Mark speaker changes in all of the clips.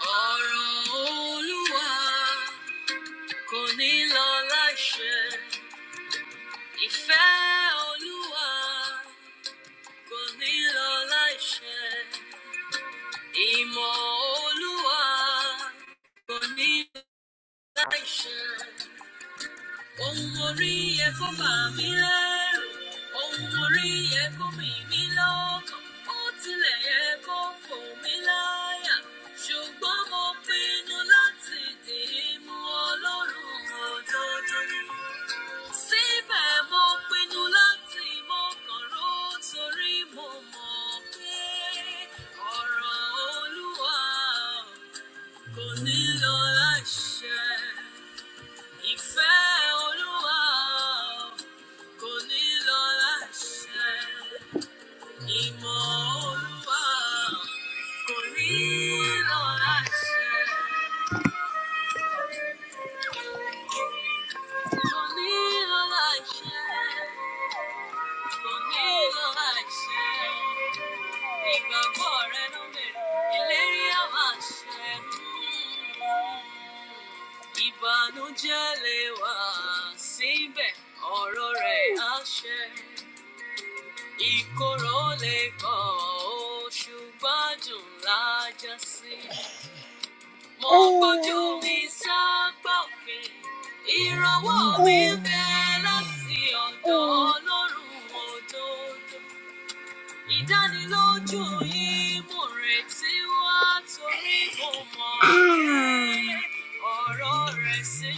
Speaker 1: ọ̀rọ̀ olúwa kò ní lọ láìṣẹ ìfẹ́ olúwa kò ní lọ láìṣẹ ìmọ̀ olúwa kò ní lọ láìṣẹ. Ohun mo rí yẹ kó bà mí lẹ́rù. Ohun mo rí yẹ kó mì mí lọ́kàn. Ó tilẹ̀ yẹ kó fò mí láyà. Ṣùgbọ́n mo pinnu láti dì í mú Ọlọ́run ojoojúmọ́. Síbẹ̀ mo pinnu láti mọ̀kàn ró torí mo mọ̀ pé ọ̀rọ̀ Olúwa kò ní lọ láìṣẹ. Ìfẹ́ Olúwa kò ní lọ láṣẹ. Ìmọ̀ Olúwa kò ní lọ láṣẹ. Kò ní lọ láṣẹ. Kò ní lọ láṣẹ. Ìgbàgbọ́ rẹ ló bẹ̀rẹ̀. Ìlérí á máa ṣẹ. Hmm. Ìbànújẹ́ lè wà síbẹ̀. Ọ̀rọ̀ rẹ̀ ìkorò lè kọ ọ́ ṣùgbọ́n dùn lájà sí. mo gbójú mi sápá òfin ìrànwọ́ mi bẹ́ẹ̀ láti ọ̀dọ̀ ọlọ́run òdodo. ìdánilójú yìí mo sí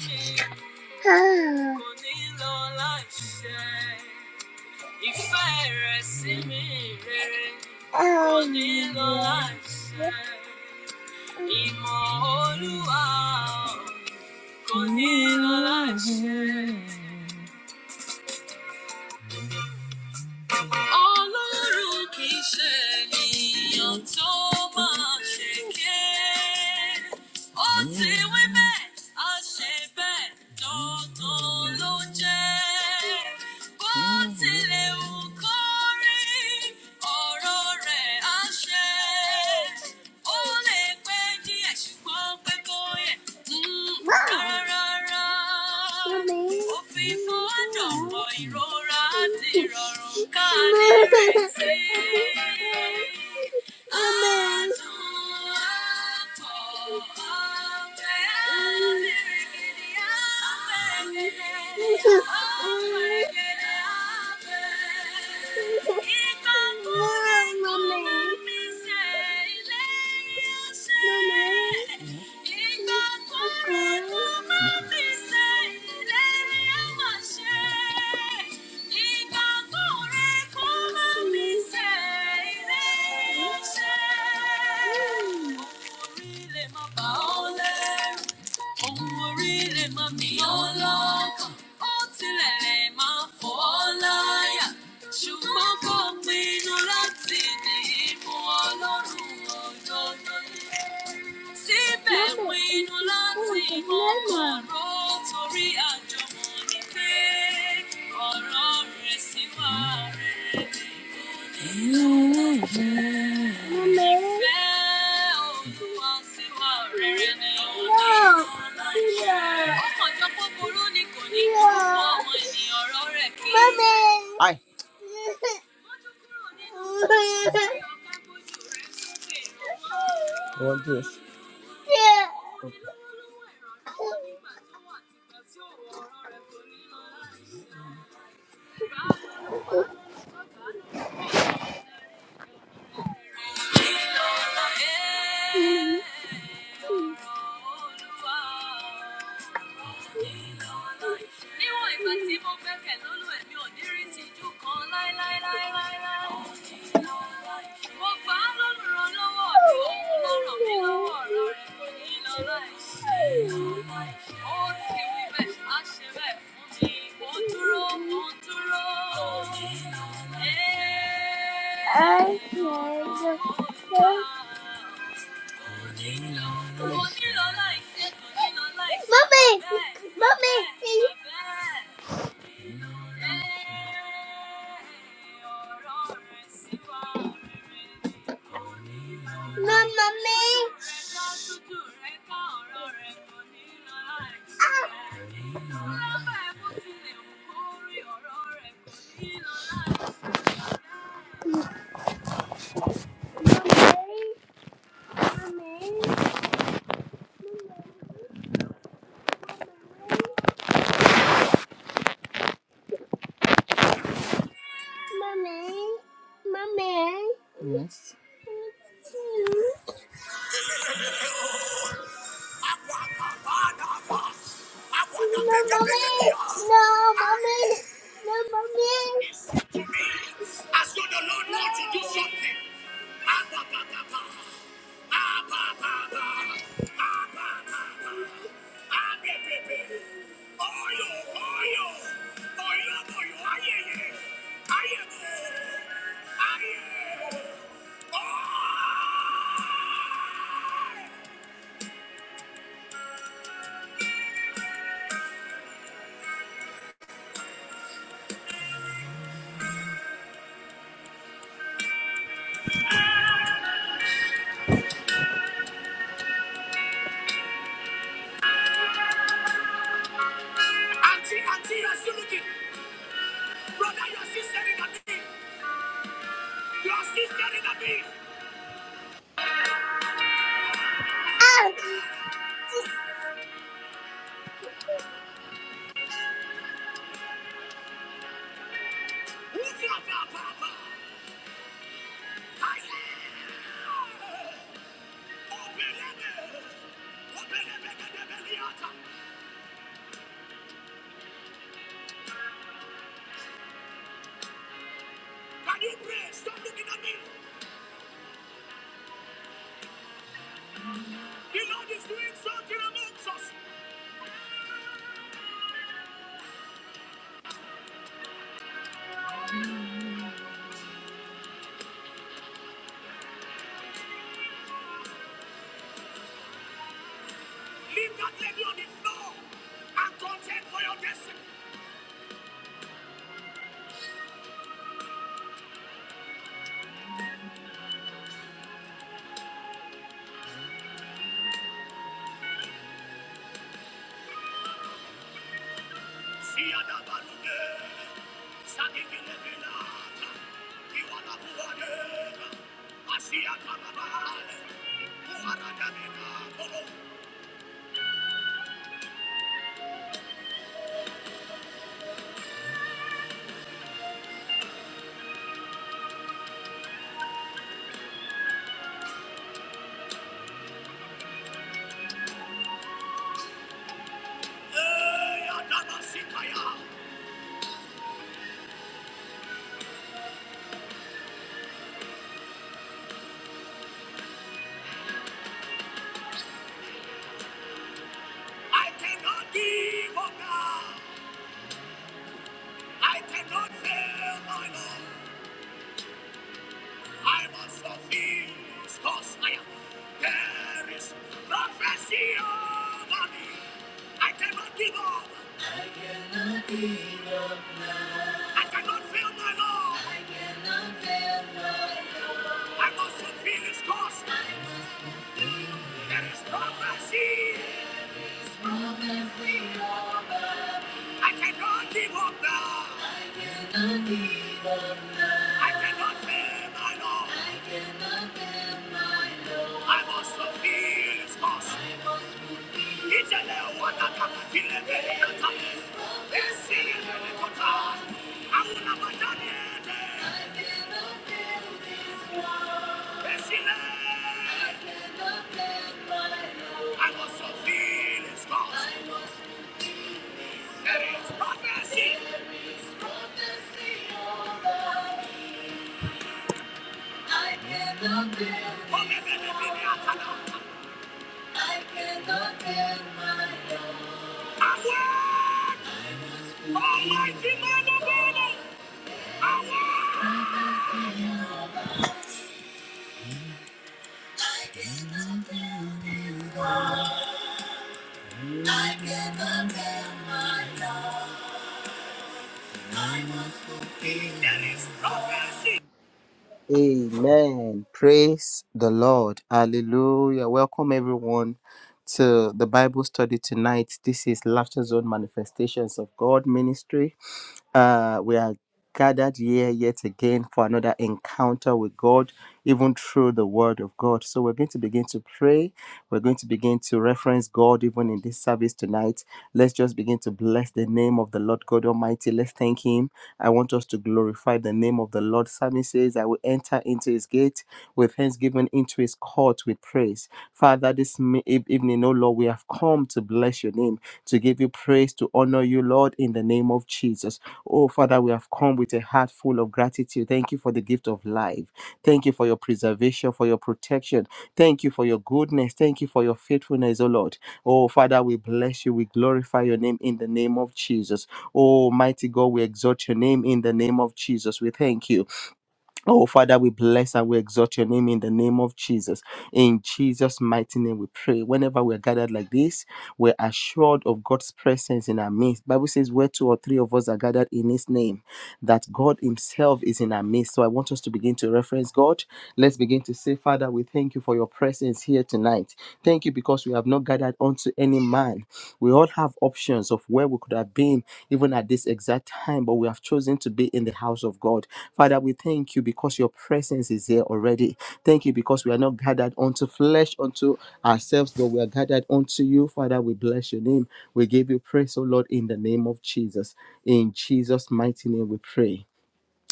Speaker 1: ìfẹ́ sí mi rere kò ní lọ láìṣẹ. Ìmọ̀ Olúwa ò, kò ní lọ láìṣẹ. Ọlọ́run kì í ṣe ènìyàn tó máa ṣèké. Ó ti wí bẹ́ẹ̀, a ṣe bẹ́ẹ̀, dandan ló jẹ́. Bó tilẹ̀ wù kó rí, ọ̀rọ̀ rẹ̀ á ṣẹ. Ó lè pẹ́ díẹ̀ ṣùgbọ́n pẹ́ kó yẹ. Rárá, Ohun orí lè má mi ọlọ́kàn, ó tilẹ̀ lè má fọ́ láyà. Ṣùgbọ́n kò pinnu láti ní ìmú ọlọ́run òdodo síbẹ̀ pinnu láti mọ kọ̀rọ̀ torí àjọmọ̀ ni pé ọ̀rọ̀ rẹ̀ sì máa rere ni kò ní ìfẹ́ olúwa sì máa rere ni kò ní ìfẹ́ ọmọjọ́ kúkúrú ni kò ní kú fún ọmọ ènìyàn ọ̀rọ̀ rẹ̀ kí. Hi. I want this níwọ̀n ìgbà tí mo gbẹ́kẹ̀ lólú ẹ̀mí ò ní rí tìjú kan láéláéláéláé. mo gbà á lólùrànlọ́wọ́ mi òun ló ràn mí lọ́wọ́ ọ̀rọ̀ rẹ̀ kò ní lọ láìsí. Ó ti wí bẹ́ẹ̀, á ṣe bẹ́ẹ̀ fún mi. Mo dúró, mo dúró. Ẹ́. Mommy, mommy, Mamma Mommy, mommy, mommy, mommy. Yes. No, mommy. No, mommy. No, mommy. To me, As though the Lord wants to do something. Ah, ba, ba, ba, ba. Ah, ba, ba, ba. Ah, ba, ba, ba. Ah, be, be, be. Oyo, oyo. Oyo, oyo. Aye, aye. Aye, aye. Aye. Oh! Auntie, auntie, I still looking. Brother, your sister in the beat. Your sister in the beat. Lift your papa. Can you pray? Stop looking at me. The Lord is doing something amongst us. Leave that lady on the floor and contend for your destiny. See you at the I cannot give up now. I cannot fail my Lord. I must fulfill his cause. I am. There is prophecy over me. I cannot give up. I cannot fail my Lord. I must fulfill this cause. There is prophecy. I cannot give up now. I cannot bear my love. I must feel his cost. It's a little one that can kill a belly of tongues. Let's a little time. I will never done it. Let's see I must feel his cost. There is prophecy. For me and be the Atana. I will. Amen. Praise the Lord. Hallelujah. Welcome everyone to the Bible study tonight. This is Laughter Zone Manifestations of God Ministry. Uh, we are gathered here yet again for another encounter with God, even through the Word of God. So we're going to begin to pray. We're going to begin to reference God even in this service tonight. Let's just begin to bless the name of the Lord God Almighty. Let's thank Him. I want us to glorify the name of the Lord. Psalmist says, I will enter into His gate with thanksgiving, into His court with praise. Father, this mi- eve- evening, oh Lord, we have come to bless your name, to give you praise, to honor you, Lord, in the name of Jesus. Oh, Father, we have come with a heart full of gratitude. Thank you for the gift of life. Thank you for your preservation, for your protection. Thank you for your goodness. Thank you for your faithfulness, O Lord. Oh, Father, we bless you. We glorify your name in the name of Jesus. Oh, mighty God, we exalt your name in the name of Jesus. We thank you. Oh, Father, we bless and we exalt your name in the name of Jesus. In Jesus' mighty name, we pray. Whenever we're gathered like this, we're assured of God's presence in our midst. Bible says, where two or three of us are gathered in his name, that God himself is in our midst. So I want us to begin to reference God. Let's begin to say, Father, we thank you for your presence here tonight. Thank you because we have not gathered unto any man. We all have options of where we could have been even at this exact time, but we have chosen to be in the house of God. Father, we thank you because your presence is here already. Thank you because we are not gathered unto flesh, unto ourselves, but we are gathered unto you. Father, we bless your name. We give you praise, O Lord, in the name of Jesus. In Jesus' mighty name we pray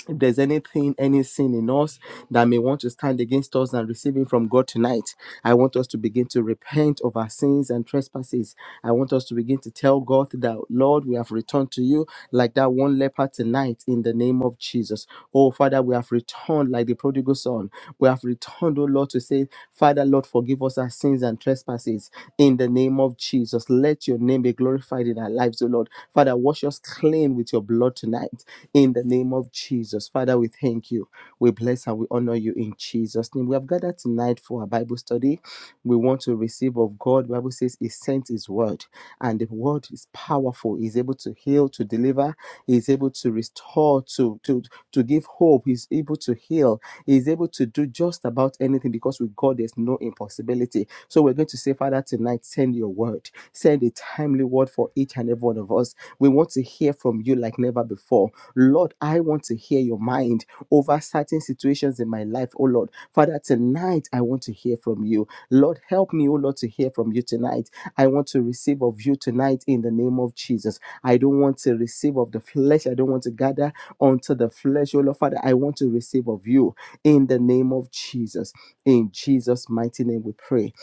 Speaker 1: if there's anything, any sin in us that may want to stand against us and receiving from God tonight, I want us to begin to repent of our sins and trespasses. I want us to begin to tell God that, Lord, we have returned to you like that one leper tonight in the name of Jesus. Oh, Father, we have returned like the prodigal son. We have returned, O Lord, to say, Father, Lord, forgive us our sins and trespasses in the name of Jesus. Let your name be glorified in our lives, O Lord. Father, wash us clean with your blood tonight in the name of Jesus. Father, we thank you. We bless and we honor you in Jesus' name. We have gathered tonight for our Bible study we want to receive of God. the Bible says he sent his word and the word is powerful. He's able to heal, to deliver, he's able to restore, to to to give hope, he's able to heal, he's able to do just about anything because with God there's no impossibility. So we're going to say, Father, tonight send your word. Send a timely word for each and every one of us. We want to hear from you like never before door. Lord, I want to hear your mind over certain situations in my life, oh Lord. Father, tonight I want to hear from you. Lord, help me, oh Lord, to hear from you tonight. I want to receive of you tonight in the name of Jesus. I don't want to receive of the flesh. I don't want to gather unto the flesh, oh Lord, Father. I want to receive of you in the name of Jesus. In Jesus' mighty name we pray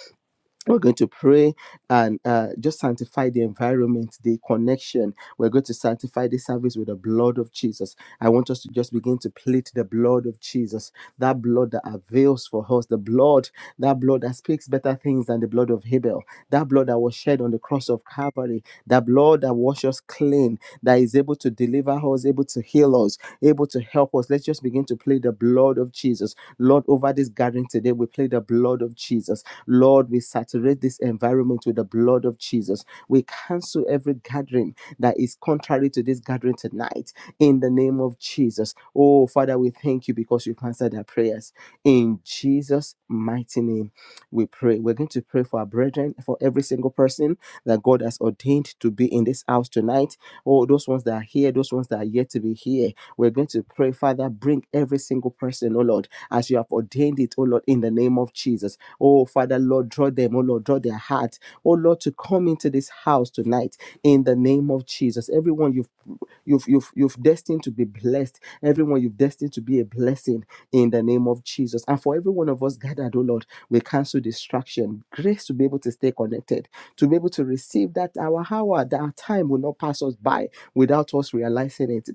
Speaker 1: we're going to pray and uh, just sanctify the environment, the connection. We're going to sanctify the service with the blood of Jesus. I want us to just begin to plead the blood of Jesus, that blood that avails for us, the blood, that blood that speaks better things than the blood of Abel, that blood that was shed on the cross of Calvary, that blood that washes clean, that is that is able to deliver us, able to heal us, able to help us. Let's just begin to play the blood of Jesus. Lord, over this gathering today, we play the blood of Jesus. Lord, we saturate this environment with the blood of Jesus. We cancel every gathering that is contrary to this gathering tonight in the name of Jesus. Oh, Father, we thank you because you've answered our prayers. In Jesus' mighty name, we pray. We're going to pray for our brethren, for every single person that God has ordained to be in this house tonight Oh, those ones that are here, those ones that are yet to be here. We're going to pray, Father, bring every single person, oh Lord, as you have ordained it, oh Lord, in the name of Jesus. Oh, Father, Lord, draw them, oh Lord, draw their heart, oh Lord, to come into this house tonight in the name of Jesus. Everyone you've You've you've you've destined to be blessed. Everyone, you've destined to be a blessing in the name of Jesus. And for every one of us gathered, oh Lord, we cancel distraction. Grace to be able to stay connected, to be able to receive that our hour, that our time will not pass us by without us realizing it.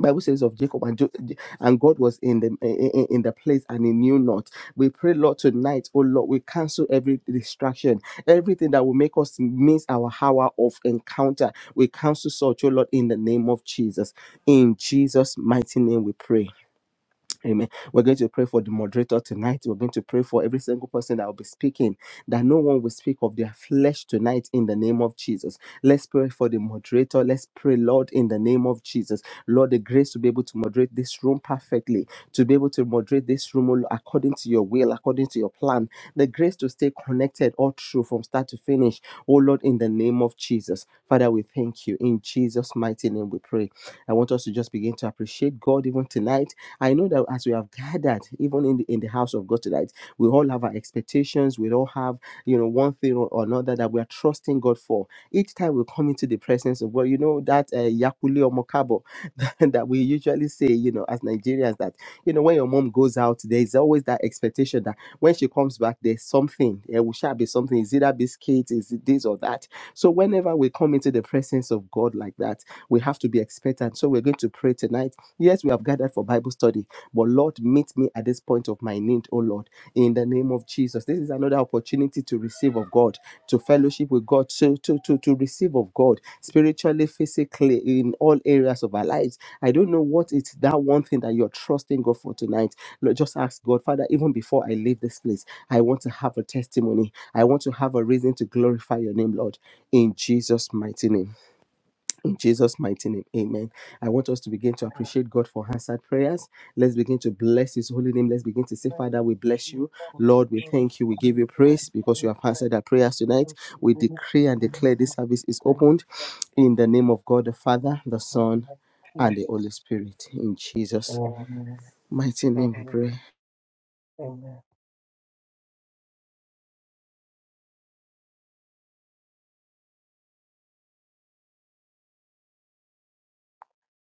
Speaker 1: Bible says of Jacob and, Jo- and God was in the in, in the place and he knew not. We pray, Lord, tonight, oh Lord, we cancel every distraction, everything that will make us miss our hour of encounter. We cancel such, oh Lord, in the name of Jesus. In Jesus' mighty name we pray. Amen. We're going to pray for the moderator tonight. We're going to pray for every single person that will be speaking, that no one will speak of their flesh tonight in the name of Jesus. Let's pray for the moderator. Let's pray, Lord, in the name of Jesus. Lord, the grace to be able to moderate this room perfectly, to be able to moderate this room oh, according to your will, according to your plan, the grace to stay connected all through from start to finish. Oh, Lord, in the name of Jesus. Father, we thank you. In Jesus' mighty name we pray. I want us to just begin to appreciate God even tonight I know that as we have gathered, even in the in the house of God tonight, we all have our expectations. We all have, you know, one thing or another that we are trusting God for. Each time we come into the presence of God, you know that uh, yakule or mokabo that we usually say, you know, as Nigerians, that you know when your mom goes out, there is always that expectation that when she comes back, there's something. It will shall be something. Is it that biscuit? Is it this or that? So whenever we come into the presence of God like that, we have to be expectant. So we're going to pray tonight. Yes, we have gathered for Bible study, but Lord, meet me at this point of my need, oh Lord, in the name of Jesus. This is another opportunity to receive of God to fellowship with God, to, to, to, to receive of God spiritually, physically, in all areas of our lives. I don't know what it's that one thing that you're trusting God for tonight. Lord, just ask God, Father, even before I leave this place, I want to have a testimony. I want to have a reason to glorify your name, Lord, in Jesus' mighty name. In Jesus' mighty name, amen. I want us to begin to
Speaker 2: And
Speaker 1: appreciate God for answered prayers. Let's begin to bless His holy name. Let's begin to say,
Speaker 2: Thank
Speaker 1: Father, we
Speaker 2: you,
Speaker 1: bless
Speaker 2: Jesus,
Speaker 1: you.
Speaker 2: for so
Speaker 1: Lord, we
Speaker 2: far this
Speaker 1: thank you. We
Speaker 2: time.
Speaker 1: give you praise because you
Speaker 2: Thank you
Speaker 1: have answered our prayers tonight. We
Speaker 2: for this
Speaker 1: decree and declare
Speaker 2: time.
Speaker 1: this service is
Speaker 2: Praise
Speaker 1: opened in the name of God the
Speaker 2: you,
Speaker 1: Father, the
Speaker 2: Lord
Speaker 1: Son, and the
Speaker 2: Jesus.
Speaker 1: Holy Spirit. In Jesus'
Speaker 2: Amen.
Speaker 1: mighty name, we
Speaker 2: Amen.
Speaker 1: pray.
Speaker 2: Amen.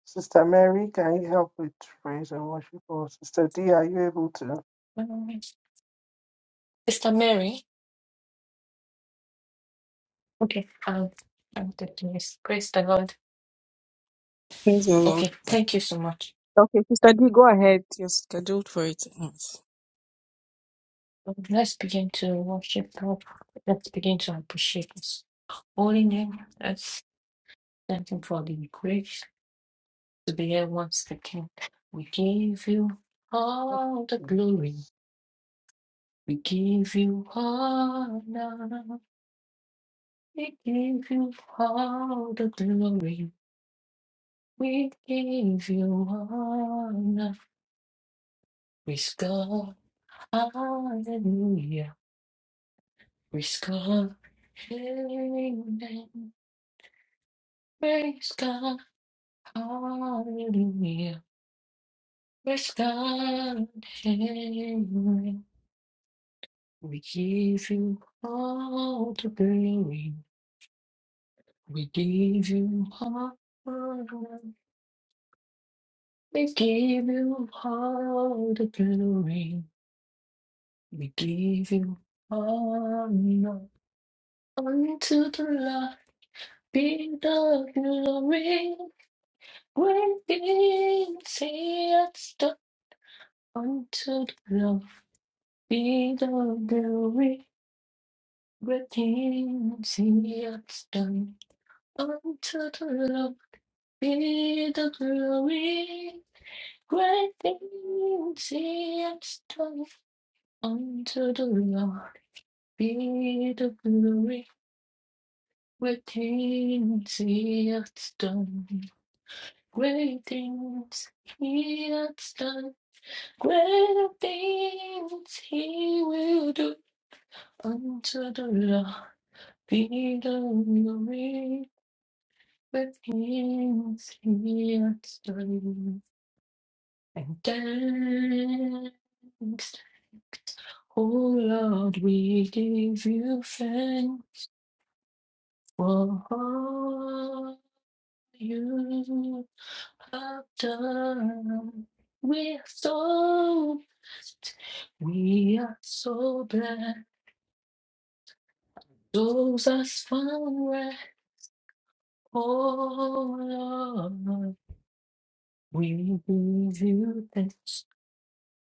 Speaker 2: Sister Mary, can you help with praise and worship? Or Sister D, are you able to?
Speaker 3: Um, Sister Mary. Okay. Um, I'm the yes. Praise the Lord.
Speaker 4: Praise the Lord.
Speaker 3: Okay. Thank you so much.
Speaker 4: Okay, Sister D, go ahead. You're scheduled for it.
Speaker 3: Let's begin to worship God. Let's begin to appreciate His holy name. Let's thank Him for the grace to be here once again. We give you all the glory.
Speaker 2: Jesus.
Speaker 3: We give you honor. We give you all the glory. We give you honor. Praise God. Hallelujah. Praise God. Amen. Praise God. Hallelujah. Praise God. Amen. We give you all the glory. We give you all the honor. We give you all the glory. We give you all the honor. Unto the Lord be the glory. When things here stuck onto the feet of glory, Great things here done onto the feet of glory, Great things here done onto the feet of glory, Great things here done. Great things he had done. Greater things he will do unto the lofty glory with kings he has done. And thanks, O Lord, we give you thanks for all you have done. We are so blessed. We are so blessed. Those us forward, oh Lord. We give you thanks.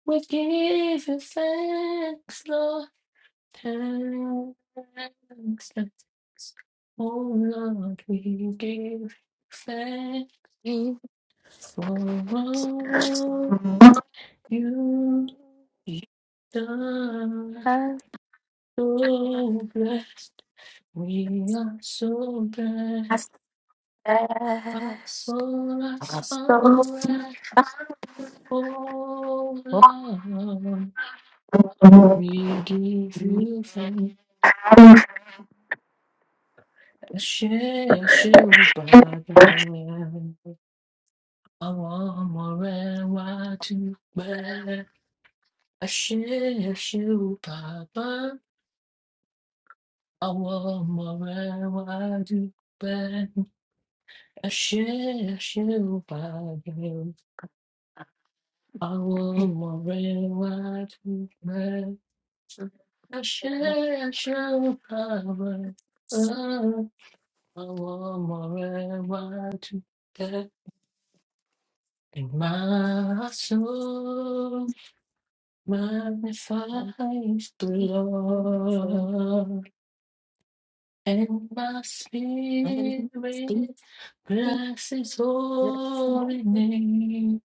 Speaker 3: We give you thanks, Lord. Thanks, thanks. Oh Lord, we give thanks
Speaker 5: You
Speaker 3: for all
Speaker 5: have my
Speaker 3: you've done. So blessed. We are so blessed.
Speaker 5: best.
Speaker 3: Our soul has
Speaker 5: I'm
Speaker 3: found rest. Oh Lord, we give you thanks. Ashe, ashe, o Baba. Àwọn ọmọ rẹ wá dúpẹ́. Ashe, ashe, o Baba. Àwọn ọmọ rẹ wá dúpẹ́. Ashe, ashe, o Baba. Àwọn ọmọ rẹ wá dúpẹ́. Ashe, ashe, o Baba. I want forever to get in my soul. Magnifies the
Speaker 5: so
Speaker 3: Lord, and my spirit bless His holy name.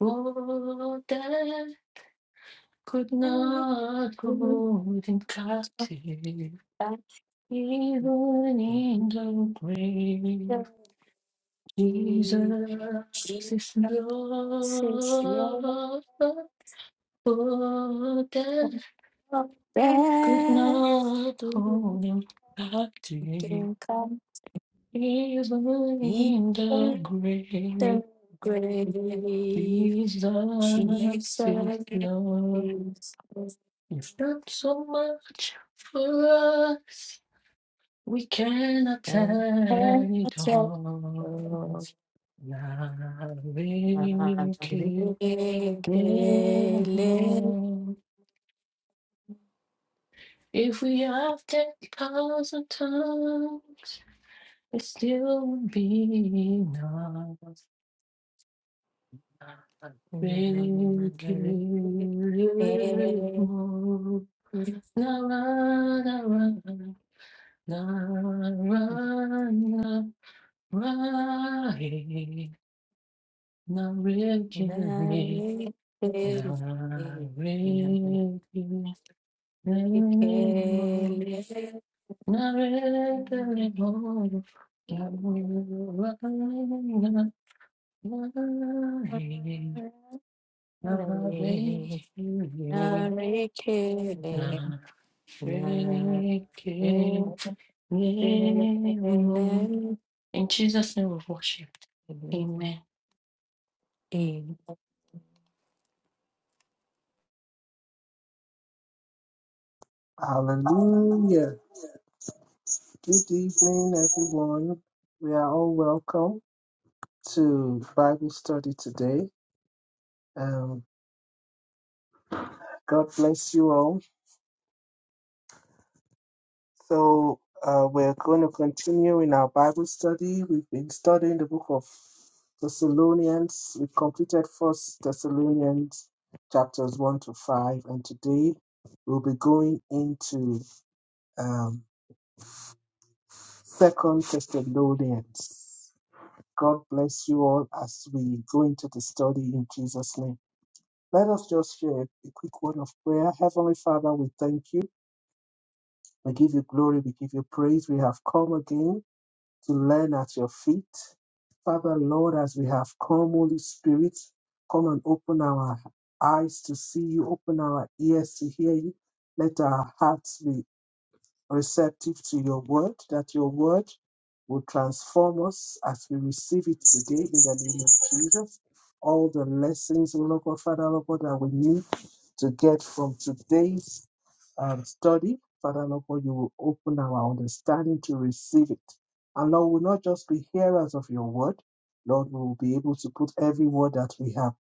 Speaker 3: Oh, that could not hold Him captive, even in the grave. Jesus is
Speaker 5: Jesus is your
Speaker 3: Lord, that could not
Speaker 5: best.
Speaker 3: hold him back Even
Speaker 5: He
Speaker 3: in the
Speaker 5: left
Speaker 3: grave,
Speaker 5: the grave,
Speaker 3: Jesus
Speaker 5: Jesus
Speaker 3: is Lord.
Speaker 5: is
Speaker 3: It's done so much for us, we cannot turn it
Speaker 5: now
Speaker 3: off. Now we Yes, Lord, if we have ten thousand tongues, it still would be enough. Thank you, Lord. Na ra na ra na ra na ra eh, na re ki ni na re ki ni mo. Thank you.
Speaker 5: Narikele, narikele,
Speaker 3: In Jesus' name we worship. Amen.
Speaker 5: narikele.
Speaker 2: Hallelujah. Good evening, everyone. We are all welcome to Bible study today. Um, God bless you all. So uh, we're going to continue in our Bible study. We've been studying the book of Thessalonians. We completed First Thessalonians chapters one to five, and today we'll be going into um, Second Thessalonians. God bless you all as we go into the study in Jesus' name. Let us just share a quick word of prayer. Heavenly Father, we thank you. We give you glory. We give you praise. We have come again to learn at your feet. Father, Lord, as we have come, Holy Spirit, come and open our eyes to see you, open our ears to hear you. Let our hearts be receptive to your word, that your word will transform us as we receive it today in the name of Jesus. All the lessons, O Lord God, Father, Lord God, that we need to get from today's um, study, Father, Lord God, you will open our understanding to receive it. And Lord, we'll not just be hearers of your word, Lord, we will be able to put every word that we have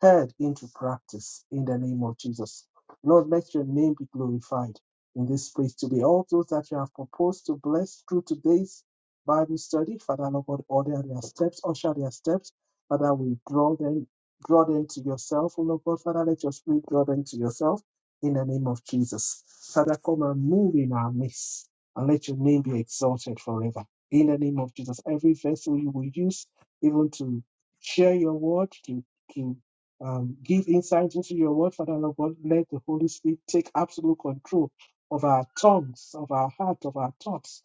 Speaker 2: heard into practice in the name of Jesus. Lord, let your name be glorified in this place to be. All those that you have proposed to bless through today's Bible study, Father Lord God, order their steps, usher their steps. Father, we draw them, draw them to yourself. Oh Lord God, Father, let your spirit draw them to yourself in the name of Jesus. Father, come and move in our midst and let your name be exalted forever. In the name of Jesus, every vessel you will use, even to share your word, to, to um, give insight into your word, Father Lord God, let the Holy Spirit take absolute control of our tongues, of our heart, of our thoughts,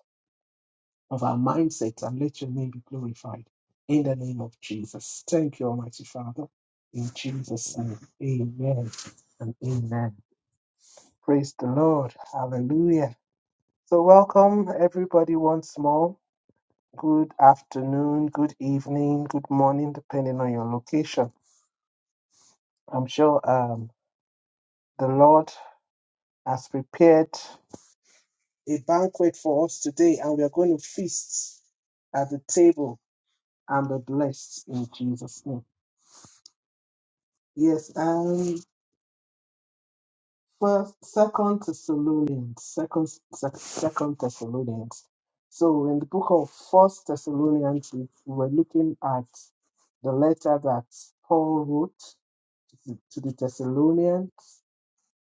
Speaker 2: of our mindset, and let your name be glorified in the name of Jesus. Thank you, Almighty Father. In Jesus' name, amen and amen. Praise the Lord. Hallelujah. So, welcome everybody once more. Good afternoon, good evening, good morning, depending on your location. I'm sure um, the Lord has prepared a banquet for us today, and we are going to feast at the table and be blessed in Jesus' name. Yes, and first, second Thessalonians, second, sec- second Thessalonians. So in the book of First Thessalonians, we were looking at the letter that Paul wrote to to the Thessalonians,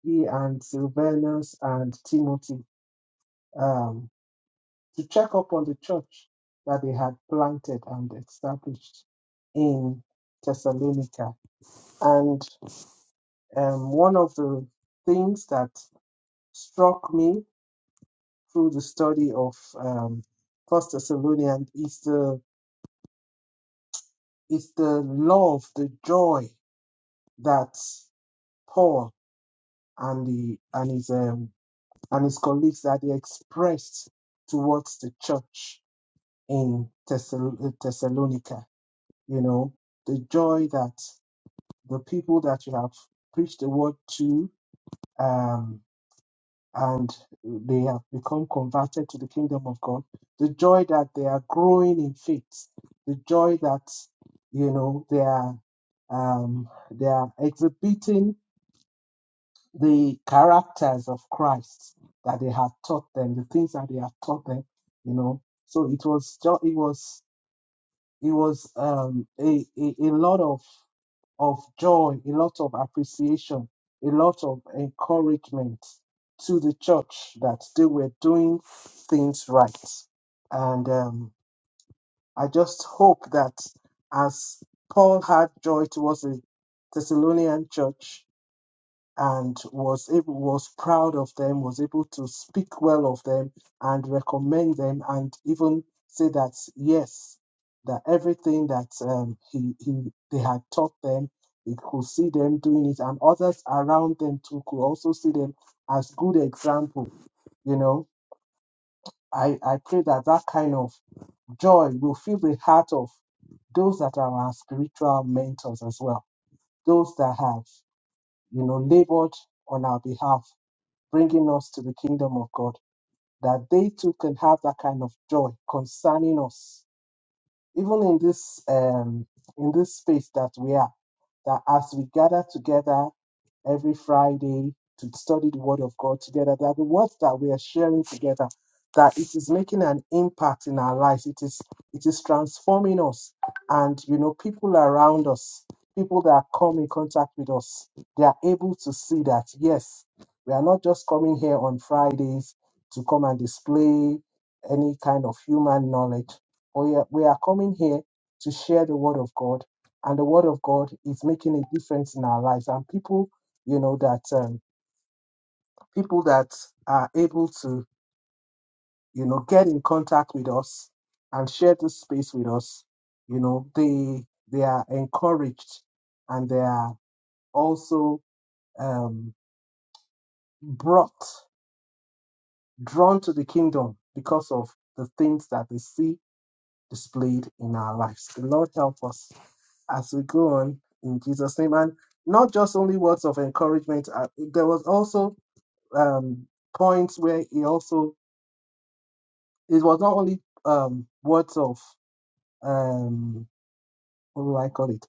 Speaker 2: he and Silvanus and Timothy, um, to check up on the church that they had planted and established in Thessalonica. um, one of the things that struck me through the study of um, First Thessalonians is the is the love, the joy that Paul and the and his um, and his colleagues that they expressed towards the church in Thessal- uh, Thessalonica. You know, the joy that the people that you have preached the word to. um, and they have become converted to the kingdom of God, the joy that they are growing in faith, the joy that you know they are um, they are exhibiting the characters of Christ that they have taught them, the things that they have taught them, you know. So it was just it was it was um, a, a a lot of of joy, a lot of appreciation, a lot of encouragement to the church that they were doing things right. And um, I just hope that as Paul had joy towards the Thessalonian church, and was able, was proud of them, was able to speak well of them and recommend them, and even say that yes, that everything that um, he he they had taught them, he could see them doing it, and others around them too could also see them as good example. You know, I I pray that that kind of joy will fill the heart of those that are our spiritual mentors as well, those that have you know labored on our behalf bringing us to the kingdom of God, that they too can have that kind of joy concerning us even in this um in this space that we are that as we gather together every friday to study the word of god together that the words that we are sharing together that it is making an impact in our lives it is it is transforming us and you know people around us people that come in contact with us they are able to see that yes we are not just coming here on fridays to come and display any kind of human knowledge we are, we are coming here to share the word of God, and the word of God is making a difference in our lives. And people, you know, that um, people that are able to, you know, get in contact with us and share this space with us, you know, they they are encouraged and they are also um, brought, drawn to the kingdom because of the things that they see displayed in our lives. The Lord help us as we go on in Jesus' name. And not just only words of encouragement, uh, there was also um, points where he also, it was not only um, words of, um, what do I call it,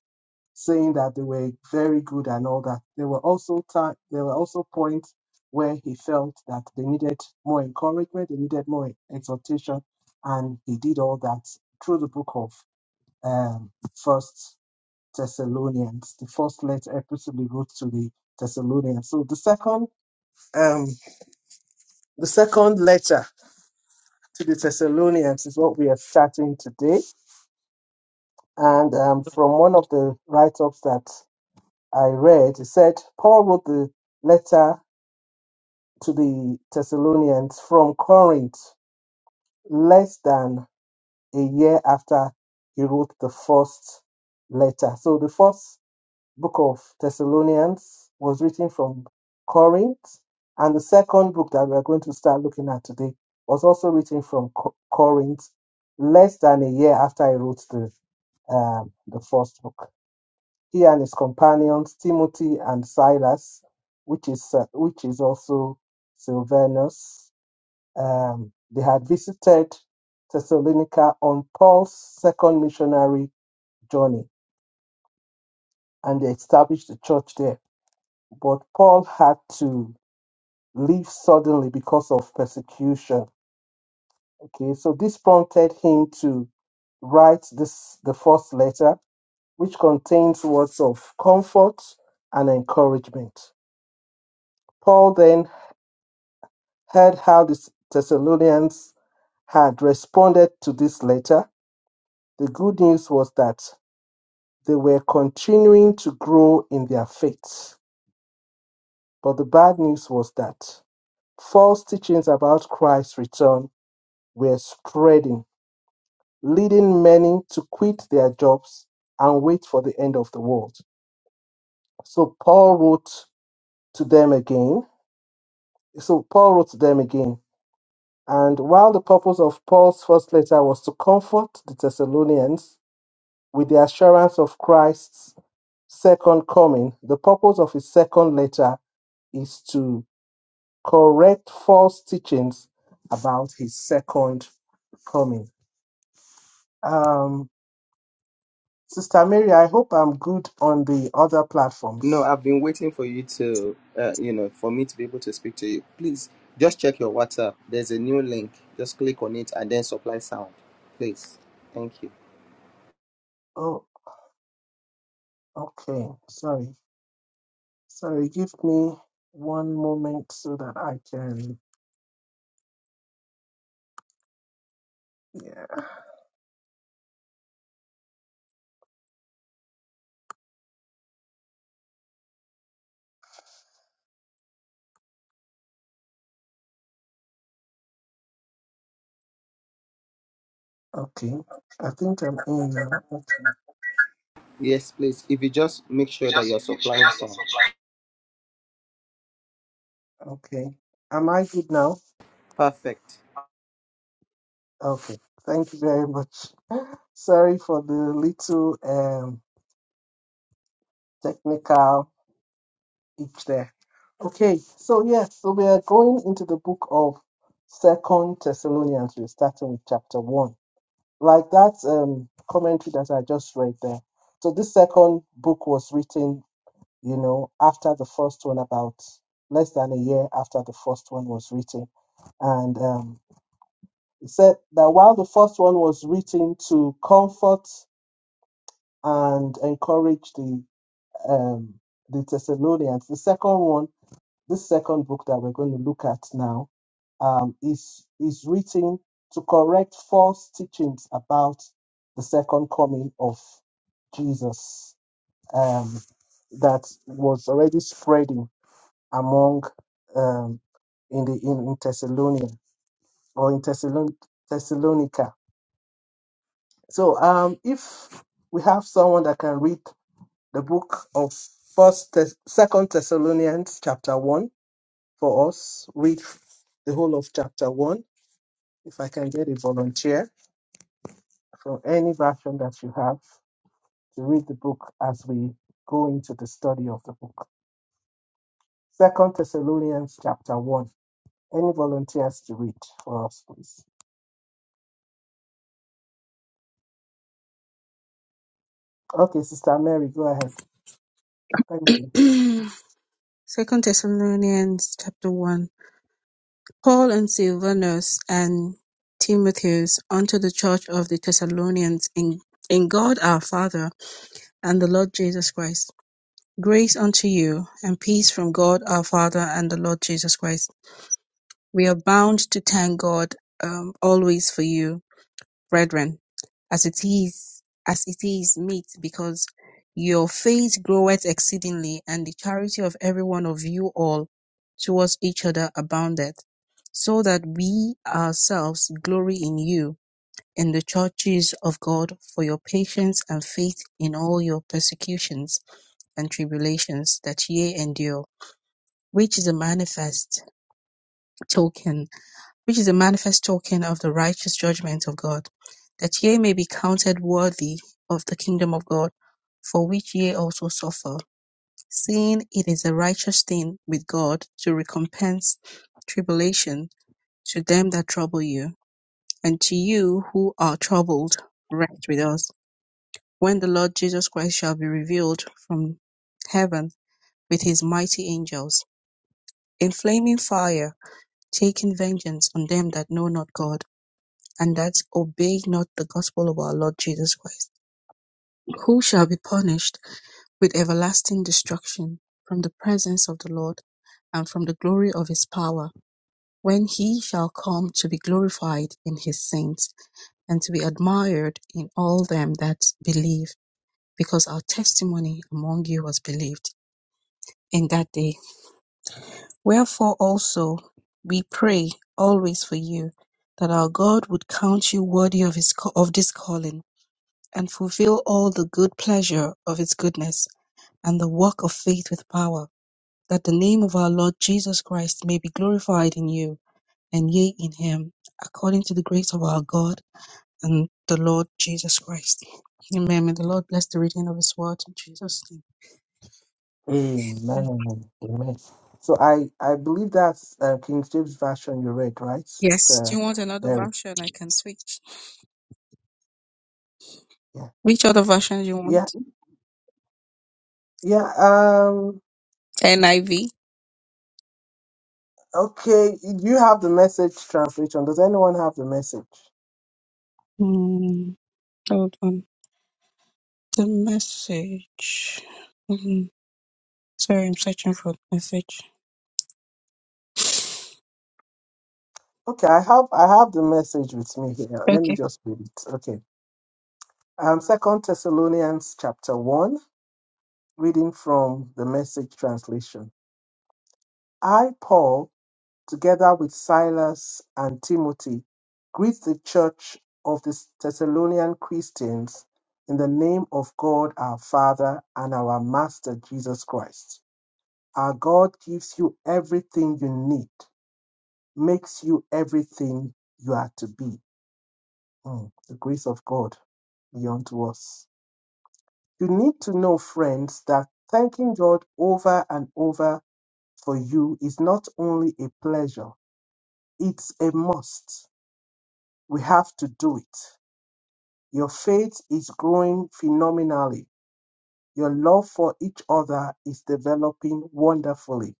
Speaker 2: saying that they were very good and all that. There were also time, there were also points where he felt that they needed more encouragement, they needed more exhortation, and he did all that through the book of um, First. Thessalonians. The first letter epistle he wrote to the Thessalonians. So the second um the second letter to the Thessalonians is what we are starting today. And um, from one of the write-ups that I read, it said Paul wrote the letter to the Thessalonians from Corinth less than a year after he wrote the first letter. So the first book of Thessalonians was written from Corinth, and the second book that we are going to start looking at today was also written from Co- Corinth less than a year after he wrote the um, the first book. He and his companions Timothy and Silas, which is uh, which is also Silvanus, um, they had visited Thessalonica on Paul's second missionary journey, and they established the church there but Paul had to leave suddenly because of persecution. Okay, so this prompted him to write this the first letter, which contains words of comfort and encouragement. Paul then heard how the Thessalonians had responded to this letter. The good news was that they were continuing to grow in their faith, but the bad news was that false teachings about Christ's return were spreading leading many to quit their jobs and wait for the end of the world. So Paul wrote to them again. So Paul wrote to them again. And while the purpose of Paul's first letter was to comfort the Thessalonians with the assurance of Christ's second coming, the purpose of his second letter is to correct false teachings about his second coming. Um, Sister Mary, I hope I'm good on the other
Speaker 1: No,
Speaker 2: platforms.
Speaker 1: I've been waiting for you to, uh, you know, for me to be able to speak to you. Please, just check your WhatsApp. There's a new link. Just click on it and then supply sound. Please. Thank you.
Speaker 2: Oh, Okay, sorry. Sorry, give me one moment so that I can. Yeah, okay. I think I'm in now.
Speaker 1: Yes, please. If you just make sure that you're supplying sound.
Speaker 2: Okay. Am I good now?
Speaker 1: Perfect.
Speaker 2: Okay. Thank you very much. Sorry for the little um, technical itch there. Okay, so yes, so we are going into the book of Second Thessalonians. We're starting with chapter one. Like that um, commentary that I just read there. So this second book was written you know, after the first one, about less than a year after the first one was written. And um, it said that while the first one was written to comfort and encourage the um, the Thessalonians, the second one, this second book that we're going to look at now, um, is is written to correct false teachings about the second coming of Jesus um, that was already spreading among um, in the in, in Thessalonica or in Thessalon- Thessalonica. So um, if we have someone that can read the book of First Thess- Second Thessalonians chapter one for us, read the whole of chapter one. If I can get a volunteer from any version that you have to read the book as we go into the study of the book. Second Thessalonians chapter one. Any volunteers to read for us, please? Okay, Sister Mary, go ahead. Thank you.
Speaker 4: Second Thessalonians chapter one. Paul and Silvanus and Timotheus unto the church of the Thessalonians in, in God our Father and the Lord Jesus Christ. Grace unto you and peace from God our Father and the Lord Jesus Christ. We are bound to thank God um, always for you, brethren as it is as it is meet because your faith groweth exceedingly and the charity of every one of you all towards each other aboundeth so that we ourselves glory in you in the churches of god for your patience and faith in all your persecutions and tribulations that ye endure which is a manifest token which is a manifest token of the righteous judgment of God, that ye may be counted worthy of the kingdom of God, for which ye also suffer, seeing it is a righteous thing with God to recompense tribulation to them that trouble you, and to you who are troubled, rest with us, when the Lord Jesus Christ shall be revealed from heaven with his mighty angels, in flaming fire, taking vengeance on them that know not God and that obey not the gospel of our Lord Jesus Christ, who shall be punished with everlasting destruction from the presence of the Lord and from the glory of his power, when he shall come to be glorified in his saints and to be admired in all them that believe, because our testimony among you was believed in that day. Wherefore also we pray always for you, that our God would count you worthy of his of this calling and fulfill all the good pleasure of its goodness, and the work of faith with power, that the name of our Lord Jesus Christ may be glorified in you, and ye in him, according to the grace of our God and the Lord Jesus Christ. Amen. May the Lord bless the reading of his word in Jesus' name.
Speaker 2: Amen. Amen. So I I believe that's uh, King James version you read, right,
Speaker 4: Yes. Do
Speaker 2: Sister
Speaker 4: you want another
Speaker 2: Mary?
Speaker 4: version? I can switch.
Speaker 2: Yeah.
Speaker 4: Which other version do you
Speaker 2: Yeah.
Speaker 4: want?
Speaker 2: Yeah. Um.
Speaker 4: NIV.
Speaker 2: Okay. Do you have the message translation? Does anyone have the message?
Speaker 4: Mm, hold on. The message. Mm, sorry, I'm searching for the message.
Speaker 2: Okay, I have I have the message with me here. Let
Speaker 4: Okay.
Speaker 2: me just read it. Okay. Um. Second Thessalonians chapter one, reading from the message translation. I Paul together with Silas and Timothy, greet the church of the Thessalonian Christians in the name of God our Father and our Master Jesus Christ. Our God gives you everything you need, makes you everything you are to be. Mm, the grace of God be unto us. You need to know, friends, that thanking God over and over for you is not only a pleasure, it's a must We have to do it. Your faith is growing phenomenally. Your love for each other is developing wonderfully.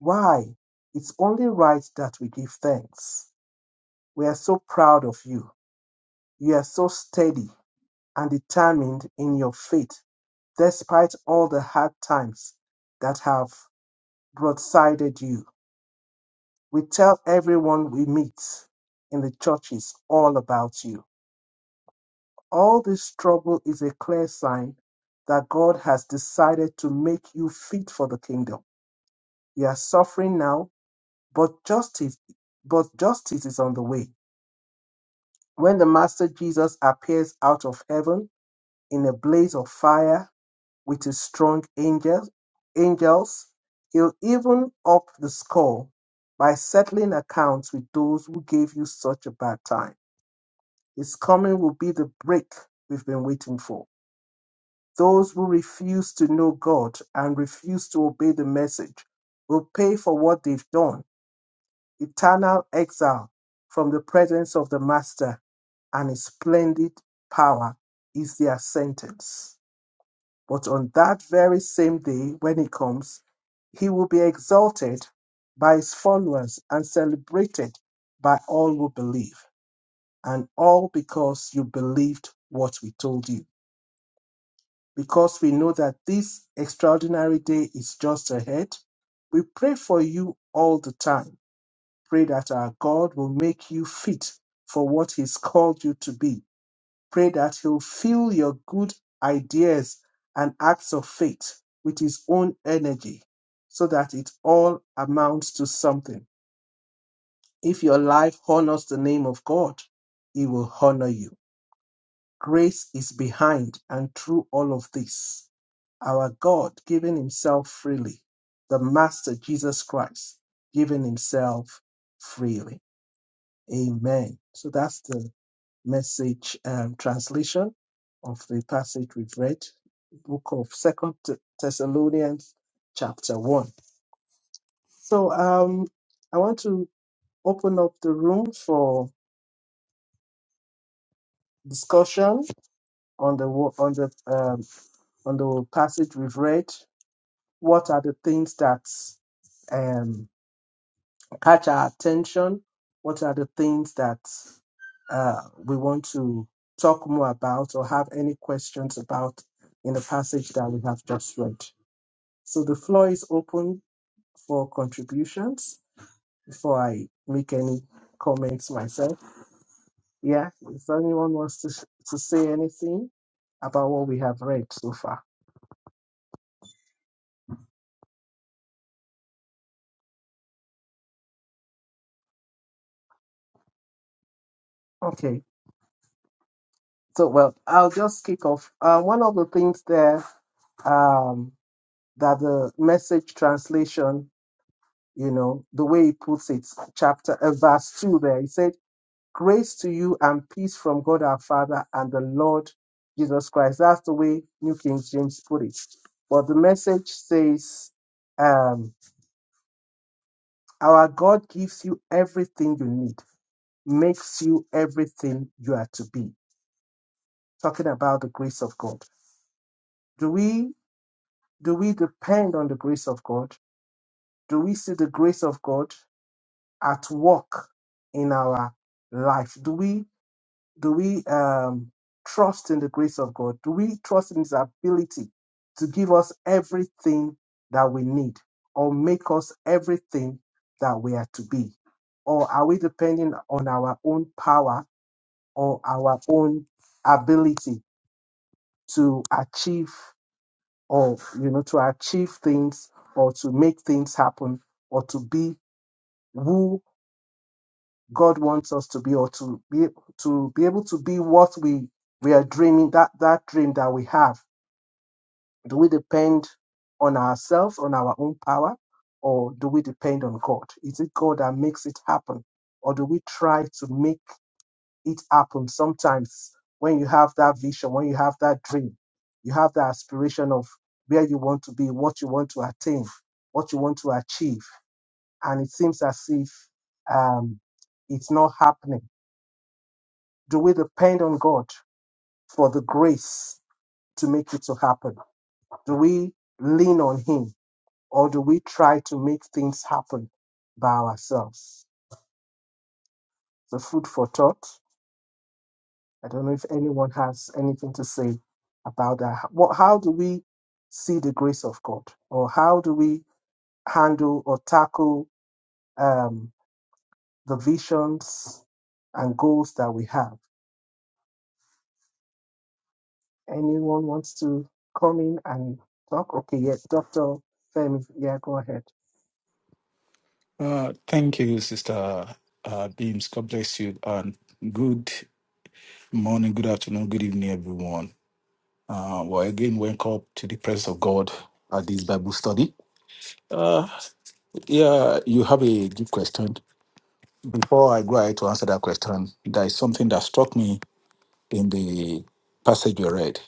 Speaker 2: Why? It's only right that we give thanks. We are so proud of you. You are so steady and determined in your faith, despite all the hard times that have broadsided you. We tell everyone we meet in the churches all about you. All this trouble is a clear sign that God has decided to make you fit for the kingdom. You are suffering now, but justice, but justice is on the way. When the Master Jesus appears out of heaven in a blaze of fire with his strong angels, angels, he'll even up the score by settling accounts with those who gave you such a bad time. His coming will be the break we've been waiting for. Those who refuse to know God and refuse to obey the message will pay for what they've done eternal exile from the presence of the Master and his splendid power is their sentence. But on that very same day, when he comes, he will be exalted by his followers and celebrated by all who believe, and all because you believed what we told you. because we know that this extraordinary day is just ahead. We pray for you all the time. Pray that our God will make you fit for what He's called you to be. Pray that He'll fill your good ideas and acts of faith with His own energy so that it all amounts to something. If your life honors the name of God, He will honor you. Grace is behind and through all of this. Our God giving Himself freely, the Master Jesus Christ giving Himself freely. Amen. So that's the message um, translation of the passage we've read, book of Second Thessalonians, chapter one. So um, I want to open up the room for discussion on the wo- on the um, on the passage we've read What are the things that um, catch our attention? What are the things that uh, we want to talk more about or have any questions about in the passage that we have just read? So the floor is open for contributions before I make any comments myself. Yeah, if anyone wants to, to say anything about what we have read so far. Okay, so well, I'll just kick off. Uh, one of the things there. Um, that the message translation, you know, the way he puts it, chapter uh, verse two there, he said, Grace to you and peace from God our Father and the Lord Jesus Christ. That's the way New King James put it. But the message says, um, our God gives you everything you need, makes you everything you are to be. Talking about the grace of God. Do we do we depend on the grace of God? Do we see the grace of God? at work in our life? Do we do we um, trust in the grace of God? Do we trust in His ability to give us everything that we need, or make us everything that we are to be? Or are we depending on our own power or our own ability to achieve, or you know, to achieve things, or to make things happen, or to be who God wants us to be or to be to be able to be what we we are dreaming that that dream that we have. Do we depend on ourselves, on our own power, or do we depend on God? Is it God that makes it happen, or do we try to make it happen? Sometimes when you have that vision, when you have that dream, you have that aspiration of where you want to be, what you want to attain, what you want to achieve, and it seems as if um, it's not happening Do we depend on God for the grace to make it to happen? Do we lean on Him or do we try to make things happen by ourselves? So, food for thought. I don't know if anyone has anything to say about that. What, how do we see the grace of God or how do we handle or tackle um, the visions and goals that we have? Anyone wants to come in and talk? Okay, yes, Dr. Femi, yeah, go ahead.
Speaker 6: Uh, thank you, Sister uh, Beams. God bless you. And good morning, good afternoon, good evening, everyone. Uh, well, again, welcome to the presence of God at this Bible study. Uh, yeah, you have a deep question. Before I go ahead to answer that question, there is something that struck me in the passage we read.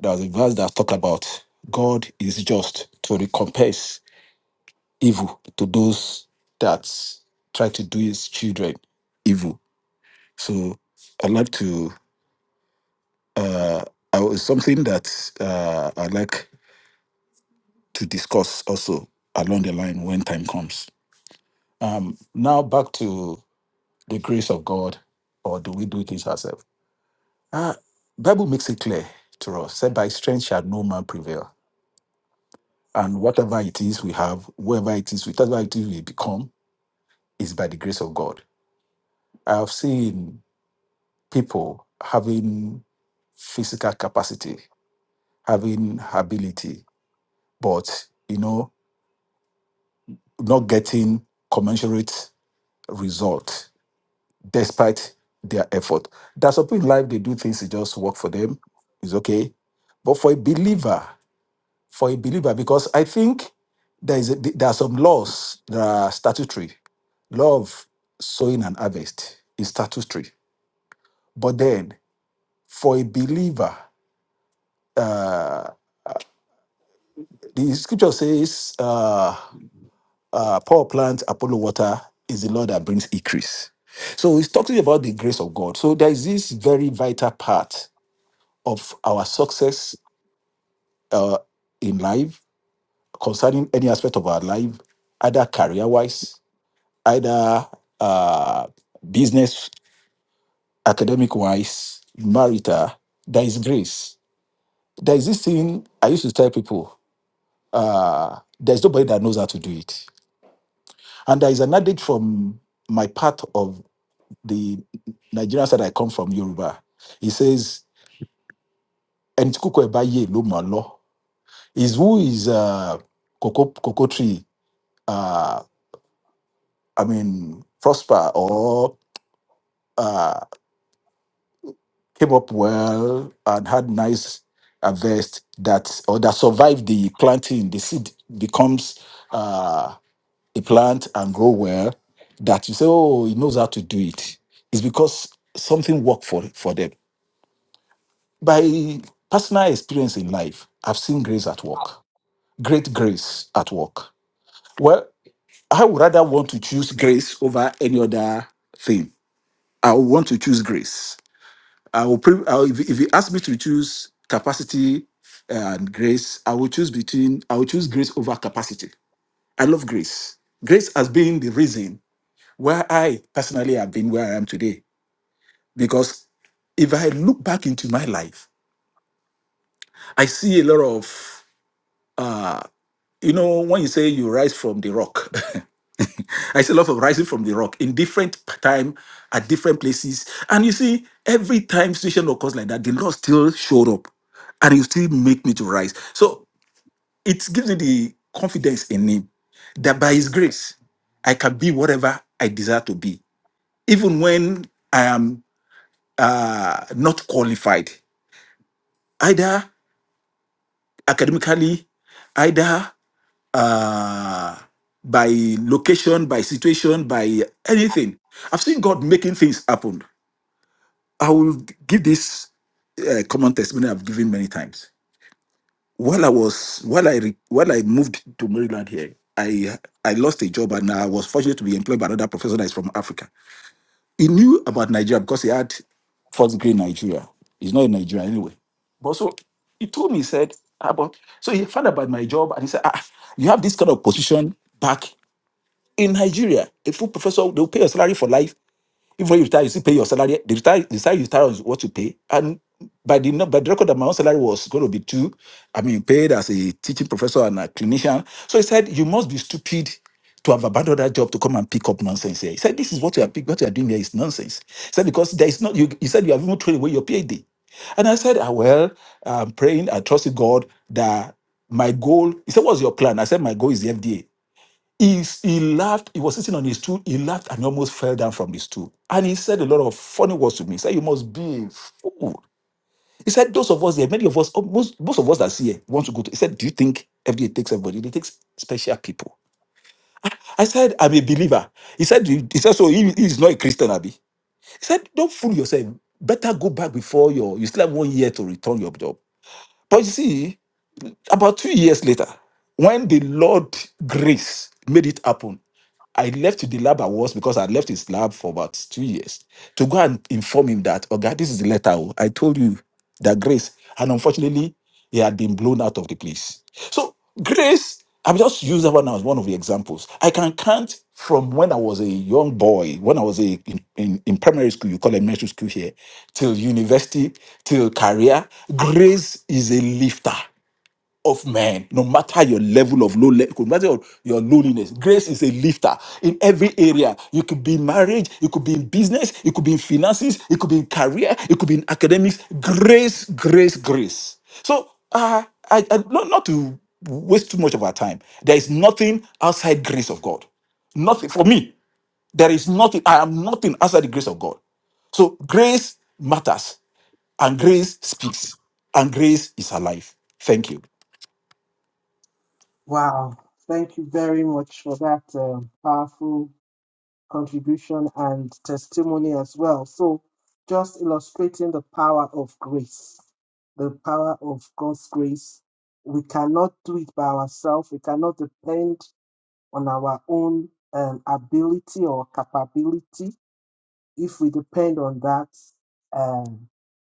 Speaker 6: There's a verse that talked about God is just to recompense evil to those that try to do his children evil So I'd like to, uh, I was something that uh, I'd like to discuss also along the line when time comes. Um, now back to the grace of God, or do we do it ourselves? Uh, Bible makes it clear to us, said by strength shall no man prevail. And whatever it is we have, whoever it is, whatever it is we become, is by the grace of God. I have seen people having physical capacity, having ability, but you know not getting commensurate result despite their effort that's some people in life they do things it just work for them it's okay but for a believer for a believer because i think there is a, there are some laws that are statutory law of sowing and harvest is statutory but then for a believer uh the scripture says uh, uh, power plant, Apollo water is the Lord that brings increase. So he's talking about the grace of God. So there is this very vital part of our success uh, in life concerning any aspect of our life, either career wise, either uh, business, academic wise, marital. There is grace. There is this thing I used to tell people uh, there's nobody that knows how to do it. And there is an adage from my part of the Nigerian side I come from, Yoruba. He says, and kuko ye lo malo. Is who is uh, cocoa, cocoa tree, uh, I mean, prosper or uh, came up well and had nice harvest that or that survived the planting, the seed becomes uh, a plant and grow well. That you say, oh, he knows how to do it. It's because something worked for for them by personal experience in life, I've seen grace at work, great grace at work. Well, I would rather want to choose grace over any other thing. I would want to choose grace. I will. Pre- I will if, if you ask me to choose capacity uh, and grace, I will choose between. I will choose grace over capacity. I love grace. Grace has been the reason why I personally have been where I am today. Because if I look back into my life, I see a lot of uh, you know when you say you rise from the rock i see a lot of rising from the rock in different p- time at different places and you see every time situation occurs like that the lord still showed up and he still make me to rise so it gives me the confidence in him that by his grace i can be whatever i desire to be even when i am uh, not qualified either academically either. uh, by location, by situation, by anything. I've seen God making things happen. I will give this uh, common testimony I've given many times. While I was while I re, while I moved to Maryland here, I I lost a job and I was fortunate to be employed by another professor that is from Africa. He knew about Nigeria because he had first degree in Nigeria. He's not in Nigeria anyway. But so he told me, he said, about so he found out about my job and he said, ah, you have this kind of position back. in Nigeria, a full professor they will pay your salary for life. Even when you retire, you still pay your salary. The retire, the salary you retire is what you pay. And by the nu- by the record, that my own salary was going to be two. I mean, paid as a teaching professor and a clinician. So he said, you must be stupid to have abandoned that job to come and pick up nonsense here. He said, this is what you are pick, what you are doing here is nonsense. He said because there is not. You, he said you have even thrown away your PhD. And I said, ah, well, I'm praying, I trust in God that my goal. He said, what's your plan? I said, my goal is the FDA. He, he laughed, he was sitting on his stool, he laughed and almost fell down from his stool. And he said a lot of funny words to me. He said, You must be a fool. He said, Those of us here, many of us, oh, most, most of us that's here want to go to. He said, Do you think FDA takes everybody? They takes special people. I said, I'm a believer. He said, "Do you-" he said, so he, he's not a Christian, Abby. He said, Don't fool yourself. Better go back before your you still have one year to return your job. But you see, about two years later, when the Lord grace made it happen, I left the lab I was because I left his lab for about two years to go and inform him that, oh God, this is the letter. oh. I told you that grace. And unfortunately, he had been blown out of the place. So grace, I've just used that one as one of the examples. I can count from when I was a young boy, when I was a, in, in, in primary school, you call it elementary school here, till university, till career. Grace is a lifter of men, no matter your level of low level, no matter your, your lowliness. Grace is a lifter in every area. You could be in marriage, you could be in business, you could be in finances, you could be in career, you could be in academics. Grace, grace, grace. So, uh, I, I not, not to waste too much of our time. There is nothing outside grace of God. Nothing for me. There is nothing. I am nothing outside the grace of God. So grace matters, and grace speaks, and grace is alive. Thank you.
Speaker 2: Wow, thank you very much for that um, powerful contribution and testimony as well. So, just illustrating the power of grace, the power of God's grace. We cannot do it by ourselves, we cannot depend on our own um, ability or capability. If we depend on that, um,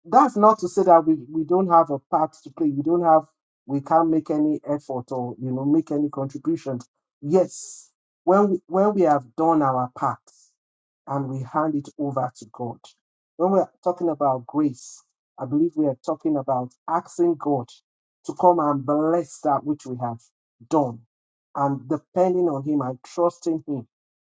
Speaker 2: that's not to say that we, we don't have a part to play. We don't have, we can't make any effort or, you know, make any contributions. Yes, when we, when we have done our part and we hand it over to God, when we're talking about grace, I believe we are talking about asking God to come and bless that which we have done and depending on Him and trusting Him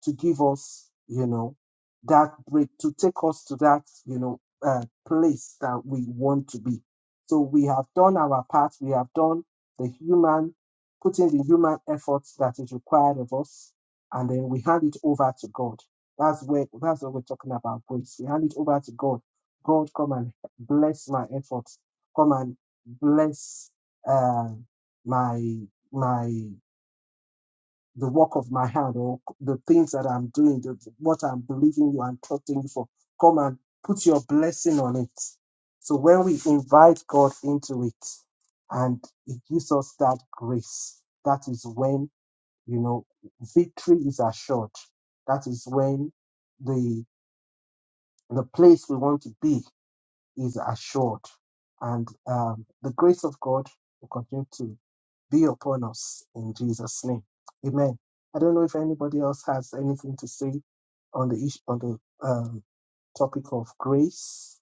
Speaker 2: to give us, you know, that break, to take us to that, you know uh, place that we want to be. So we have done our part. We have done the human, putting the human efforts that is required of us, and then we hand it over to God. That's where that's what we're talking about grace. We hand it over to God. God, come and bless my efforts. Come and bless uh, my my the work of my hand or the things that I'm doing, the, what I'm believing you and trusting you for. Come and put your blessing on it. So when we invite God into it and He gives us that grace, that is when, you know, victory is assured. That is when the, the place we want to be is assured. And um, the grace of God will continue to be upon us in Jesus' name. Amen. I don't know if anybody else has anything to say on the issue, on the um, topic of grace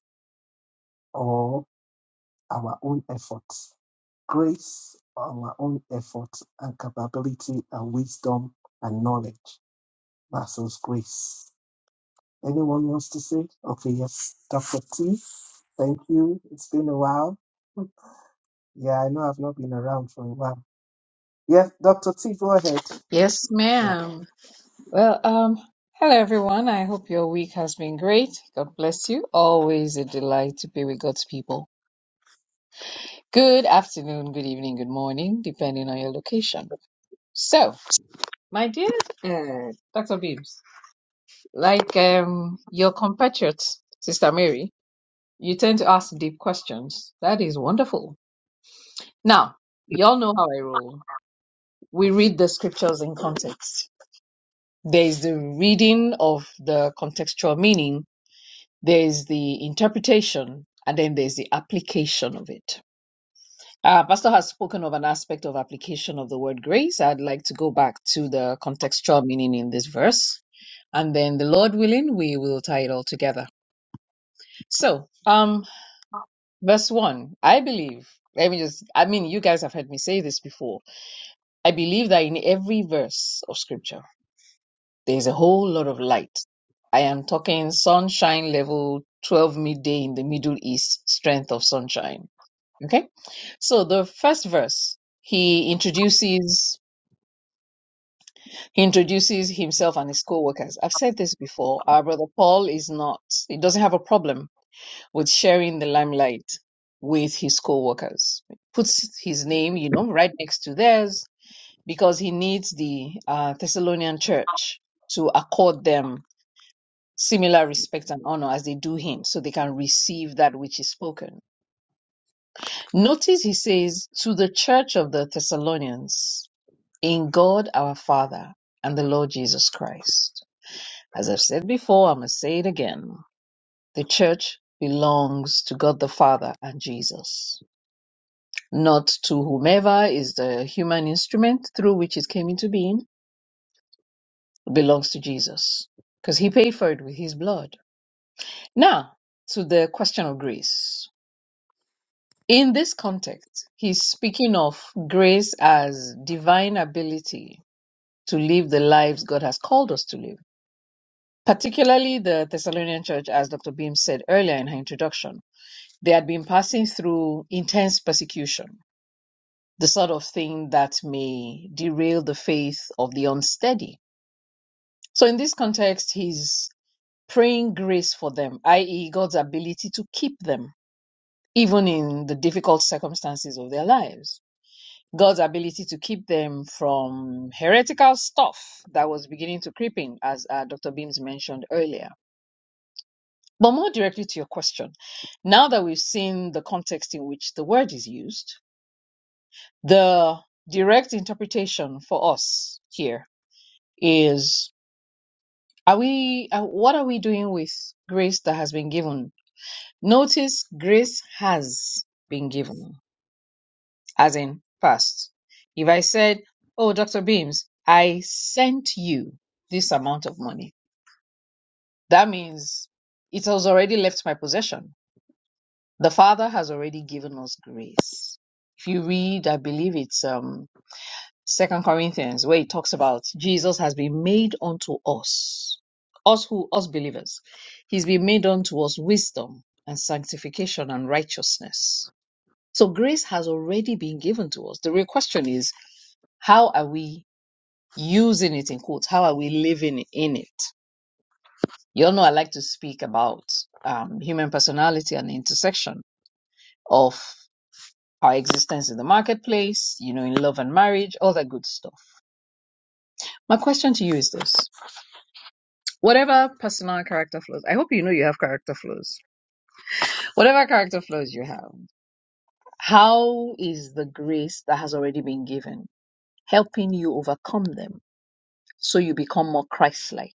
Speaker 2: or our own efforts. Grace, our own efforts and capability and wisdom and knowledge versus grace. Anyone wants to say? Okay, yes. Dr. T, thank you. It's been a while. Yeah, I know I've not been around for a while. Yes, Dr. T, go ahead.
Speaker 7: Yes,
Speaker 2: Yeah.
Speaker 7: ma'am. Well, um, hello everyone. I hope your week has been great. God bless you. Always a delight to be with God's people. Good afternoon, good evening, good morning, depending on your location. So, my dear uh, Dr. Beams, like um, your compatriot, Sister Mary, you tend to ask deep questions. That is wonderful. Now, y'all know how I roll. We read the scriptures in context. There is the reading of the contextual meaning There is the interpretation, and then there's the application of it. Uh, Pastor has spoken of an aspect of application of the word grace. I'd like to go back to the contextual meaning in this verse. And then the Lord willing, we will tie it all together. So, um, verse one, I believe, let me just, I mean, you guys have heard me say this before. I believe that in every verse of scripture, there's a whole lot of light. I am talking sunshine level 12 midday in the Middle East, strength of sunshine Okay. So the first verse, he introduces he introduces himself and his co-workers. I've said this before. Our brother Paul is not he doesn't have a problem with sharing the limelight with his co-workers. Puts his name, you know, right next to theirs because he needs the uh, Thessalonian church to accord them similar respect and honor as they do him so they can receive that which is spoken. Notice he says to the church of the Thessalonians in God our Father and the Lord Jesus Christ. As I've said before, I must say it again. The church belongs to God the Father and Jesus, not to whomever is the human instrument through which it came into being. It belongs to Jesus because he paid for it with his blood. Now, to the question of grace. In this context, he's speaking of grace as divine ability to live the lives God has called us to live particularly the Thessalonian church, as Dr. Beam said earlier in her introduction, they had been passing through intense persecution, the sort of thing that may derail the faith of the unsteady. So, in this context, he's praying grace for them, i.e., God's ability to keep them, even in the difficult circumstances of their lives. God's ability to keep them from heretical stuff that was beginning to creep in, as uh, Dr. Beams mentioned earlier But more directly to your question, now that we've seen the context in which the word is used, the direct interpretation for us here is are we uh, what are we doing with grace that has been given? Notice grace has been given as in past. If I said, "Oh, Dr. Beams, I sent you this amount of money." That means it has already left my possession The Father has already given us grace. If you read, I believe it's um Second Corinthians, where it talks about Jesus has been made unto us, us who us believers. He's been made unto us wisdom and sanctification and righteousness. So grace has already been given to us. The real question is, how are we using it in quotes? How are we living in it? You all know I like to speak about um, human personality and the intersection of our existence in the marketplace, you know, in love and marriage, all that good stuff. My question to you is this whatever personal character flaws, I hope you know you have character flaws, whatever character flaws you have, how is the grace that has already been given helping you overcome them so you become more Christ like?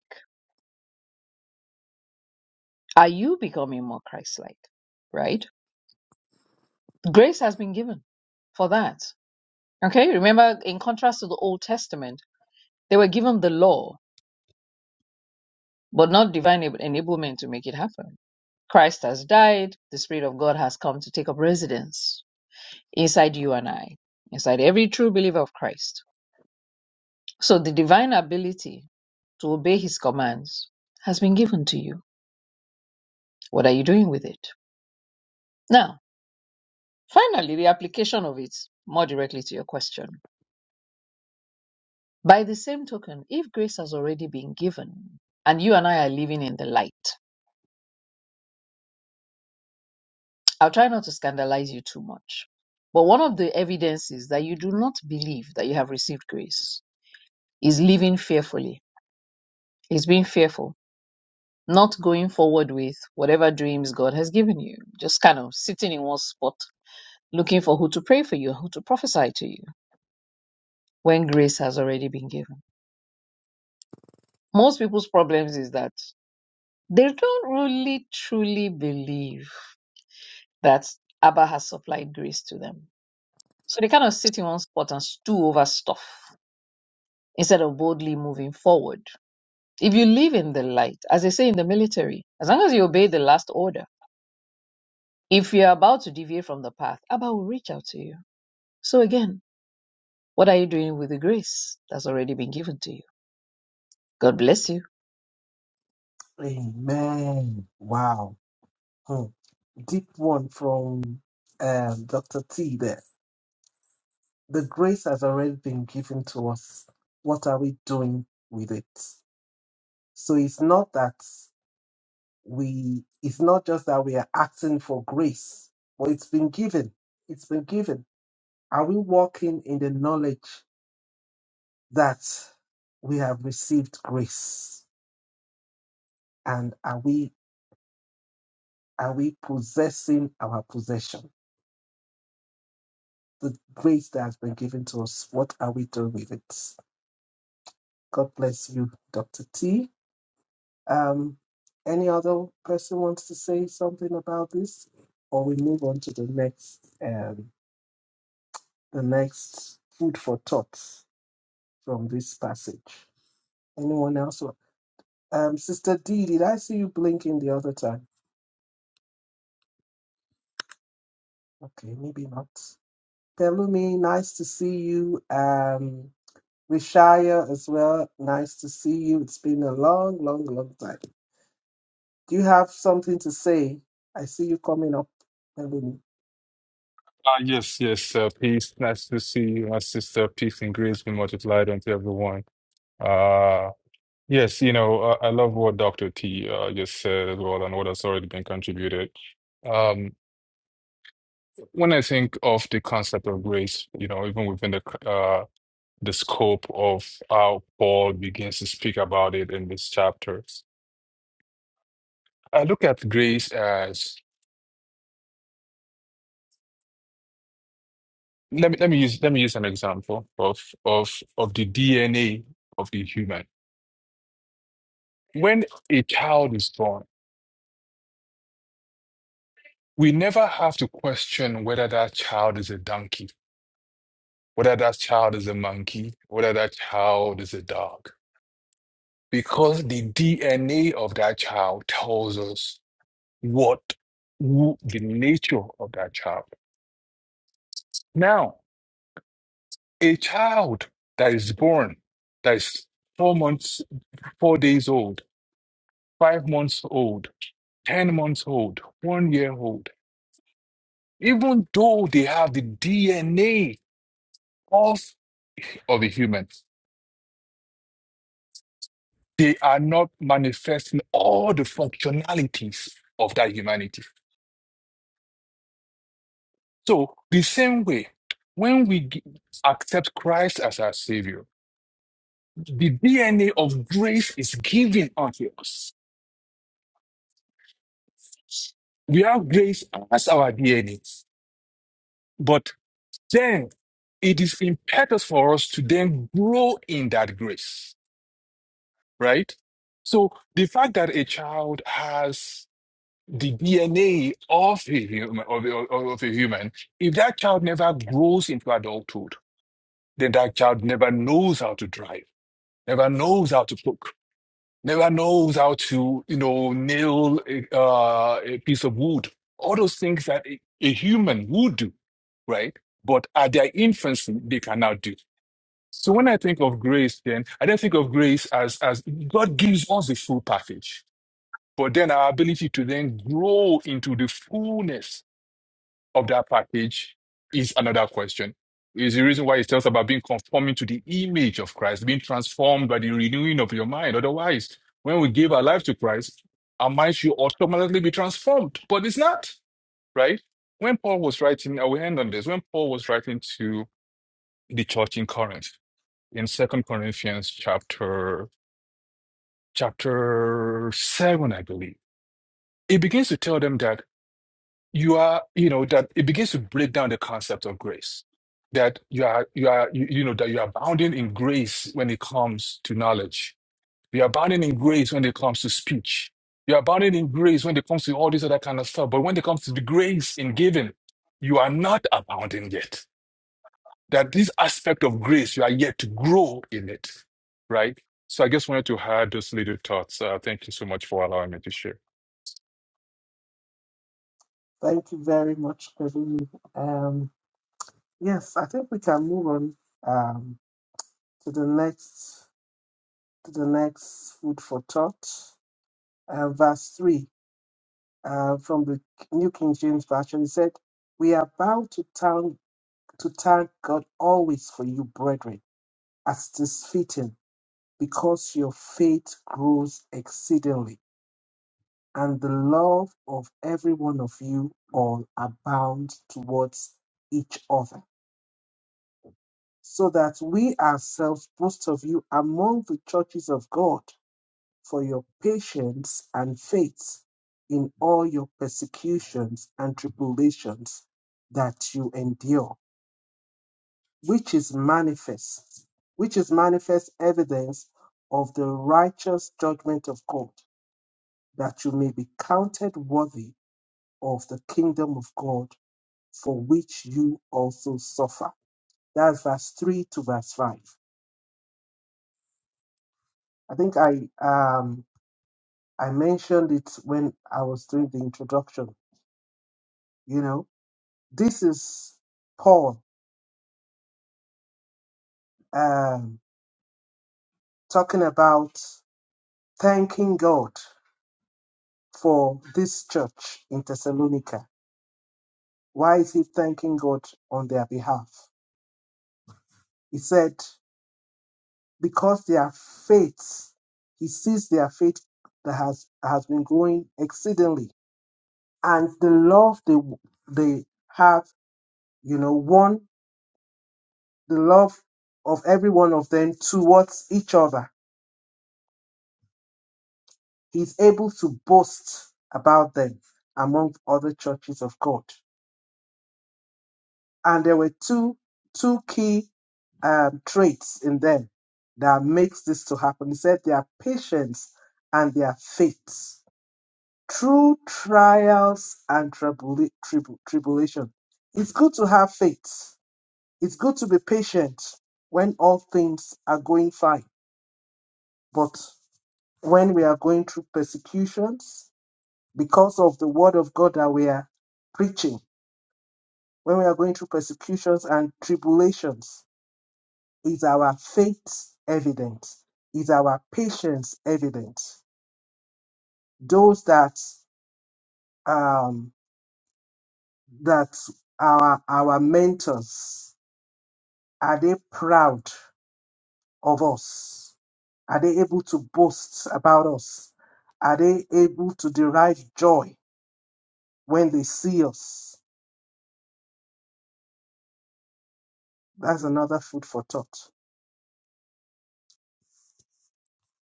Speaker 7: Are you becoming more Christ like? Right? Grace has been given for that. Okay, remember in contrast to the Old Testament, they were given the law but not divine eb- enablement to make it happen. Christ has died, the Spirit of God has come to take up residence inside you and I, inside every true believer of Christ. So the divine ability to obey his commands has been given to you. What are you doing with it? Now, finally, the application of it more directly to your question. By the same token, if grace has already been given and you and I are living in the light, I'll try not to scandalize you too much. But one of the evidences that you do not believe that you have received grace is living fearfully, is being fearful, not going forward with whatever dreams God has given you, just kind of sitting in one spot looking for who to pray for you, who to prophesy to you when grace has already been given. Most people's problems is that they don't really truly believe that Abba has supplied grace to them. So they kind of sit in one spot and stew over stuff instead of boldly moving forward. If you live in the light, as they say in the military, as long as you obey the last order, if you're about to deviate from the path, Abba will reach out to you. So again, what are you doing with the grace that's already been given to you? God bless you.
Speaker 2: Amen. Wow. Hmm. Deep one from um, Dr. T there. The grace has already been given to us. What are we doing with it? So it's not that we, it's not just that we are asking for grace, but it's been given. It's been given. Are we walking in the knowledge that we have received grace? And are we Are we possessing our possession? The grace that has been given to us, what are we doing with it? God bless you, Dr. T. Um, any other person wants to say something about this? Or we move on to the next um, the next food for thought from this passage. Anyone else? wa- Um, Sister D, did I see you blinking the other time? Okay, maybe not. Pelumi, nice to see you. Um, Rishaya as well. Nice to see you. It's been a long, long, long time. Do you have something to say? I see you coming up, Kevin.
Speaker 8: Uh, yes, yes, uh, peace. Nice to see you, my sister. Peace and grace be multiplied unto everyone. Uh, yes, you know, uh, I love what Dr. T uh, just said as well and what has already been contributed. Um, when I think of the concept of grace, you know, even within the uh, the scope of how Paul begins to speak about it in this chapter, I look at grace as let me let me use let me use an example of of of the DNA of the human. When a child is born, we never have to question whether that child is a donkey, whether that child is a monkey, whether that child is a dog, because the DNA of that child tells us what who, the nature of that child. Now, a child that is born, that is four months, four days old, five months old, ten months old, one year old, even though they have the DNA of of a human. They are not manifesting all the functionalities of that humanity. So, the same way, when we gi- accept Christ as our Savior, the DNA of grace is given unto us. We have grace as our DNA. But then it is impetus for us to then grow in that grace, right? So, the fact that a child has the DNA of a human of a, of a human, if that child never grows into adulthood, then that child never knows how to drive, never knows how to cook, never knows how to you know nail a, uh, a piece of wood. All those things that a, a human would do, right? But at their infancy, they cannot do. So when I think of grace, then I don't think of grace as as God gives us the full package, but then our ability to then grow into the fullness of that package is another question. Is the reason why it tells about being conforming to the image of Christ, being transformed by the renewing of your mind. Otherwise, when we give our life to Christ, our minds should automatically be transformed. But it's not, right? When Paul was writing, I will end on this. When Paul was writing to the church in Corinth, in Second Corinthians chapter chapter 7, I believe, he begins to tell them that you are you know that it begins to break down the concept of grace that you are you are you, you know that you are abounding in grace when it comes to knowledge you are abounding in grace when it comes to speech you are abounding in grace when it comes to all this other kind of stuff but when it comes to the grace in giving you are not abounding yet that this aspect of grace you are yet to grow in it right so i just wanted to add those little thoughts uh, thank you so much for allowing me to share
Speaker 2: Thank you very much, Kevin. Um, yes, I think we can move on um, to the next to the next food for thought. Uh, verse three uh, from the New King James Version. It said, "We are bound to thank to thank God always for you, brethren, as it is fitting." because your faith grows exceedingly, and the love of every one of you all abounds towards each other, so that we ourselves boast of you among the churches of God for your patience and faith in all your persecutions and tribulations that you endure, which is manifest, which is manifest evidence of the righteous judgment of God that you may be counted worthy of the kingdom of God for which you also suffer. That's verse 3 to verse 5. I think I um I mentioned it when I was doing the introduction. You know, this is Paul um talking about thanking God for this church in Thessalonica. Why is he thanking God on their behalf? He said, because their faith, he sees their faith that has, has been growing exceedingly. And the love they, they have, you know, one, the love of every one of them towards each other. He's able to boast about them among other churches of God. And there were two, two key um, traits in them that makes this to happen. He said their patience and their faith. through trials and tribula- tribu- tribulation. It's good to have faith. It's good to be patient when all things are going fine. But when we are going through persecutions because of the word of God that we are preaching, when we are going through persecutions and tribulations, is our faith evident? Is our patience evident? Those that um, that our our mentors Are they proud of us? Are they able to boast about us? Are they able to derive joy when they see us? That's another food for thought.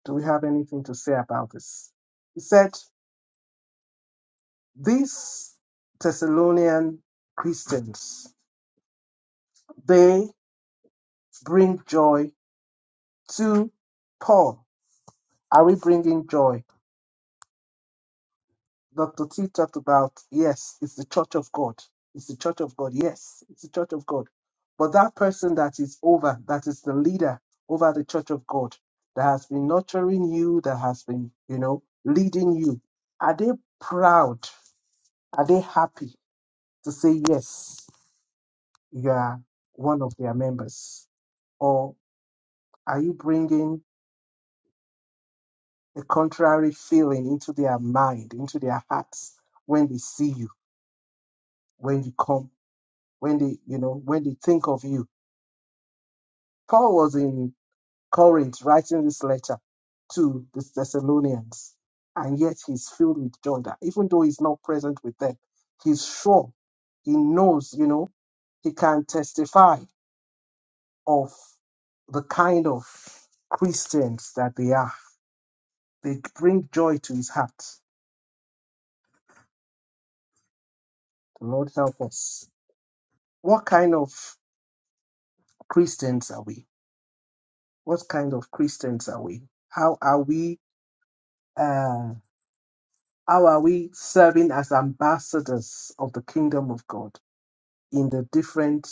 Speaker 2: Do we have anything to say about this? He said, These Thessalonian Christians, they bring joy to Paul. Are we bringing joy Dr. T talked about, yes, it's the church of God. It's the church of God. Yes, it's the church of God. But that person that is over, that is the leader over the church of God, that has been nurturing you, that has been, you know, leading you, are they proud? Are they happy to say, yes, you are one of their members? Or are you bringing a contrary feeling into their mind, into their hearts when they see you, when you come? when they, you know, when they think of you. Paul was in Corinth writing this letter to the Thessalonians, and yet he's filled with joy that even though he's not present with them, he's sure, he knows, you know, he can testify of the kind of Christians that they are. They bring joy to his heart. The Lord help us. What kind of Christians are we? What kind of Christians are we? How are we? uh, How are we serving as ambassadors of the kingdom of God in the different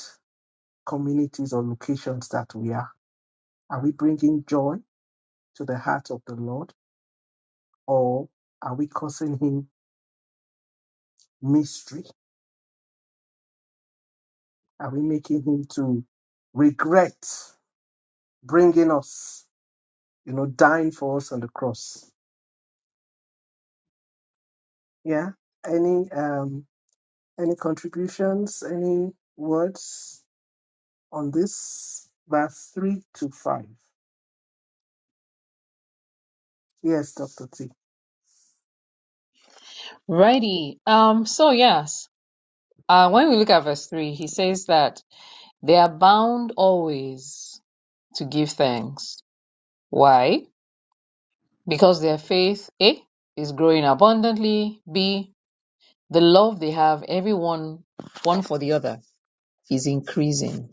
Speaker 2: communities or locations that we are? Are we bringing joy to the heart of the Lord or are we causing him mystery? Are we making him to regret bringing us, you know, dying for us on the cross? Yeah. Any um any contributions, any words on this verse 3 to 5? Yes, Dr. T.
Speaker 7: Righty. Um, so yes, uh, when we look at verse three, he says that they are bound always to give thanks. Why? Because their faith, A, is growing abundantly, B, the love they have, everyone, one for the other, is increasing.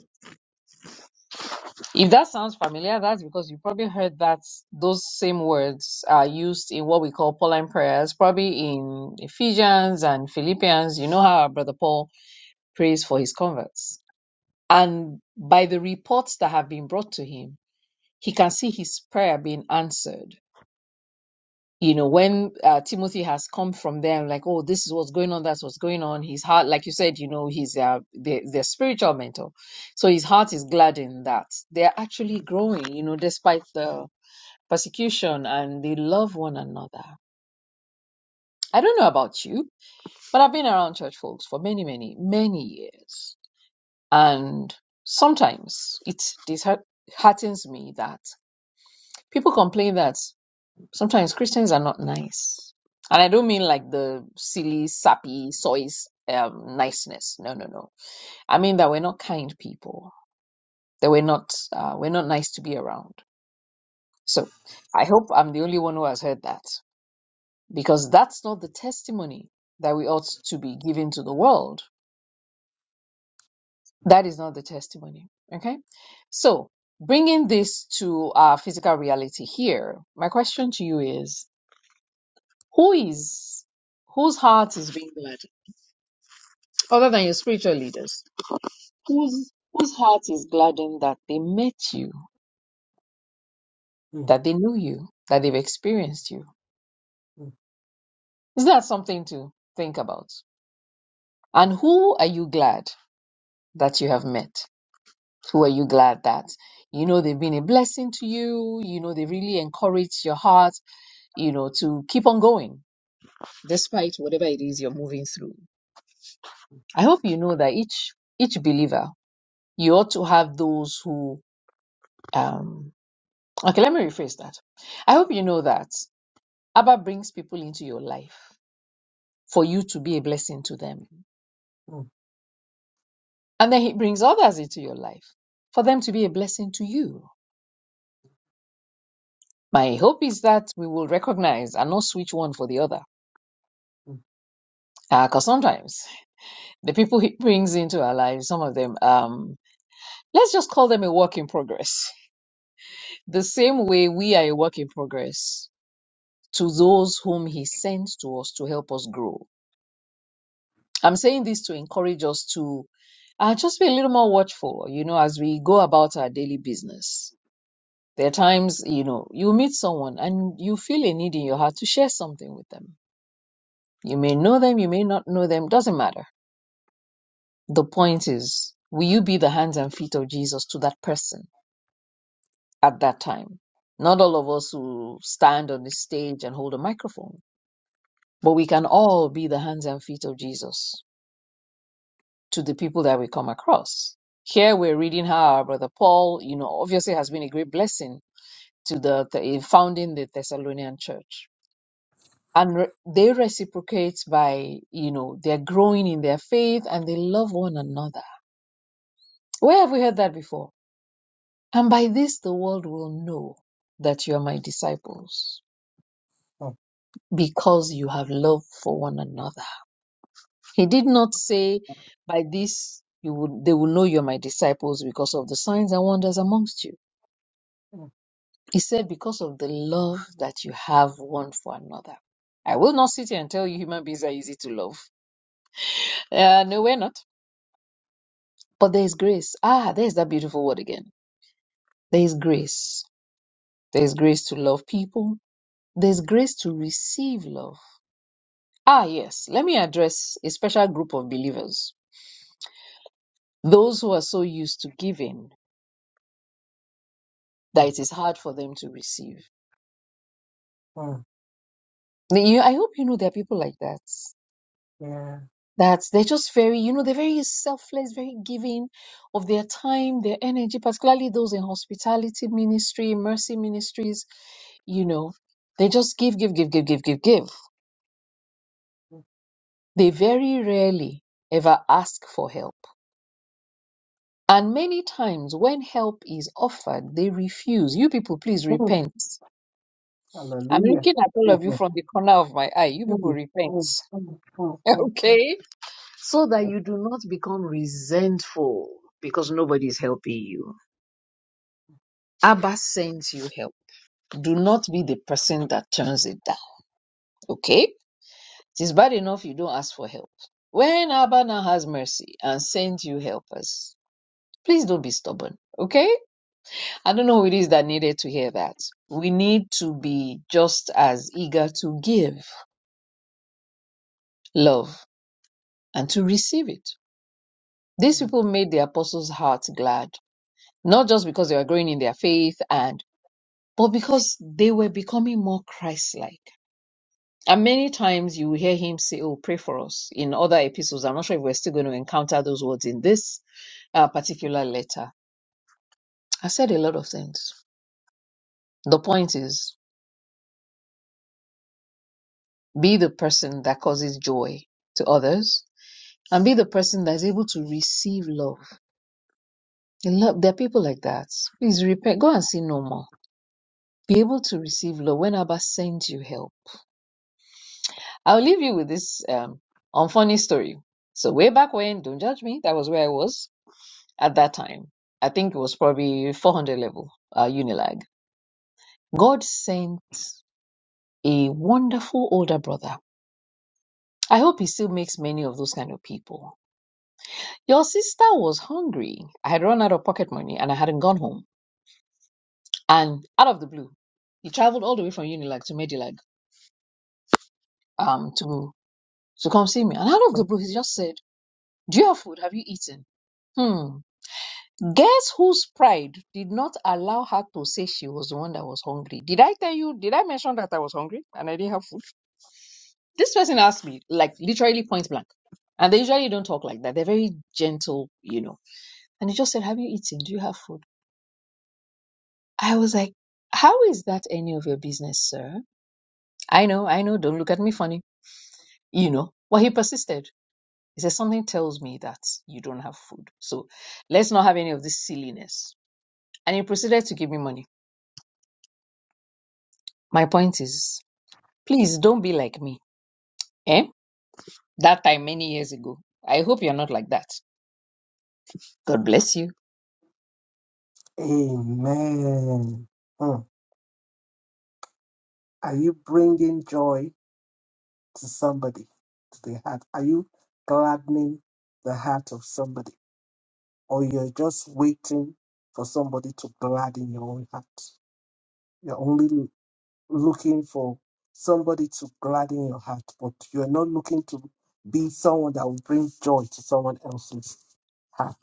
Speaker 7: If that sounds familiar, that's because you probably heard that those same words are used in what we call Pauline prayers, probably in Ephesians and Philippians. You know how our brother Paul prays for his converts. And by the reports that have been brought to him, he can see his prayer being answered you know, when uh, Timothy has come from them, like, oh, this is what's going on, that's what's going on. His heart, like you said, you know, he's uh, their, their spiritual mentor. So his heart is gladdened that. They're actually growing, you know, despite the persecution and they love one another. I don't know about you, but I've been around church folks for many, many, many years. And sometimes it disheartens me that people complain that. Sometimes Christians are not nice. And I don't mean like the silly, sappy, sois um, niceness. No, no, no. I mean that we're not kind people. That we're not uh, we're not nice to be around. So I hope I'm the only one who has heard that because that's not the testimony that we ought to be giving to the world. That is not the testimony. Okay. So bringing this to our physical reality here, my question to you is: Who is whose heart is being gladdened? other than your spiritual leaders? whose whose heart is gladdened that they met you,
Speaker 2: Hmm.
Speaker 7: that they knew you, that they've experienced you.
Speaker 2: Mm,
Speaker 7: Is that something to think about? And who are you glad that you have met? Who are you glad that you know they've been a blessing to you? You know they really encourage your heart, you know, to keep on going despite whatever it is you're moving through. I hope you know that each each believer you ought to have those who um okay let me rephrase that I hope you know that. Abba brings people into your life for you to be a blessing to them.
Speaker 2: mm,
Speaker 7: And then he brings others into your life for them to be a blessing to you. My hope is that we will recognize and not switch one for the other.
Speaker 2: mm,
Speaker 7: Because sometimes the people he brings into our lives, some of them, um, let's just call them a work in progress. The same way we are a work in progress to those whom he sends to us to help us grow. I'm saying this to encourage us to uh, just be a little more watchful, you know, as we go about our daily business. There are times, you know, you meet someone and you feel a need in your heart to share something with them. You may know them, you may not know them, doesn't matter. The point is, will you be the hands and feet of Jesus to that person at that time? Not all of us who stand on the stage and hold a microphone, but we can all be the hands and feet of Jesus to the people that we come across. Here we're reading how our brother Paul, you know, obviously has been a great blessing to the, the in founding the Thessalonian church. And re- they reciprocate by, you know, they're growing in their faith and they love one another. Where have we heard that before? And by this the world will know that you are my disciples
Speaker 2: mm,
Speaker 7: because you have love for one another. He did not say by this you would they will know you're my disciples because of the signs and wonders amongst you
Speaker 2: mm,
Speaker 7: He said, because of the love that you have one for another. I will not sit here and tell you human beings are easy to love. Uh, no, we're not. But there is grace. Ah, there's that beautiful word again. There is grace. There is grace to love people. There's grace to receive love. Ah, yes. Let me address a special group of believers. Those who are so used to giving that
Speaker 2: mm,
Speaker 7: it is hard for them to receive.
Speaker 2: mm.
Speaker 7: You- I hope you know there are people like that.
Speaker 2: Yeah.
Speaker 7: that they're just very, you know, they're very selfless, very giving of their time, their energy, particularly those in hospitality ministry, mercy ministries, you know, they just give, give, give, give, give, give, give. They very rarely ever ask for help. And many times when help is offered, they refuse. You people, please
Speaker 2: Mm,
Speaker 7: repent. I'm
Speaker 2: Hallelujah.
Speaker 7: looking at all of you
Speaker 2: Mm,
Speaker 7: from the corner of my eye. You people
Speaker 2: mm,
Speaker 7: repent,
Speaker 2: mm, mm, mm, mm, mm, mm,
Speaker 7: okay? So that you do not become resentful because nobody is helping you Abba sends you help. Do not be the person that turns it down. Okay? It is bad enough you don't ask for help. When Abba now has mercy and sends you helpers, please don't be stubborn. Okay? I don't know who it is that needed to hear that. We need to be just as eager to give love and to receive it. These
Speaker 2: mm.
Speaker 7: people made the apostles' hearts glad, not just because they were growing in their faith and but because they were becoming more Christ like. And many times you will hear him say, Oh, pray for us in other epistles. I'm not sure if we're still going to encounter those words in this uh, particular letter. I said a lot of things. The point is, be the person that causes joy to others and be the person that is able to receive love. And love there are people like that. Please repent. Go and see no more. Be able to receive love when Abba sends you help. I'll leave you with this um, unfunny story. So way back when, don't judge me, that was where I was. at that time. I think it was probably 400 level, uh, Unilag. God sent a wonderful older brother. I hope he still makes many of those kind of people. Your sister was hungry. I had run out of pocket money and I hadn't gone home. And out of the blue, he traveled all the way from Unilag to Medilag um, to, to come see me. And out of the blue, he just said, Do you have food? Have you eaten? Hmm. Guess whose pride did not allow her to say she was the one that was hungry? Did I tell you? Did I mention that I was hungry and I didn't have food? This person asked me, like literally point blank. And they usually don't talk like that. They're very gentle, you know. And he just said, Have you eaten? Do you have food? I was like, How is that any of your business, sir? I know, I know. Don't look at me funny, you know. Well, he persisted. He said, Something tells me that you don't have food. So let's not have any of this silliness. And he proceeded to give me money. My point is. Please don't be like me. Eh? That time many years ago. I hope you're not like that. God bless you.
Speaker 2: Amen. Mm. Are you bringing joy to somebody, to the heart? Are you gladdening the heart of somebody? Or you're just waiting for somebody to gladden your own heart? You're only looking for somebody to gladden your heart, but you're not looking to be someone that will bring joy to someone else's heart.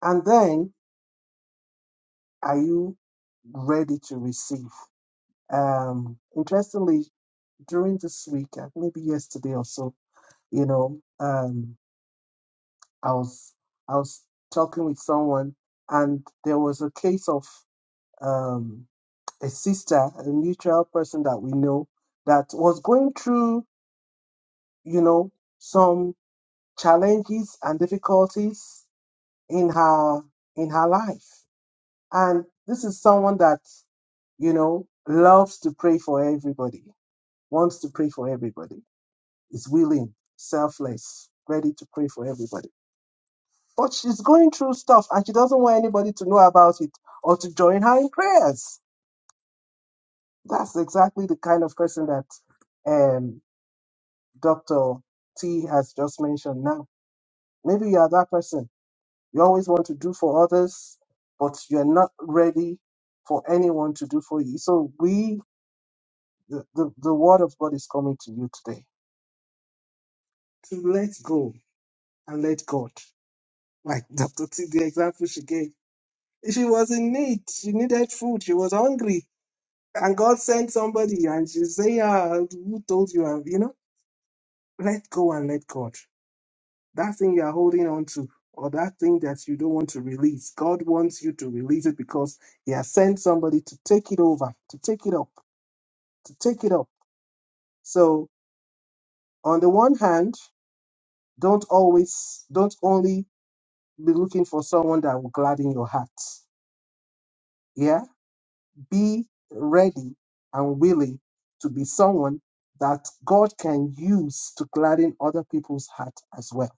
Speaker 2: And then, are you ready to receive? Um, interestingly, during this week, uh, maybe yesterday or so, you know, um, I was I was talking with someone, and there was a case of um, a sister, a mutual person that we know, that was going through you know, some challenges and difficulties in her in her life. And this is someone that, you know, loves to pray for everybody, wants to pray for everybody, is willing, selfless, ready to pray for everybody. But she's going through stuff and she doesn't want anybody to know about it or to join her in prayers. That's exactly the kind of person that um, Dr. T has just mentioned now. Maybe you are that person You always want to do for others, but you're not ready for anyone to do for you. So we, the, the, the word of God is coming to you today to let go and let God. Like Dr. T, the example she gave. She was in need. She needed food. She was hungry. And God sent somebody and she say, "Yeah, who told you? You know, let go and let God. That thing you are holding on to, or that thing that you don't want to release, God wants you to release it because He has sent somebody to take it over, to take it up, to take it up. So, on the one hand, don't always, don't only be looking for someone that will gladden your heart. Yeah, be ready and willing to be someone that God can use to gladden other people's heart as well.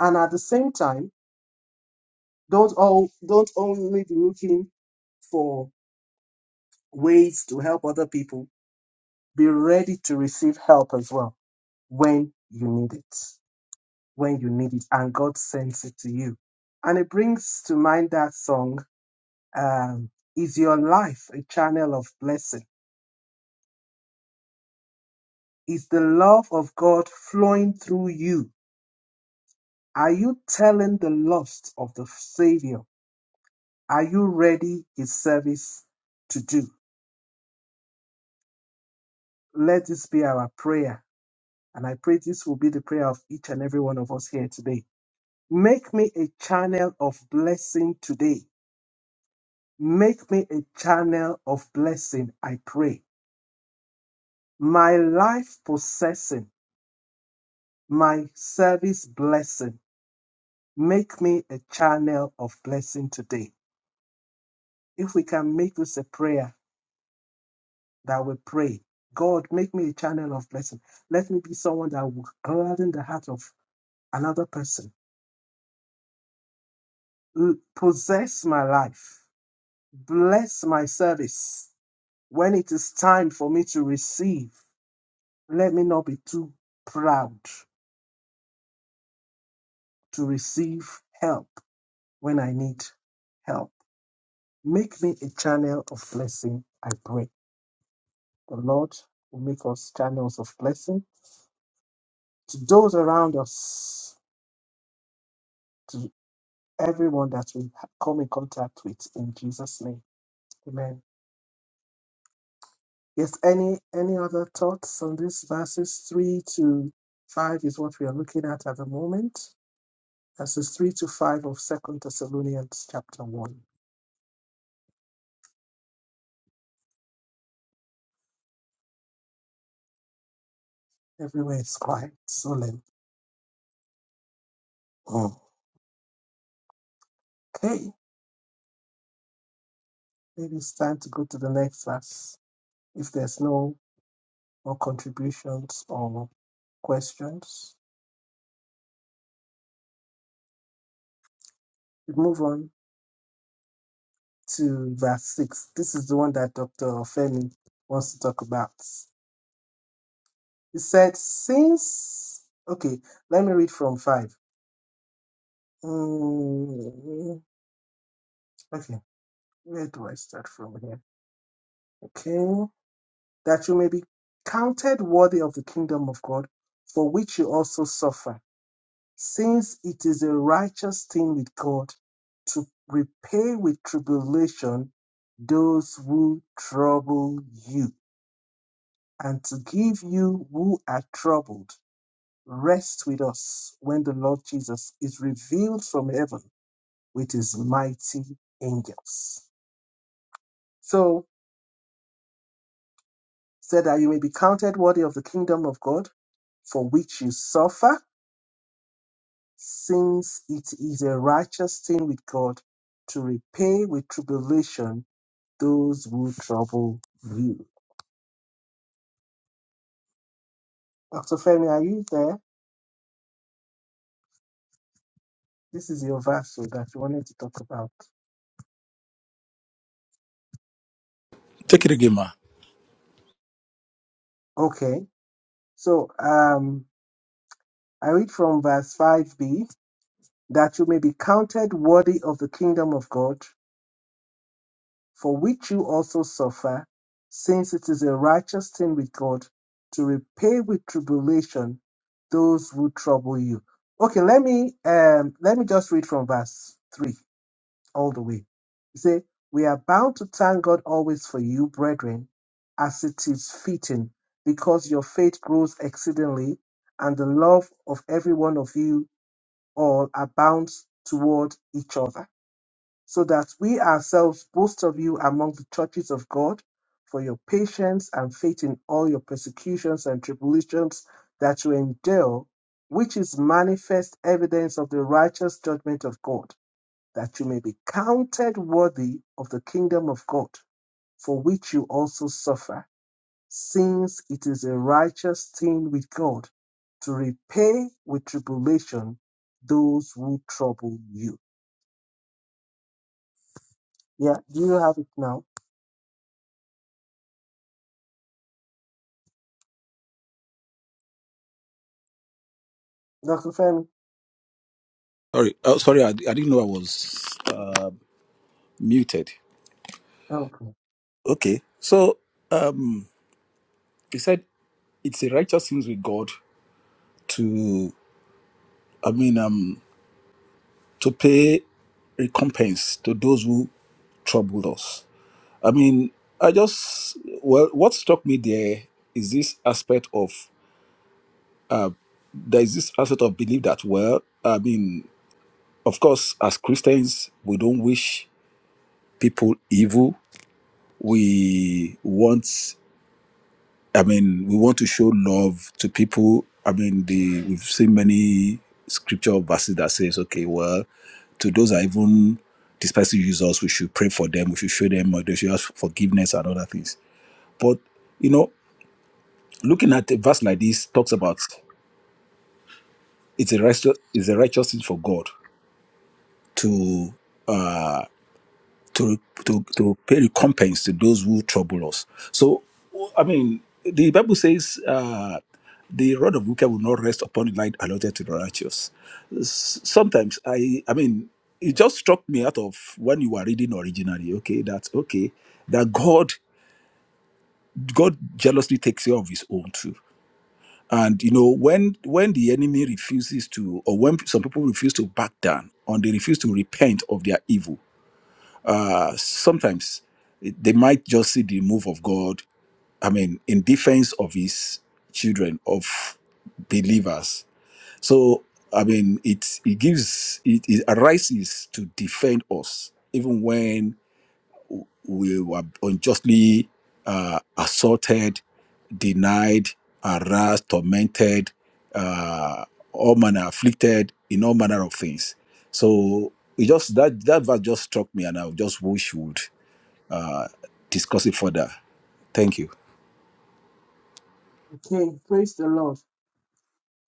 Speaker 2: And at the same time, Don't all don't only be looking for ways to help other people. Be ready to receive help as well when you need it. When you need it, and God sends it to you. And it brings to mind that song. Um, is your life a channel of blessing? Is the love of God flowing through you? Are you telling the lost of the Savior? Are you ready His service to do? Let this be our prayer And I pray this will be the prayer of each and every one of us here today. Make me a channel of blessing today. Make me a channel of blessing, I pray. My life possessing, my service blessing. Make me a channel of blessing today. If we can make this a prayer that we pray, God, make me a channel of blessing. Let me be someone that will gladden the heart of another person. L- Possess my life Bless my service. When it is time for me to receive, let me not be too proud to receive help when I need help. Make me a channel of blessing, I pray. The Lord will make us channels of blessing to those around us, to everyone that we ha- come in contact with in Jesus' name. Amen. Yes, any any other thoughts on this verses three to five is what we are looking at at the moment. verses 3 to 5 of Second Thessalonians chapter 1. Everywhere is quiet, solemn. Okay, maybe it's time to go to the next verse. If there's no more contributions or questions, we move on to verse 6. This is the one that Dr. Femi wants to talk about. He said, Since, okay, let me read from 5. Mm, okay, where do I start from here? Okay. that you may be counted worthy of the kingdom of God, for which you also suffer, since it is a righteous thing with God to repay with tribulation those who trouble you, and to give you who are troubled rest with us when the Lord Jesus is revealed from heaven with his mighty angels. So, said that you may be counted worthy of the kingdom of God, for which you suffer since it is a righteous thing with God to repay with tribulation those who trouble you. Dr. Femi, are you there? This is your verse so that you wanted to talk about.
Speaker 9: Take it
Speaker 2: If-
Speaker 9: again, ma.
Speaker 2: Okay, so um, I read from verse 5b that you may be counted worthy of the kingdom of God for which you also suffer, since it is a righteous thing with God to repay with tribulation those who trouble you. Okay, let me um let me just read from verse three all the way. It say, We are bound to thank God always for you, brethren, as it is fitting, because your faith grows exceedingly, and the love of every one of you all abounds toward each other so that we ourselves boast of you among the churches of God for your patience and faith in all your persecutions and tribulations that you endure, which is manifest evidence of the righteous judgment of God, that you may be counted worthy of the kingdom of God, for which you also suffer, since it is a righteous thing with God to repay with tribulation those who trouble you. Yeah, do you have it now? Dr. Femi?
Speaker 9: Sorry, oh, sorry, I, I didn't know I was uh, muted.
Speaker 2: Okay.
Speaker 9: Okay, so um, he said it's a righteous thing with God to, I mean, um, to pay recompense to those who troubled us. I mean, I just well, what struck me there is this aspect of uh, there is this aspect of belief that well, I mean, of course, as Christians, we don't wish people evil we want i mean we want to show love to people i mean the we've seen many scripture verses that says okay well to those that even despising use us we should pray for them we should show them uh, they should ask forgiveness and other things but you know looking at a verse like this talks about it's a righteous it's a righteous thing for god to uh, to to to pay recompense to those who trouble us. So, I mean, the Bible says uh, the rod of wicked will not rest upon the light allotted to the righteous. S- Sometimes I, I mean, it just struck me out of when you were reading originally. Okay, that okay that God God jealously takes care of His own too. And you know when when the enemy refuses to, or when some people refuse to back down, or they refuse to repent of their evil, uh, sometimes they might just see the move of God, I mean, in defense of his children, of believers. So, I mean, it, it gives, it, it arises to defend us, even when we were unjustly uh, assaulted, denied, harassed, tormented, uh, all manner afflicted in all manner of things. So it just that that verse just struck me, and I just wish we would uh, discuss it further. Thank you.
Speaker 2: Okay. Praise the Lord.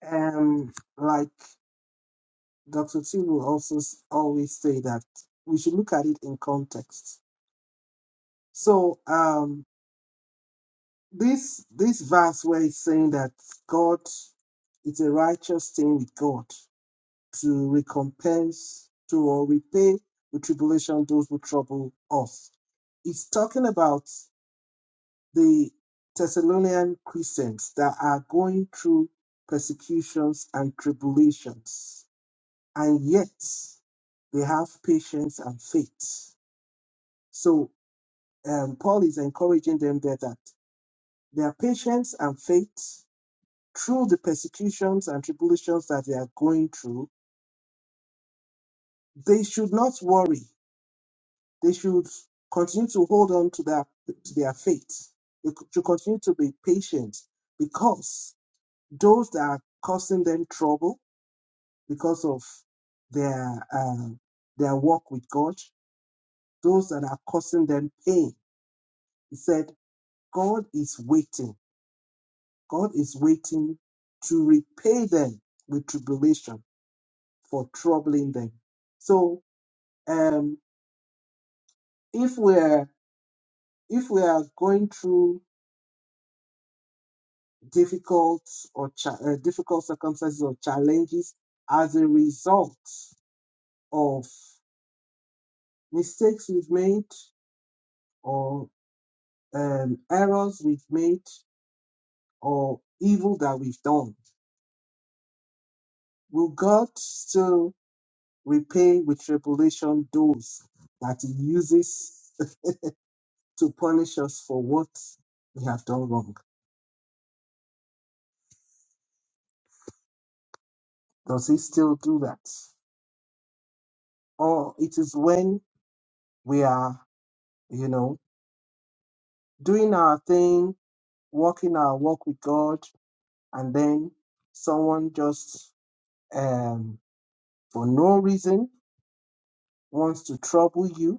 Speaker 2: Um, like Dr. T will also s- always say that we should look at it in context. So, um, this this verse where it's saying that God, it's a righteous thing with God to recompense to or repay with tribulation those who trouble us. It's talking about the Thessalonian Christians that are going through persecutions and tribulations, and yet they have patience and faith. So, um, Paul is encouraging them there that their patience and faith through the persecutions and tribulations that they are going through, they should not worry. They should continue to hold on to their, to their faith. They should continue to be patient because those that are causing them trouble because of their uh, their walk with God, those that are causing them pain. He said, God is waiting. God is waiting to repay them with tribulation for troubling them. So um, if we're if we are going through difficult or cha- uh, difficult circumstances or challenges as a result of mistakes we've made, or um, errors we've made or evil that we've done? Will God still repay with tribulation those that He uses to punish us for what we have done wrong? Does He still do that? Or it is when we are, you know, doing our thing, walking our walk with God, and then someone just, um, for no reason, wants to trouble you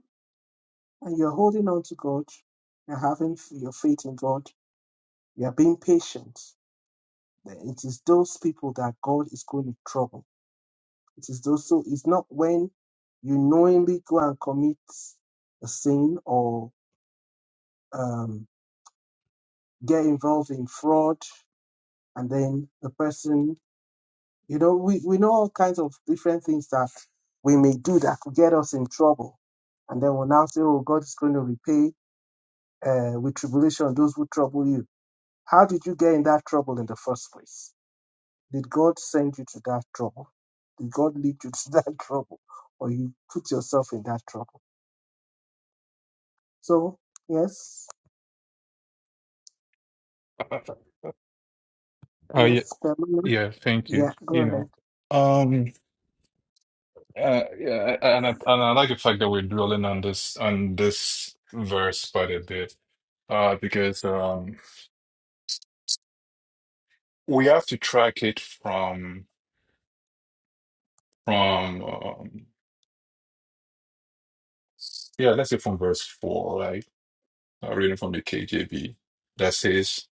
Speaker 2: and you're holding on to God, you're having f- your faith in God, you're being patient, then it is those people that God is going to trouble. It is those, so it's not when you knowingly go and commit a sin or um, get involved in fraud, and then the person, you know, we, we know all kinds of different things that we may do that could get us in trouble. And then we'll now say, oh, God is going to repay uh, with tribulation those who trouble you How did you get in that trouble in the first place? Did God send you to that trouble? Did God lead you to that trouble? Or you put yourself in that trouble? So, yes,
Speaker 8: oh yeah,
Speaker 2: yes, Pamela.
Speaker 8: yeah thank you
Speaker 2: Yeah, go
Speaker 8: you know
Speaker 2: ahead.
Speaker 8: um Uh, yeah, and I, and I like the fact that we're dwelling on this on this verse quite a bit, uh, because um, we have to track it from from um, yeah, let's say from verse four, right? Uh, reading from the KJV that says,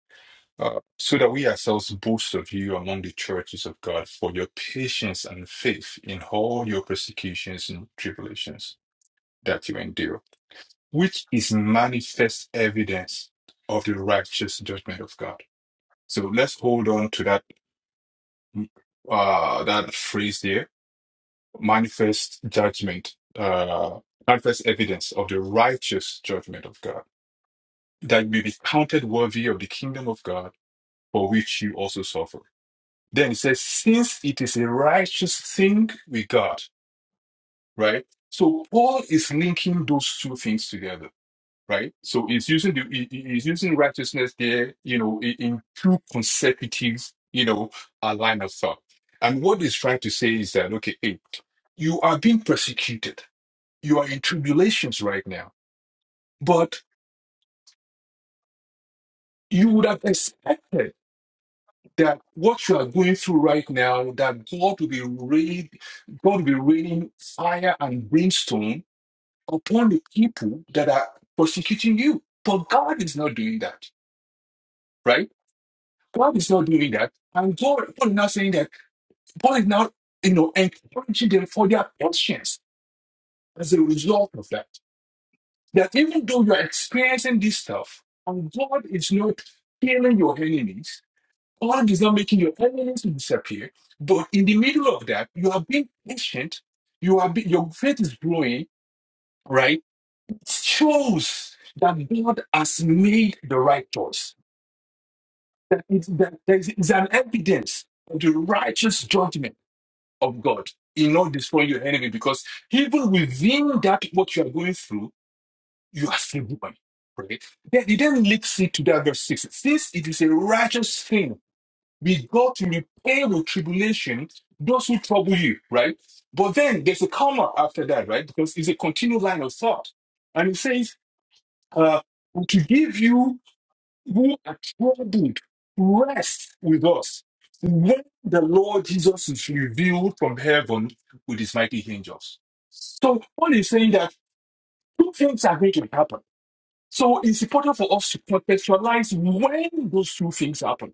Speaker 8: uh, "So that we ourselves boast of you among the churches of God for your patience and faith in all your persecutions and tribulations that you endure." which is manifest evidence of the righteous judgment of God. So let's hold on to that uh, that phrase there: manifest judgment, uh, manifest evidence of the righteous judgment of God, that you may be counted worthy of the kingdom of God, for which you also suffer. Then it says, since it is a righteous thing with God, right? So Paul is linking those two things together right? So it's using the it- it- it's using righteousness there, you know, in, in two consecutive, you know, uh, line of thought. And what it's trying to say is that okay, hey, you are being persecuted, you are in tribulations right now, but you would have expected that what you are going through right now, that God will be rain, God will be raining fire and brimstone upon the people that are persecuting you. But God is not doing that, right? God is not doing that. And God, Paul is now saying that God is now, you know, encouraging them for their patience as a result of that. That even though you're experiencing this stuff, and God is not killing your enemies, God is not making your enemies to disappear, but in the middle of that, you are being patient, you are be, your faith is growing, right? It shows that God has made the right choice. That, it, that there is is an evidence of the righteous judgment of God. He will not destroy your enemy because even within that what you are going through, you are still human. Right? Then he then leads it to that verse six. Since it is a righteous thing with God to repay with tribulation those who trouble you, right? But then there's a comma after that, right? Because it's a continued line of thought. And it says, uh, to give you who are troubled, rest with us. When the Lord Jesus is revealed from heaven with his mighty angels. So Paul is saying that two things are going to happen. So it's important for us to contextualize when those two things happen.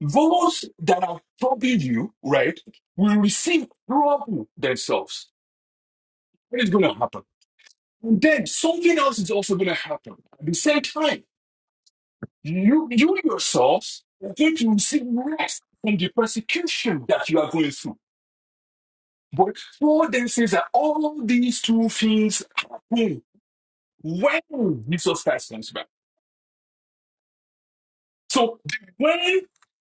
Speaker 8: Those that have troubled you, right, will receive trouble themselves. What is going to happen? And then something else is also going to happen at the same time. You, you yourself are going to receive rest from the persecution that you are going through. But Paul then says that all these two things happen when Jesus Christ comes back. So the when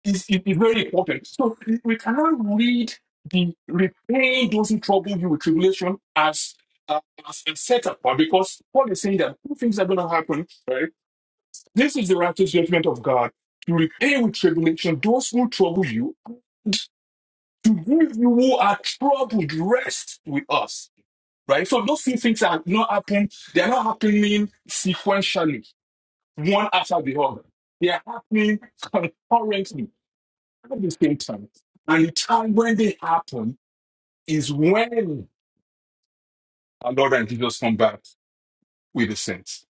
Speaker 8: is, is, is very important. So we cannot read the repaying those who trouble you with tribulation as uh, as a setup, but because Paul is saying that two things are going to happen, right? This is the righteous judgment of God to repay with tribulation those who trouble you to give you who are troubled rest with us. Right? So those few things are not happening, they're not happening sequentially, one after the other. They are happening concurrently at the same time. And the time when they happen is when our Lord and Jesus come back with the saints.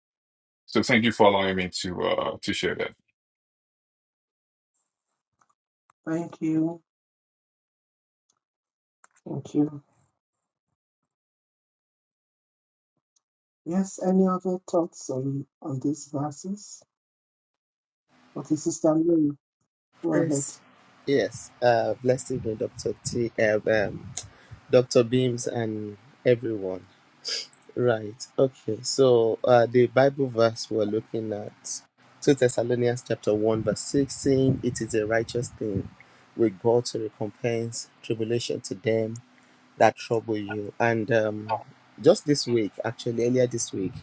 Speaker 8: So thank you for allowing me to uh to share that.
Speaker 2: Thank you. Thank you. Yes, any other thoughts on, on these verses? Okay, Sister Mary, go ahead.
Speaker 1: Yes. Uh, blessed evening, Dr. T, uh, um, Dr. Beams and everyone. Right. Okay. So uh, the Bible verse we're looking at, 2 Thessalonians chapter 1, verse 6, saying, It is a righteous thing with God to recompense tribulation to them that trouble you. And um, just this week, actually, earlier this week,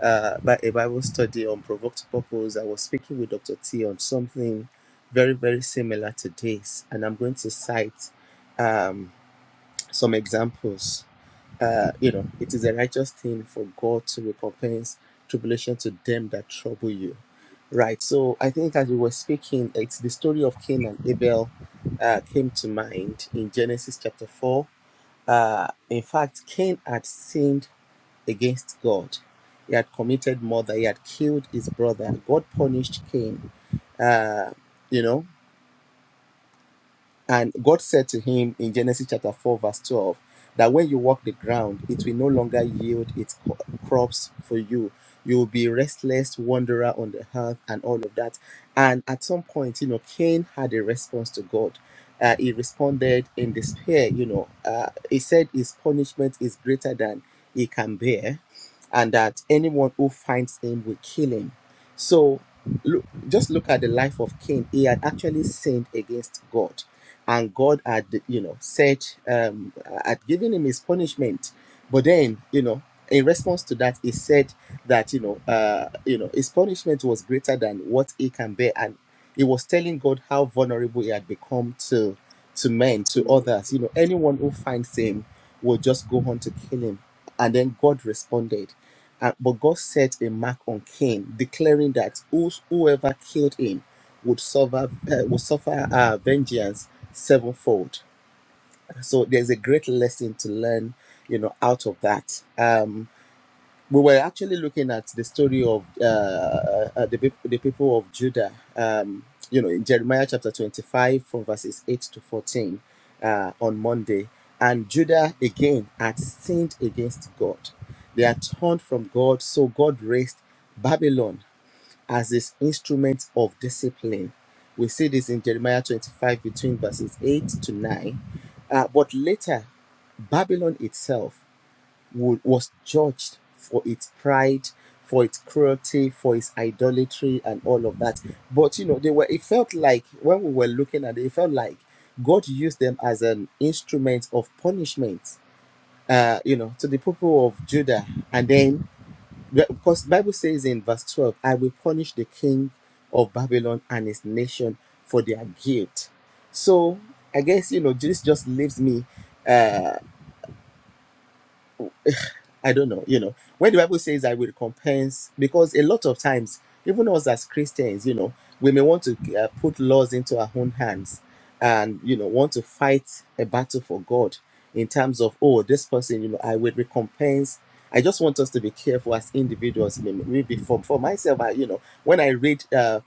Speaker 1: uh, by a Bible study on provoked purpose, I was speaking with Dr. T on something very, very similar to this. And I'm going to cite um, some examples uh, you know, it is a righteous thing for God to recompense tribulation to them that trouble you. Right. So I think as we were speaking, it's the story of Cain and Abel uh, came to mind in Genesis chapter 4. Uh, in fact, Cain had sinned against God. He had committed murder. He had killed his brother. God punished Cain. Uh, you know, and God said to him in Genesis chapter 4, verse 12, that when you walk the ground, it will no longer yield its co- crops for you. You will be restless wanderer on the earth and all of that. And at some point, you know, Cain had a response to God. Uh, he responded in despair, you know. Uh, he said his punishment is greater than he can bear, and that anyone who finds him will kill him. So, look, just look at the life of Cain. He had actually sinned against God and God had, you know, said, um, had given him his punishment. But then, you know, in response to that, he said that, you know, uh, you know, his punishment was greater than what he can bear, and he was telling God how vulnerable he had become to, to men, to others. You know, anyone who finds him will just go on to kill him. And then God responded, and, but God set a mark on Cain, declaring that whos- whoever killed him would suffer uh, would suffer uh, vengeance sevenfold. So there's a great lesson to learn, you know, out of that. Um, we were actually looking at the story of uh, uh, the peop- the people of Judah. Um, you know, in Jeremiah chapter 25, from verses 8 to 14, uh, on Monday, and Judah again had sinned against God. They had turned from God, so God raised Babylon as his instrument of discipline. We see this in Jeremiah 25, between verses 8 to 9. Uh, but later, Babylon itself wa- was judged for its pride, for its cruelty, for its idolatry, and all of that. But you know, they were. It felt like when we were looking at it, it felt like God used them as an instrument of punishment. Uh, you know, to the people of Judah, and then be- Because Bible says in verse 12, I will punish the king of Babylon and his nation for their guilt. So I guess you know this just leaves me. uh, I don't know, you know, when the Bible says I will recompense, because a lot of times, even us as Christians, you know, we may want to uh, put laws into our own hands and, you know, want to fight a battle for God in terms of, oh, this person, you know, I will recompense. I just want us to be careful as individuals. Maybe for, for myself, I, you know, when I read uh,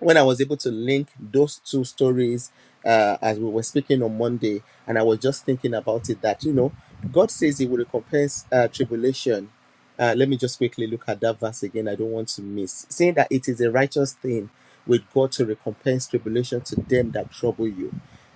Speaker 1: when I was able to link those two stories uh, as we were speaking on Monday, and I was just thinking about it that, you know, God says He will recompense uh, tribulation. Uh, let me just quickly look at that verse again. I don't want to miss. Saying that it is a righteous thing with God to recompense tribulation to them that trouble you.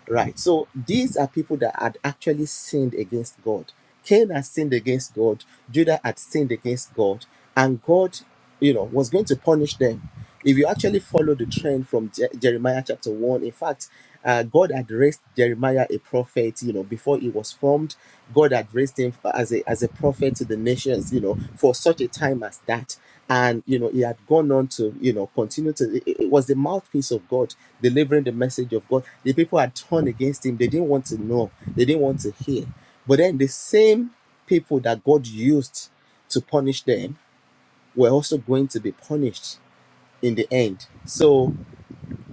Speaker 1: Right. So these are people that had actually sinned against God. Cain had sinned against God. Judah had sinned against God. And God, you know, was going to punish them. If you actually follow the trend from Je- Jeremiah chapter 1, in fact, uh, God had raised Jeremiah a prophet, you know, before he was formed. God had raised him as a, as a prophet to the nations, you know, for such a time as that and you know he had gone on to you know continue to it, it was the mouthpiece of god delivering the message of god the people had turned against him they didn't want to know they didn't want to hear but then the same people that god used to punish them were also going to be punished in the end so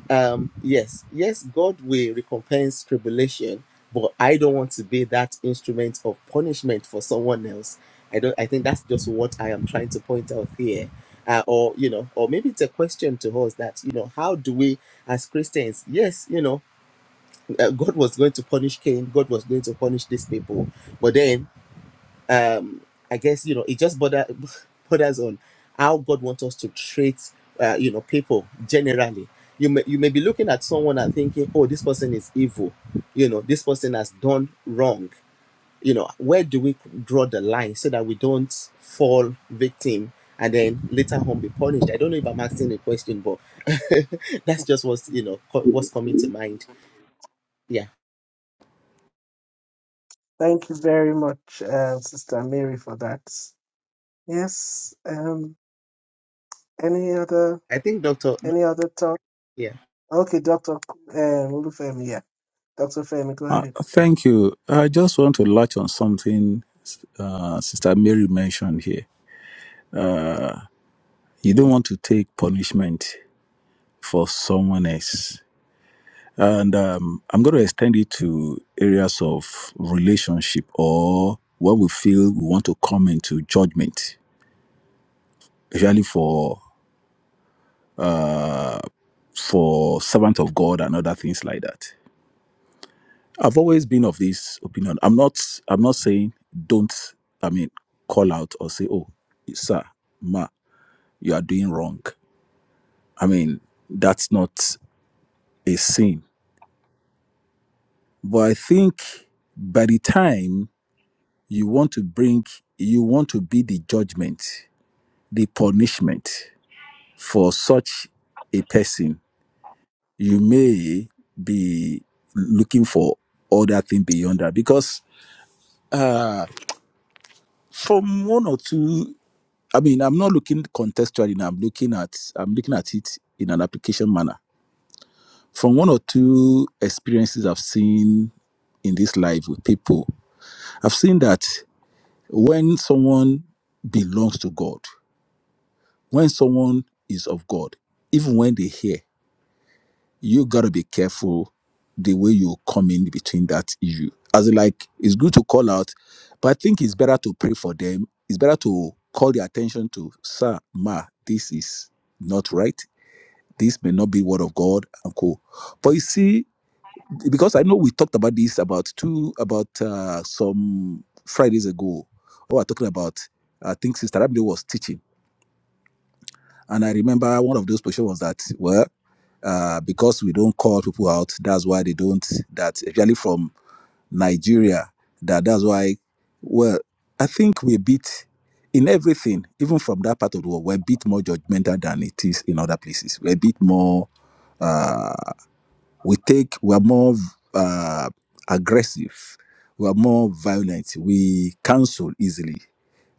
Speaker 1: um yes yes god will recompense tribulation but i don't want to be that instrument of punishment for someone else i don't i think that's just what i am trying to point out here uh, or you know or maybe it's a question to us that you know how do we as christians yes you know uh, god was going to punish cain god was going to punish these people but then um i guess you know it just bother, borders on how god wants us to treat uh, you know people generally you may you may be looking at someone and thinking oh this person is evil you know this person has done wrong you know where do we draw the line so that we don't fall victim and then later on be punished i don't know if i'm asking a question but that's just what's you know co- what's coming to mind yeah
Speaker 2: Thank you very much, uh, Sister Mary, for that. Yes, um, any other
Speaker 1: i think doctor
Speaker 2: any other thoughts?
Speaker 1: yeah
Speaker 2: Okay, Dr. Um, Olufemi, yeah. Dr. Femi, go
Speaker 9: Uh,
Speaker 2: ahead.
Speaker 9: thank you. I just want to latch on something uh, Sister Mary mentioned here. You don't want to take punishment for someone else. And um, I'm going to extend it to areas of relationship or when we feel we want to come into judgment, especially for uh, for servant of God and other things like that. I've always been of this opinion. I'm not. I'm not saying don't. I mean, call out or say, "Oh, sir, ma, you are doing wrong." I mean, that's not a sin. But I think by the time you want to bring you want to be the judgment the punishment for such a person you may be looking for other thing beyond that because uh from one or two i mean i'm not looking contextually now i'm looking at i'm looking at it in an application manner from one or two experiences i've seen in this life with people i've seen that when someone belongs to god when someone is of God, even when they hear, you gotta be careful the way you come in between that issue. As in, like it's good to call out, but I think it's better to pray for them. It's better to call their attention to sir, ma, this is not right. This may not be word of God and co. But you see, because I know we talked about this about two about uh, some Fridays ago. We were talking about I think Sister Abdi was teaching And I remember one of those positions was that, well, uh, because we don't call people out, that's why they don't, that especially from Nigeria, that that's why, well, I think we are a bit in everything, even from that part of the world, we're a bit more judgmental than it is in other places. We're a bit more, uh, we take, we're more uh, aggressive, we're more violent, we cancel easily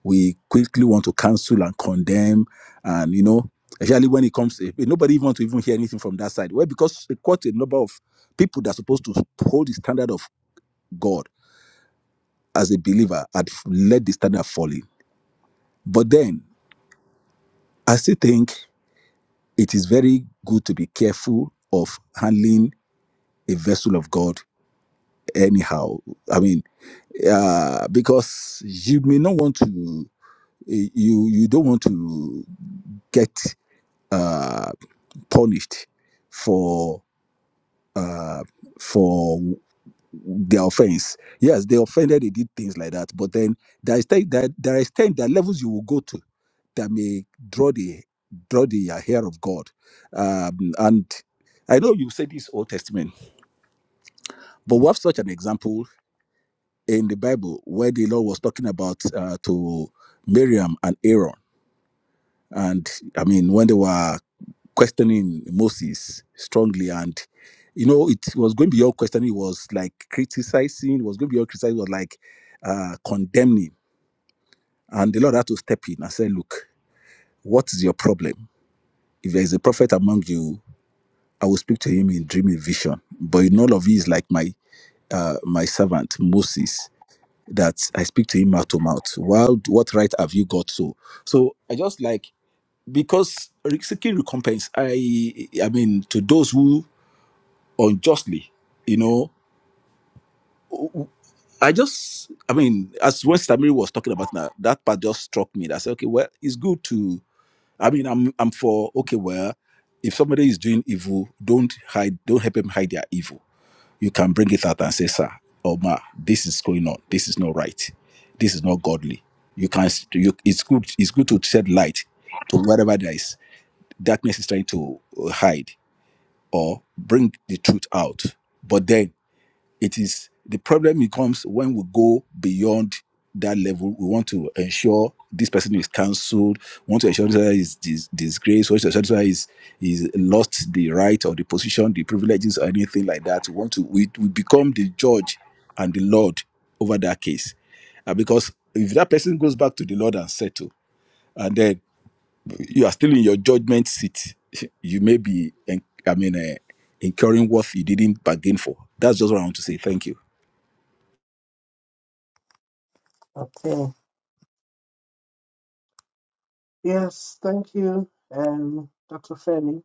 Speaker 9: we quickly want to cancel and condemn and you know especially when it comes to nobody even want to even hear anything from that side well because eh, quite a number of people that are supposed to hold the standard of god as a believer had f- let the standard falling but then i still think it is very good to be careful of handling a vessel of god anyhow i mean uh, because you may not want to eh, you you don't want to get uh, punished for uh for their offense yes they offended they did things like that but then there is extent that there is extent there are levels you will go to that may draw the draw the hair of god um and i know you say this old testament but we have such an example in the bible where the lord was talking about uh, to miriam and aaron and i mean when they were questioning Moses strongly. And, you know, it was going beyond questioning, it was like criticizing, it was going beyond criticizing, it was like uh, condemning. And the Lord had to step in and say, Look, what is your problem? If there is a prophet among you, I will speak to him in dream and vision. But in all of you is like my uh, my servant Moses, that I speak to him mouth to mouth. Well, what right have you got so? So I just like because seeking recompense, I I mean to those who unjustly. You know, I just, I mean, as when Stamiri was talking about that, that part just struck me. That I said, okay, well, it's good to, I mean, I'm, I'm for, okay, well, if somebody is doing evil, don't hide, don't help them hide their evil. You can bring it out and say, sir, or ma, this is going on. This is not right. This is not godly. You can, you, it's good, it's good to shed light to whatever there is darkness is trying to uh, hide or bring the truth out. But then it is the problem becomes when we go beyond that level we want to ensure this person is cancelled we want to ensure this person is dis- disgraced we want to ensure this person is is lost the right or the position the privileges or anything like that we want to we, we become the judge and the lord over that case Uh, because if that person goes back to the lord and settle and then you are still in your judgment seat you may be en- i mean uh, incurring what you didn't bargain for that's just what i want to say thank you
Speaker 2: Okay. Yes, thank you, um, Dr. Femi.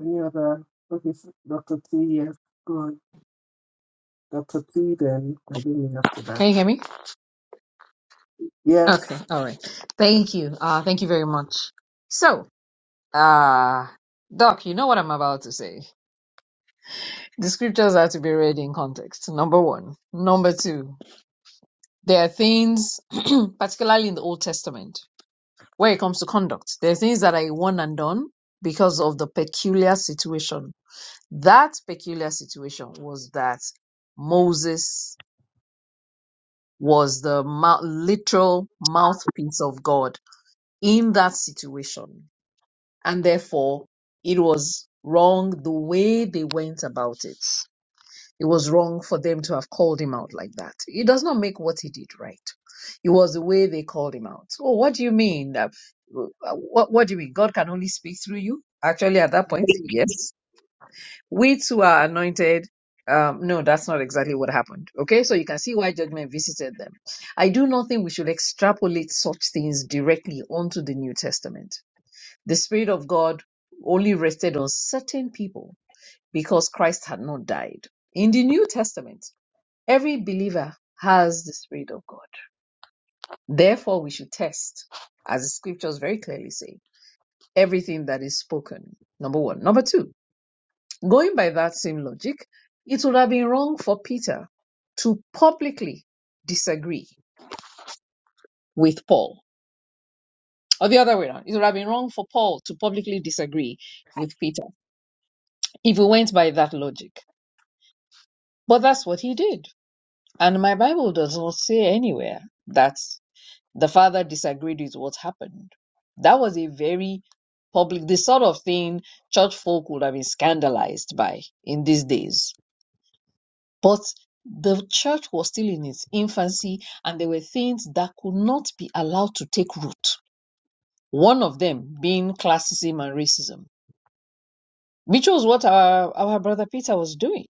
Speaker 2: Any other? Okay, s- Dr. T, yes. Go on. Dr. T, then continue after that.
Speaker 7: Can you hear me? Okay.
Speaker 2: Yes.
Speaker 7: All right. Thank you. Uh, thank you very much. So, uh, Doc, you know what I'm about to say. The scriptures are to be read in context. Number one. Number two. There are things, particularly in the Old Testament, where it comes to conduct, there are things that are a one and done because of the peculiar situation. That peculiar situation was that Moses was the mou- literal mouthpiece of God in that situation. And therefore, it was wrong the way they went about it. It was wrong for them to have called him out like that. It does not make what he did right. It was the way they called him out. Oh, what do you mean? that- uh, wh- What, what do you mean? God can only speak through you? Actually, at that point, yes we too are anointed. Um, no, that's not exactly what happened. Okay, so you can see why judgment visited them. I do not think we should extrapolate such things directly onto the New Testament. The Spirit of God only rested on certain people because Christ had not died. In the New Testament, every believer has the Spirit of God. Therefore, we should test, as the scriptures very clearly say, everything that is spoken. Number one. Number two, Going by that same logic, it would have been wrong for Peter to publicly disagree with Paul. Or the other way around, it would have been wrong for Paul to publicly disagree with Peter if we went by that logic. But that's what he did. And my Bible does not say anywhere that the father disagreed with what happened. That was a very public, the sort of thing church folk would have been scandalized by in these days But the church was still in its infancy, and there were things that could not be allowed to take root. One of them being classism and racism, which was what our, our brother Peter was doing.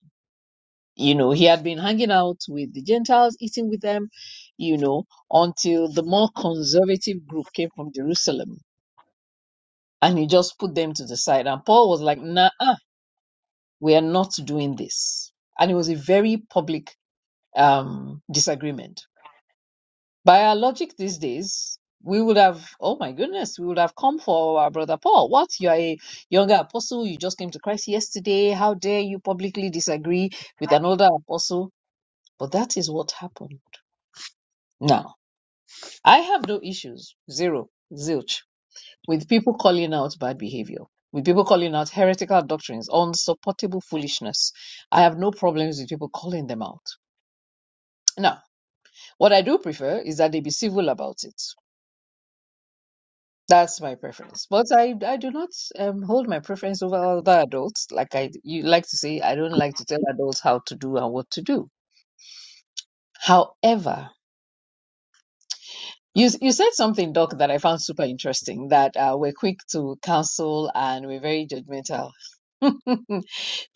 Speaker 7: You know, he had been hanging out with the Gentiles, eating with them, you know, until the more conservative group came from Jerusalem and he just put them to the side. And Paul was like, nah, we are not doing this. And it was a very public um, disagreement By our logic these days, we would have, oh my goodness, we would have come for our brother Paul. What? You're a younger apostle. You just came to Christ yesterday. How dare you publicly disagree with an older apostle? But that is what happened. Now, I have no issues, zero, zilch, with people calling out bad behavior, with people calling out heretical doctrines, unsupportable foolishness. I have no problems with people calling them out. Now, what I do prefer is that they be civil about it. That's my preference. But I, I do not um, hold my preference over other adults. Like I, you like to say, I don't like to tell adults how to do and what to do. However, you, you said something, Doc, that I found super interesting, that uh, we're quick to counsel and we're very judgmental.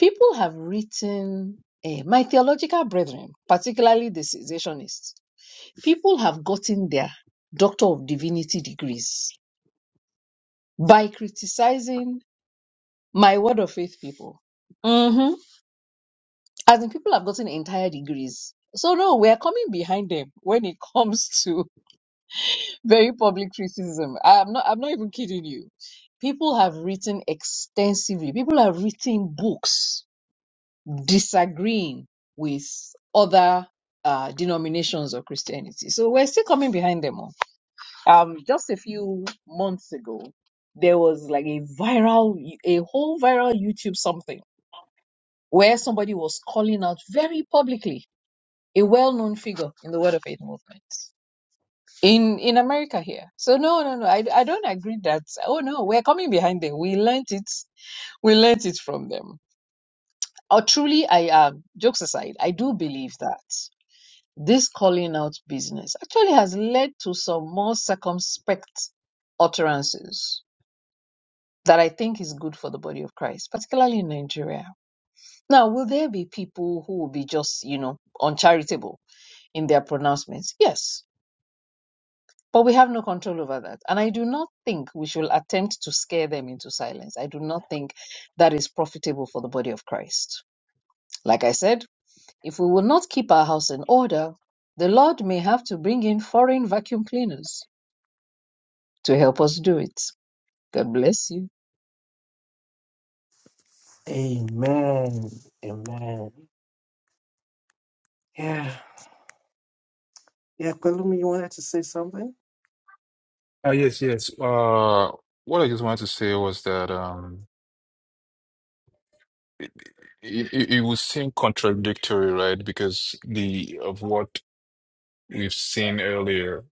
Speaker 7: People have written, eh, my theological brethren, particularly the cessationists, people have gotten their Doctor of Divinity degrees by criticizing My word of faith, people. hmm As in, people have gotten entire degrees. So no, we're coming behind them when it comes to very public criticism. I'm not I'm not even kidding you. People have written extensively. People have written books disagreeing with other uh, denominations of Christianity. So we're still coming behind them all. Um, just a few months ago, there was like a viral, a whole viral YouTube something where somebody was calling out very publicly a well-known figure in the Word of Faith movement in in America here. So no, no, no, I, I don't agree that. Oh no, we're coming behind them. We learnt it. We learnt it from them. Or truly, I am. Jokes aside, I do believe that this calling out business actually has led to some more circumspect utterances that I think is good for the body of Christ, particularly in Nigeria. Now, will there be people who will be just, you know, uncharitable? in their pronouncements. Yes, but we have no control over that. And I do not think we should attempt to scare them into silence. I do not think that is profitable for the body of Christ. Like I said, if we will not keep our house in order, the Lord may have to bring in foreign vacuum cleaners to help us do it. God bless you.
Speaker 2: Amen. Amen. Yeah. Yeah, Pelumi, you wanted to say something?
Speaker 8: Uh, yes, yes. Uh, what I just wanted to say was that um. It, it, it would seem contradictory, right? Because the of what we've seen earlier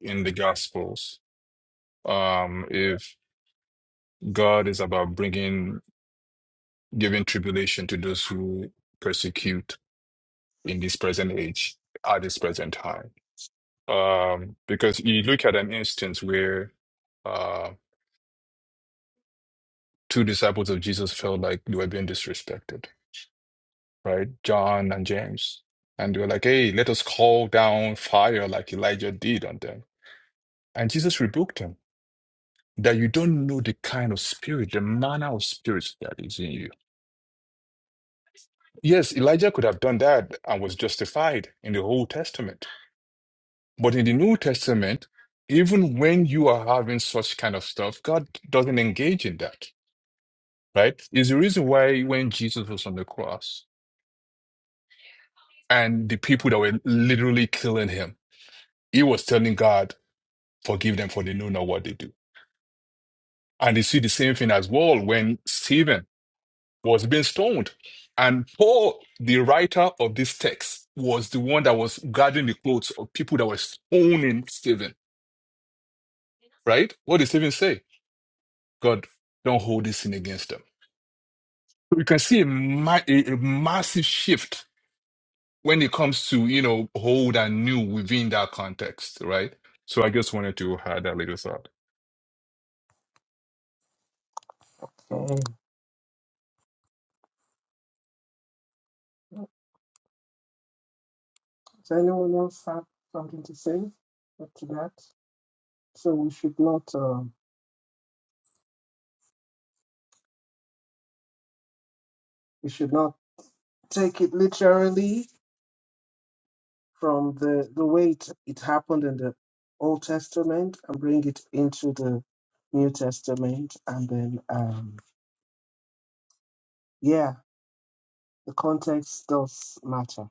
Speaker 8: in the Gospels, um, if God is about bringing giving tribulation to those who persecute in this present age, at this present time, um, because you look at an instance where uh, two disciples of Jesus felt like they were being disrespected, right? John and James, and they were like, "Hey, let us call down fire like Elijah did on them." And Jesus rebuked him that you don't know the kind of spirit, the manner of spirits that is in you. Yes, Elijah could have done that and was justified in the Old Testament. But in the New Testament, even when you are having such kind of stuff, God doesn't engage in that, right? Is the reason why when Jesus was on the cross and the people that were literally killing him, he was telling God, forgive them for they know not what they do. And you see the same thing as well when Stephen was being stoned. And Paul, the writer of this text, was the one that was guarding the clothes of people that were stoning Stephen, right? What did Stephen say? God, don't hold this sin against them. So you can see a, ma- a, a massive shift when it comes to, you know, old and new within that context, right? So I just wanted to add that little thought.
Speaker 2: Okay. Does anyone else have something to say after that? So we should not, um, we should not take it literally. from the, the way it, it happened in the Old Testament and bring it into the New Testament. And then, um, yeah, the context does matter.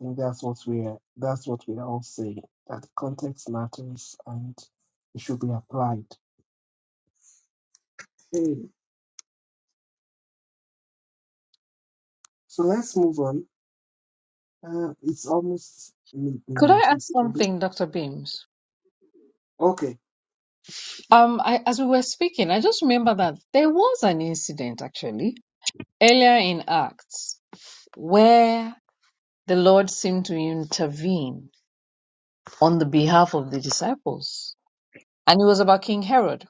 Speaker 2: I think that's what we're, that's what we're all saying, that context matters and it should be applied. Okay, so let's move on. Uh, it's almost
Speaker 7: Could
Speaker 2: midnight,
Speaker 7: I ask
Speaker 2: actually.
Speaker 7: something, Dr. Beams?
Speaker 2: Okay.
Speaker 7: Um, I, as we were speaking, I just remember that there was an incident actually earlier in Acts where the Lord seemed to intervene on the behalf of the disciples. And it was about King Herod.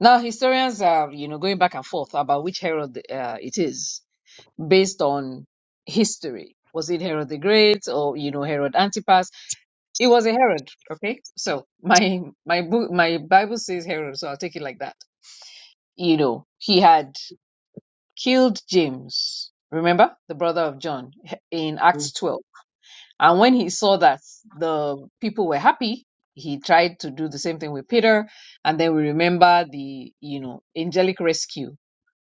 Speaker 7: Now, historians are, you know, going back and forth about which Herod uh, it is based on history. Was it Herod the Great or, you know, Herod Antipas? It was a Herod, okay? So my, my book, my Bible says Herod, so I'll take it like that. You know, he had killed James, remember? The brother of John in Acts 12 And when he saw that the people were happy, he tried to do the same thing with Peter. And then we remember the, you know, angelic rescue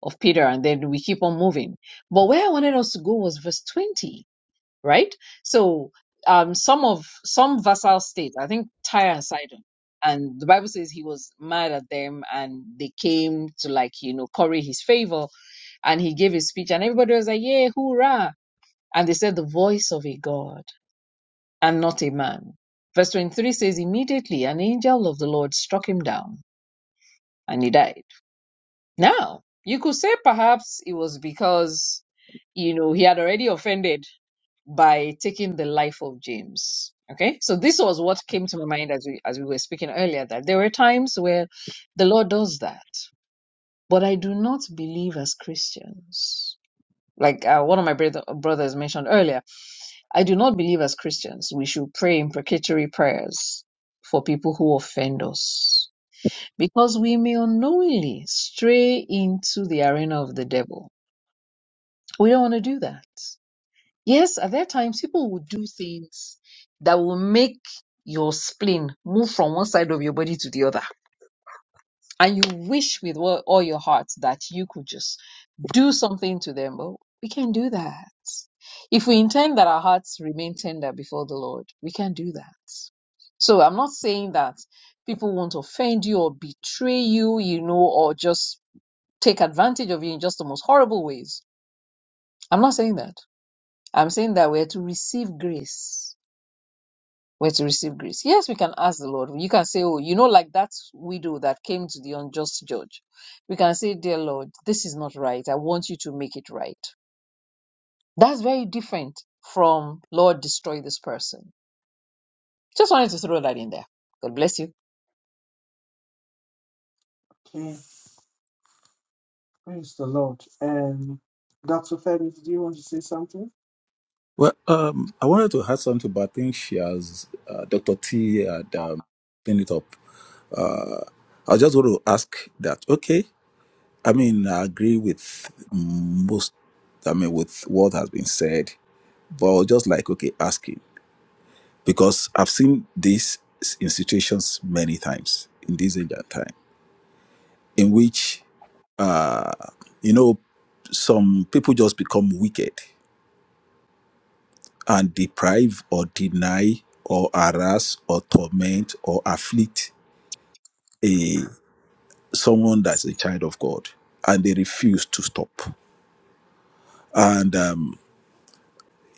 Speaker 7: of Peter. And then we keep on moving. But where I wanted us to go was verse 20, right? So, um, some of, some vassal states, I think Tyre and Sidon, and the Bible says he was mad at them and they came to like, you know, curry his favor. And he gave his speech and everybody was like, yeah, hoorah. And they said the voice of a God and not a man. Verse 23 says, Immediately an angel of the Lord struck him down and he died. Now, you could say perhaps it was because, you know, he had already offended by taking the life of James. Okay, so this was what came to my mind as we as we were speaking earlier that there were times where the Lord does that, but I do not believe as Christians. Like uh, one of my brother, brothers mentioned earlier, I do not believe as Christians we should pray imprecatory prayers for people who offend us because we may unknowingly stray into the arena of the devil. We don't want to do that. Yes, at that times people will do things that will make your spleen move from one side of your body to the other and you wish with wo- all your heart that you could just do something to them, but we can do that. If we intend that our hearts remain tender before the Lord, we can do that. So I'm not saying that people won't offend you or betray you, you know, or just take advantage of you in just the most horrible ways. I'm not saying that. I'm saying that we're to receive grace were to receive grace. Yes, we can ask the Lord. You can say, Oh, you know, like that widow that came to the unjust judge. We can say, Dear Lord, this is not right. I want you to make it right. That's very different from, Lord, destroy this person. Just wanted to throw that in there. God bless you.
Speaker 2: Okay. Praise the Lord. Um, Dr. Femi, do you want to say something?
Speaker 9: Well, um, I wanted to add something, but I think she has, uh, Dr. T had um, cleaned it up. Uh, I just want to ask that, okay, I mean, I agree with most, I mean, with what has been said, but I was just like, okay, asking, because I've seen this in situations many times in this age and time, in which, uh, you know, some people just become wicked and deprive or deny or harass or torment or afflict a someone that's a child of God, and they refuse to stop. And um,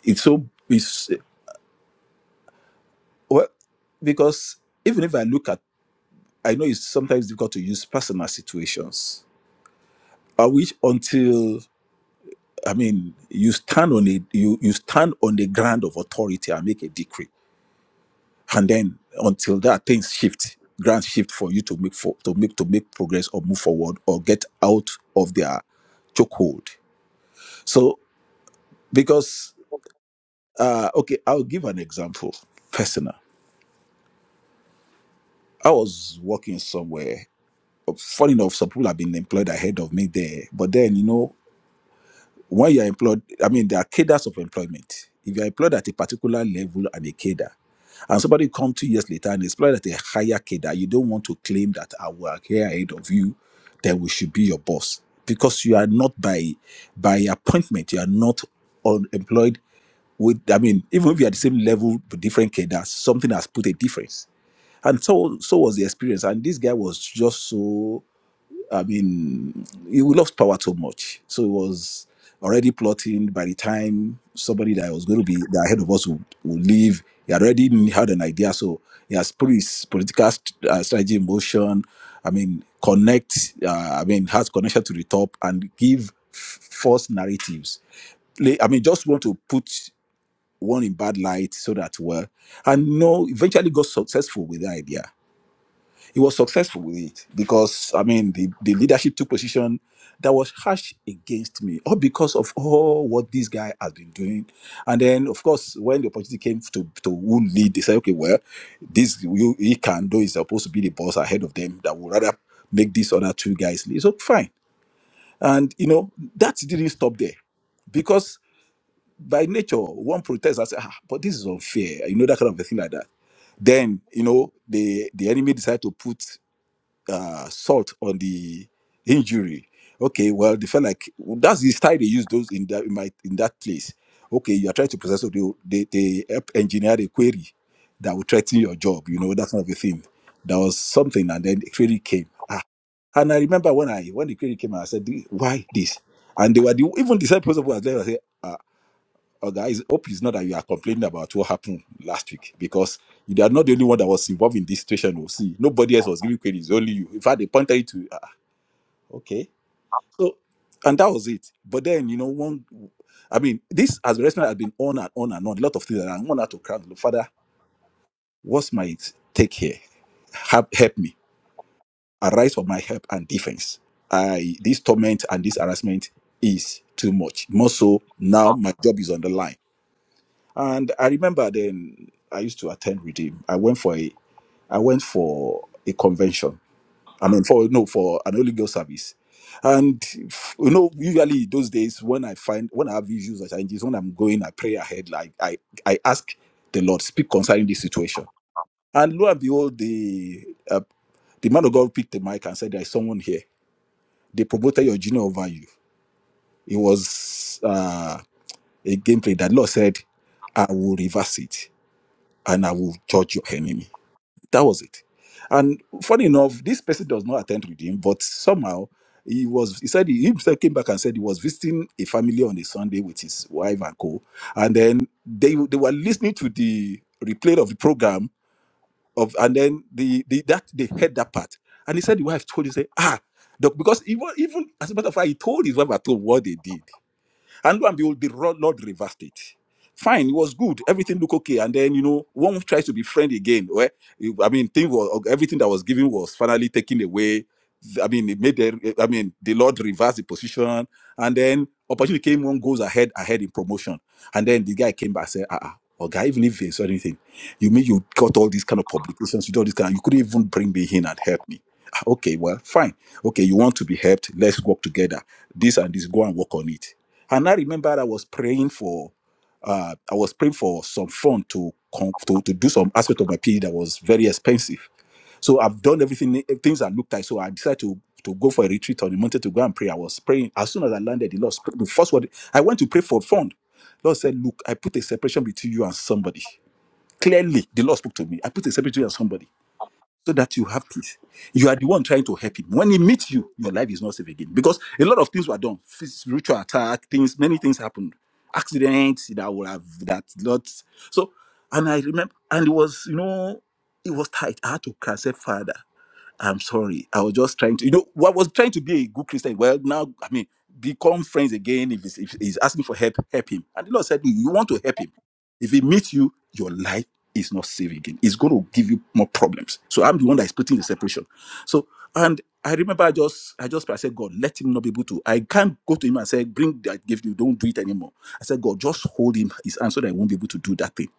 Speaker 9: it's so it's well because even if I look at, I know it's sometimes difficult to use personal situations. I wish until I mean you stand on a you you stand on the ground of authority and make a decree and then until that things shift ground shift for you to make for to make to make progress or move forward or get out of their chokehold so because uh okay i'll give an example personal i was working somewhere funny enough some people have been employed ahead of me there but then you know when you're employed, I mean, there are cadres of employment. If you're employed at a particular level and a cadre, and somebody come two years later and is employed at a higher cadre, you don't want to claim that I work here ahead of you, then we should be your boss because you are not by by appointment. You are not unemployed with. I mean, even if you are the same level but different cadres, something has put a difference and so so was the experience and this guy was just so I mean, he lost power too much. So he was already plotting by the time somebody that was going to be the head of us would, would leave. He had already had an idea. So he has put his political st- uh, strategy in motion. I mean, connect, uh, I mean, has connection to the top and give f- false narratives play- I mean, just want to put one in bad light so that well, and no, eventually got successful with the idea he was successful with it because I mean the, the leadership took position that was harsh against me, all because of all what this guy has been doing. And then of course when the opportunity came to to who lead, they said, okay, well, this you he can do is supposed to be the boss ahead of them that would rather make these other two guys lead. So fine. And you know, that didn't stop there. Because by nature, one protest, I said, ah, but this is unfair, you know, that kind of a thing like that then you know the the enemy decided to put uh, salt on the injury. Okay, well, they felt like that's the style they use those in that in, my, in that place. Okay, you are trying to process, so they they, they help engineer a query that will threaten your job. You know that kind of a thing. There was something, and then the query came. Ah, and I remember when I when the query came, I said, "Why this?" And they were the, even the same person who was there. I said, "Ah, Oh, guys, hope is not that you are complaining about what happened last week because you are not the only one that was involved in this situation. Oh, see, nobody else was giving credit, it's only you. In fact, they pointed you to, ah, okay. So, and that was it. But then, you know, one, I mean, this as the restaurant has been on and on and on, a lot of things, that I want her to cry. Look, Father, what's my take here? Help, help me. Arise for my help and defense. I, this torment and this harassment is too much. More so, now my job is on the line And I remember then I used to attend Redeem. I went for a I went for a convention. I mean for no for an Holy Ghost service. And f- you know, usually those days when I find when I have issues or challenges, when I'm going, I pray ahead, like I I ask the Lord, speak concerning this situation. And lo and behold, the uh, the man of God picked the mic and said, There is someone here. They promoted your junior over you. It was uh, a gameplay that Lord said, I will reverse it. and I will judge your enemy. That was it. And funny enough, this person does not attend with him, but somehow he was he said he himself came back and said he was visiting a family on a Sunday with his wife and co. And then they they were listening to the replay of the program of and then the, the that they heard that part. And he said the wife told him, say, ah, doc, because even even as a matter of fact, he told his wife at home what they did. And lo and behold, the ro- Lord reversed it. Fine, it was good. Everything looked okay. And then, you know, one tries to be friend again. Where you- I mean, thing was everything that was given was finally taken away. I mean, it made the, I mean, the Lord reversed the position. And then opportunity came, one goes ahead, ahead in promotion. And then the guy came back and said, uh uh Oh, guy, even if there's anything, you mean you got all these kind of publications, you did all this kind you couldn't even bring me in and help me. Ah, Okay, well, fine. Okay, you want to be helped, let's work together. This and this, go and work on it and I remember I was praying for, uh, I was praying for some fund to, con- to to do some aspect of my PhD that was very expensive. So I've done everything, eh, things that looked like. So I decided to to go for a retreat on the mountain to go and pray. I was praying. As soon as I landed, the Lord spoke. The first word I went to pray for fund. Lord said, "Look, I put a separation between you and somebody." Clearly, the Lord spoke to me. I put a separation between you and somebody so that you have peace. You are the one trying to help him. When he meets you, your life is not safe again because a lot of things were done, Phys- spiritual attack, things, many things happened, accidents that would have that lot. So, and I remember, and it was you know, it was tight. I had to cancel father. I'm sorry. I was just trying to, you know, what was trying to be a good Christian. Well, now, I mean, become friends again. If he's, if he's asking for help, help him. And the Lord said, You want to help him. If he meets you, your life is not safe again. It's going to give you more problems. So I'm the one that is putting the separation. So, and I remember I just, I just, I said, God, let him not be able to. I can't go to him and say, Bring that gift, you don't do it anymore. I said, God, just hold him his hand so that he won't be able to do that thing.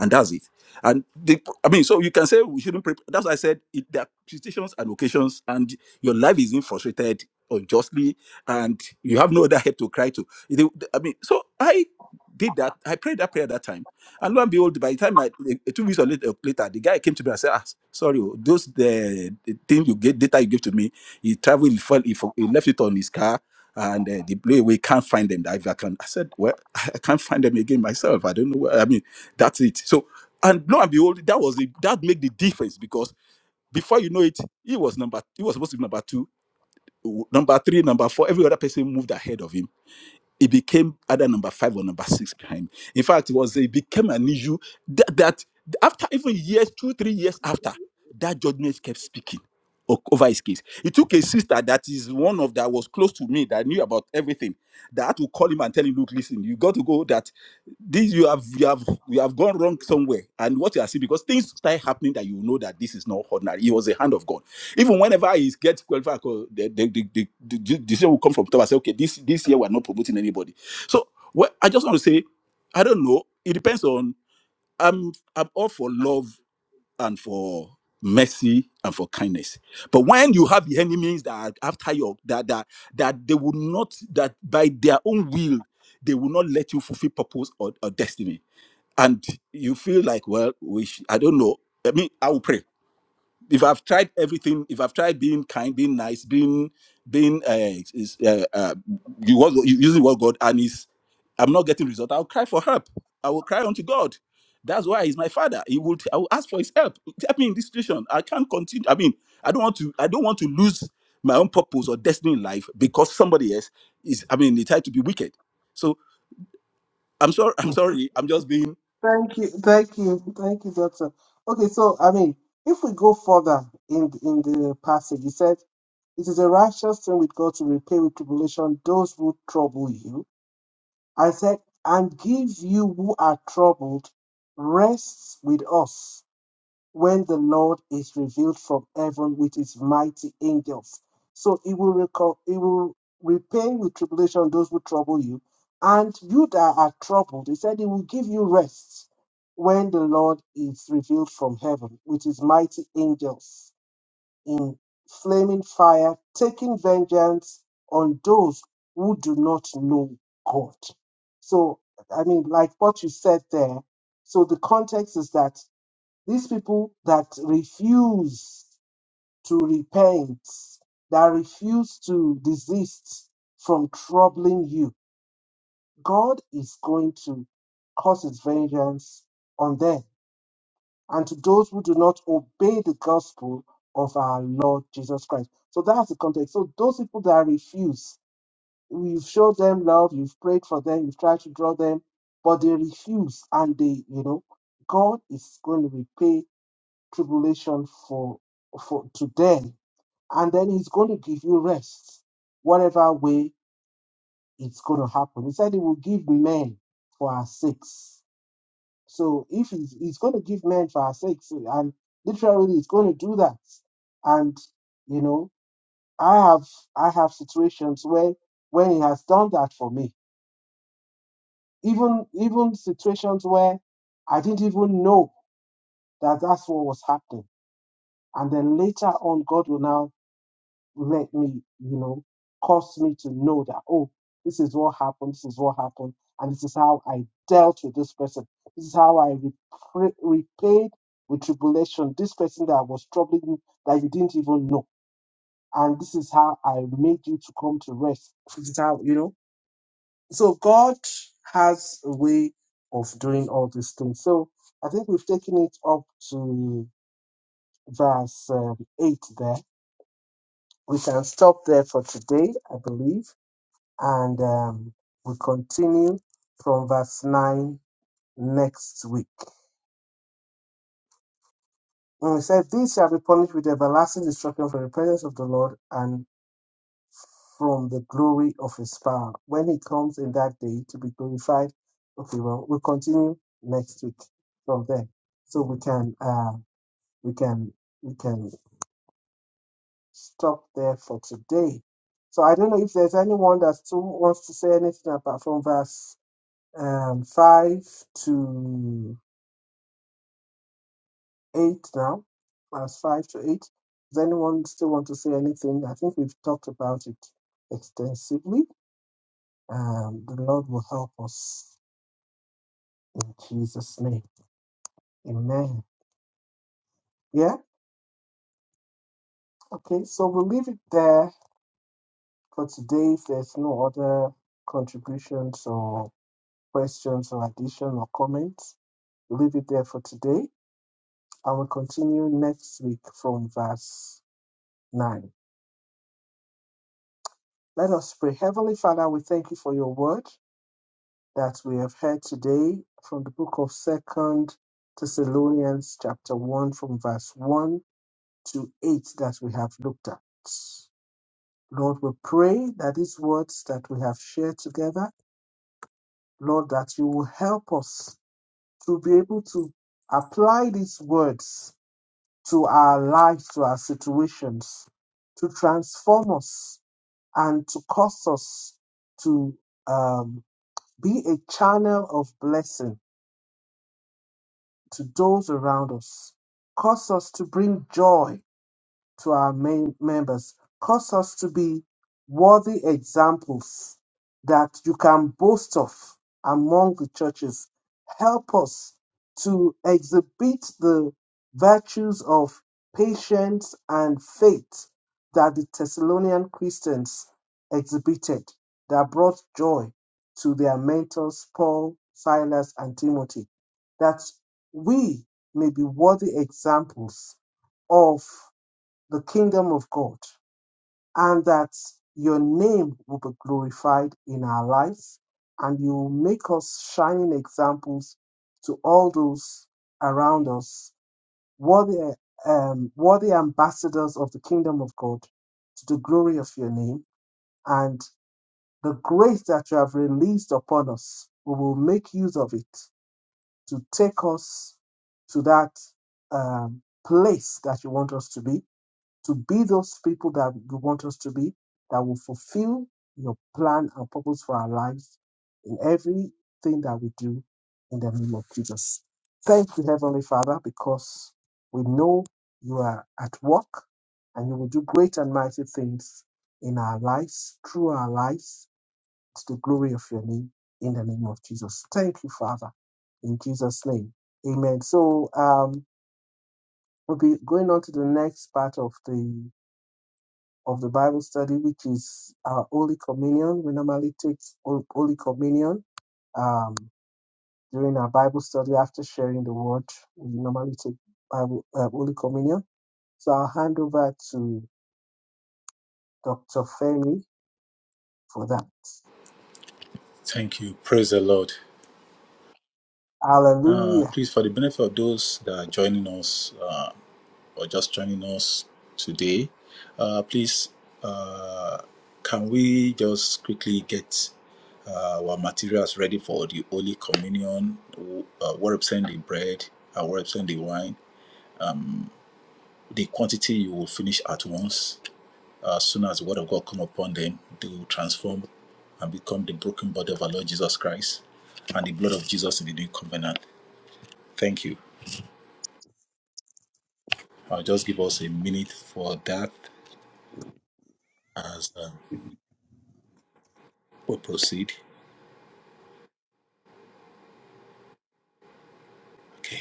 Speaker 9: And that's it. And the, I mean, so you can say we shouldn't prepare. That's why I said it, there are situations and occasions, and your life is being frustrated unjustly, and you have no other help to cry to. It- I mean, so I did that. I prayed that prayer that time, and lo and behold, by the time I eh, two weeks or later, later, the guy came to me and said, "Ah, sorry, oh, those the, the thing you get data you gave to me, he traveled, he, fell, he, for- he left it on his car." And uh, the play we can't find them. That if I can, I said, well, I can't find them again myself. I don't know. Where, I mean, that's it. So and lo and behold, that was the, that made the difference because before you know it, he was number he was supposed to be number two, number three, number four. Every other person moved ahead of him it became either number five or number six behind. In fact, it was it became an issue that, that after even years, two, three years after, that judgment kept speaking o- over his case. It took a sister that is one of that was close to me that knew about everything. That had to call him and tell him, look, listen, you got to go that this you have you have you have gone wrong somewhere. And what you are seeing, because things start happening that you know that this is not ordinary. It was the hand of God. Even whenever he gets qualified, 'cause the the the, the, the, the decision will come from top. I say, okay, this this year we're not promoting anybody. So well, I just want to say, I don't know. It depends on. I'm I'm all for love and for mercy and for kindness. But when you have the enemies that are after your that that that they will not that by their own will they will not let you fulfill purpose or, or destiny, and you feel like well, we sh- I don't know. I mean, I will pray if I've tried everything, if I've tried being kind, being nice, being being uh, is, uh, uh you was you using what God and is, I'm not getting result. I'll cry for help. I will cry unto God. That's why he's my father. He would I will ask for his help. Help me in this situation. I can't continue. I mean, I don't want to. I don't want to lose my own purpose or destiny in life because somebody else is. I mean, they try to be wicked. So I'm sorry. I'm sorry. I'm just being.
Speaker 2: Thank you, thank you, thank you, Doctor. Okay, so I mean, if we go further in in the passage, he said, "It is a righteous thing with God to repay with tribulation those who trouble you." I said, "And give you who are troubled rest with us." when the Lord is revealed from heaven with his mighty angels. So he will recall, he will repay with tribulation those who trouble you, and you that are troubled. He said he will give you rest when the Lord is revealed from heaven with his mighty angels in flaming fire, taking vengeance on those who do not know God. So, I mean, like what you said there, so the context is that these people that refuse to repent, that refuse to desist from troubling you, God is going to cause his vengeance on them and to those who do not obey the gospel of our Lord Jesus Christ. So that's the context. So those people that refuse, you've showed them love, you've prayed for them, you've tried to draw them, but they refuse and they, you know, God is going to repay tribulation for for today and then he's going to give you rest whatever way it's going to happen he said he will give men for our sakes so if he's, he's going to give men for our sakes and literally he's going to do that and you know i have i have situations where when he has done that for me even even situations where i didn't even know that that's what was happening and then later on god will now let me, you know, cause me to know that, oh, this is what happened, this is what happened, and this is how I dealt with this person. This is how I repra- repaid with tribulation this person that was troubling you that you didn't even know. And this is how I made you to come to rest. This is how, you know. So God has a way of doing all these things. So I think we've taken it up to verse um, 8 there. We can stop there for today, I believe. and um, we continue from verse 9 next week. And it said, These shall be punished with everlasting destruction from the presence of the Lord and from the glory of his power. When he comes in that day to be glorified. Okay, well, we'll continue next week from there. So we can uh we can we can stop there for today. So I don't know if there's anyone that still wants to say anything about from verse um five to eight now, class five to eight. Does anyone still want to say anything? I think we've talked about it extensively. Um, the Lord will help us in Jesus' name. Amen. Yeah. Okay. So we'll leave it there for today. If there's no other contributions or questions or addition or comments, we'll leave it there for today. And we'll continue next week from verse 9. Let us pray. Heavenly Father, we thank you for your word. that we have heard today from the book of Second Thessalonians, chapter one, from verse one to eight, that we have looked at. Lord, we pray that these words that we have shared together, Lord, that you will help us to be able to apply these words to our lives, to our situations, to transform us and to cause us to um, be a channel of blessing to those around us. Cause us to bring joy to our main members. Cause us to be worthy examples that you can boast of among the churches. Help us to exhibit the virtues of patience and faith that the Thessalonian Christians exhibited that brought joy to their mentors, Paul, Silas, and Timothy. That we may be worthy examples of the kingdom of God, and that your name will be glorified in our lives, and you will make us shining examples to all those around us, worthy, um, worthy ambassadors of the kingdom of God, to the glory of your name, and the grace that you have released upon us, we will make use of it to take us to that um, place that you want us to be to be those people that you want us to be, that will fulfill your plan and purpose for our lives in everything that we do in the name of Jesus. Thank you, Heavenly Father, because we know you are at work and you will do great and mighty things in our lives, through our lives, to the glory of your name in the name of Jesus. Thank you, Father, in Jesus' name. Amen. So um, we'll be going on to the next part of the of the Bible study, which is our Holy Communion. We normally take Hol- Holy Communion um, during our Bible study after sharing the Word. We normally take Bible, uh, Holy Communion. So I'll hand over to Dr. Femi for that.
Speaker 9: Thank you. Praise the Lord. Uh,
Speaker 2: Hallelujah.
Speaker 9: please, for the benefit of those that are joining us, or just joining us today, uh, please uh, can we just quickly get uh, our materials ready for the Holy Communion? Uh, what represent the bread and what represent the wine? The quantity you will finish at once. As soon as the word of God come upon them, they will transform and become the broken body of our Lord Jesus Christ and the blood of Jesus in the new covenant. Thank you. I'll just give us a minute for that as um, we proceed. Okay.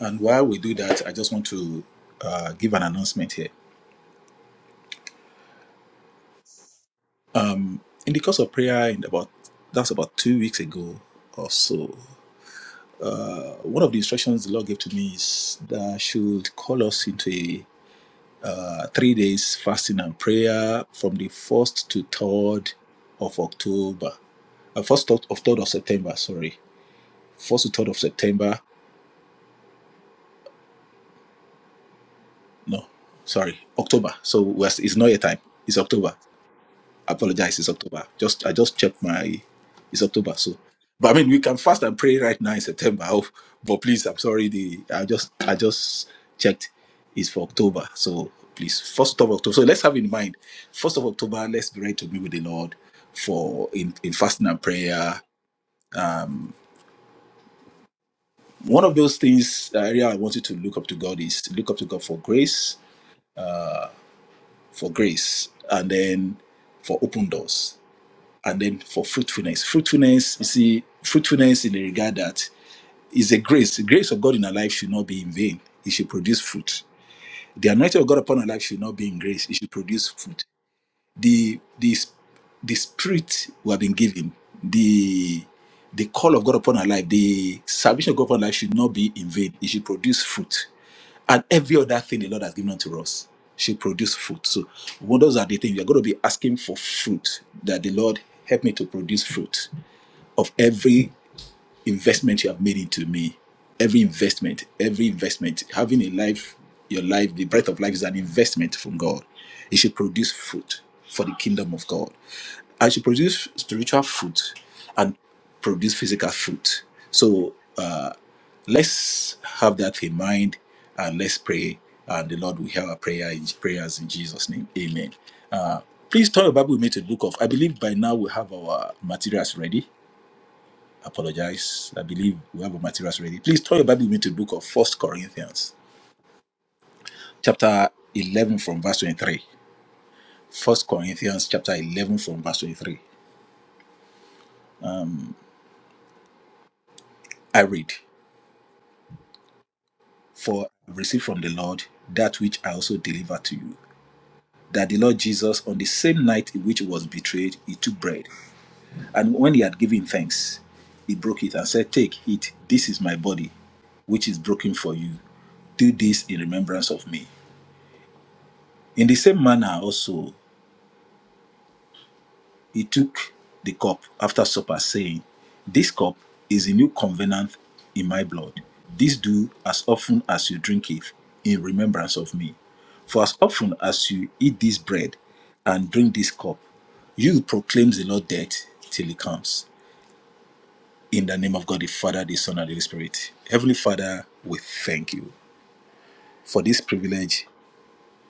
Speaker 9: And while we do that, I just want to uh, give an announcement here. In the course of prayer, in about that's about two weeks ago or so, uh, one of the instructions the Lord gave to me is that I should call us into a uh, three days fasting and prayer from the first to third of October, uh, first of third of September. Sorry, first to third of September. No, sorry, October. So we're- it's not a time. It's October. apologize it's october just i just checked my it's october so but i mean we can fast and pray right now in september oh, but please i'm sorry the i just i just checked it's for october so please first of october so let's have in mind first of october let's be ready to be with the lord for in, in fasting and prayer one of those things uh, area i want you to look up to god is look up to god for grace for grace and then for open doors and then for fruitfulness. Fruitfulness, you see, fruitfulness in the regard that is a grace. The grace of God in our life should not be in vain. It should produce fruit. The anointing of God upon our life should not be in grace. It should produce fruit the the the spirit we have been given, the the call of God upon our life, the salvation of God upon our life should not be in vain. It should produce fruit. And every other thing the Lord has given unto us should produce fruit. So one those are the things you're going to be asking for fruit that the Lord help me to produce fruit of every investment you have made into me every investment every investment having a life your life the breath of life is an investment from god it should produce fruit for the kingdom of god i should produce spiritual fruit and produce physical fruit so uh let's have that in mind and let's pray and the lord will hear our prayer in prayers in jesus name amen uh please turn your bible with me to the book of i believe by now we have our materials ready apologize. I believe we have our materials ready. Please turn your Bible with me to the book of First Corinthians, chapter 11, from verse 23. First Corinthians, chapter 11, from verse 23. I read, For I received from the Lord that which I also delivered to you. That the Lord Jesus, on the same night in which he was betrayed, he took bread. And when he had given thanks, he broke it and said, Take, eat, this is my body, which is broken for you. Do this in remembrance of me. In the same manner also, He took the cup after supper, saying, This cup is a new covenant in my blood. This do as often as you drink it in remembrance of me. For as often as you eat this bread and drink this cup, you proclaim the Lord's death till he comes. In the name of God, the Father, the Son, and the Holy Spirit. Heavenly Father, we thank you for this privilege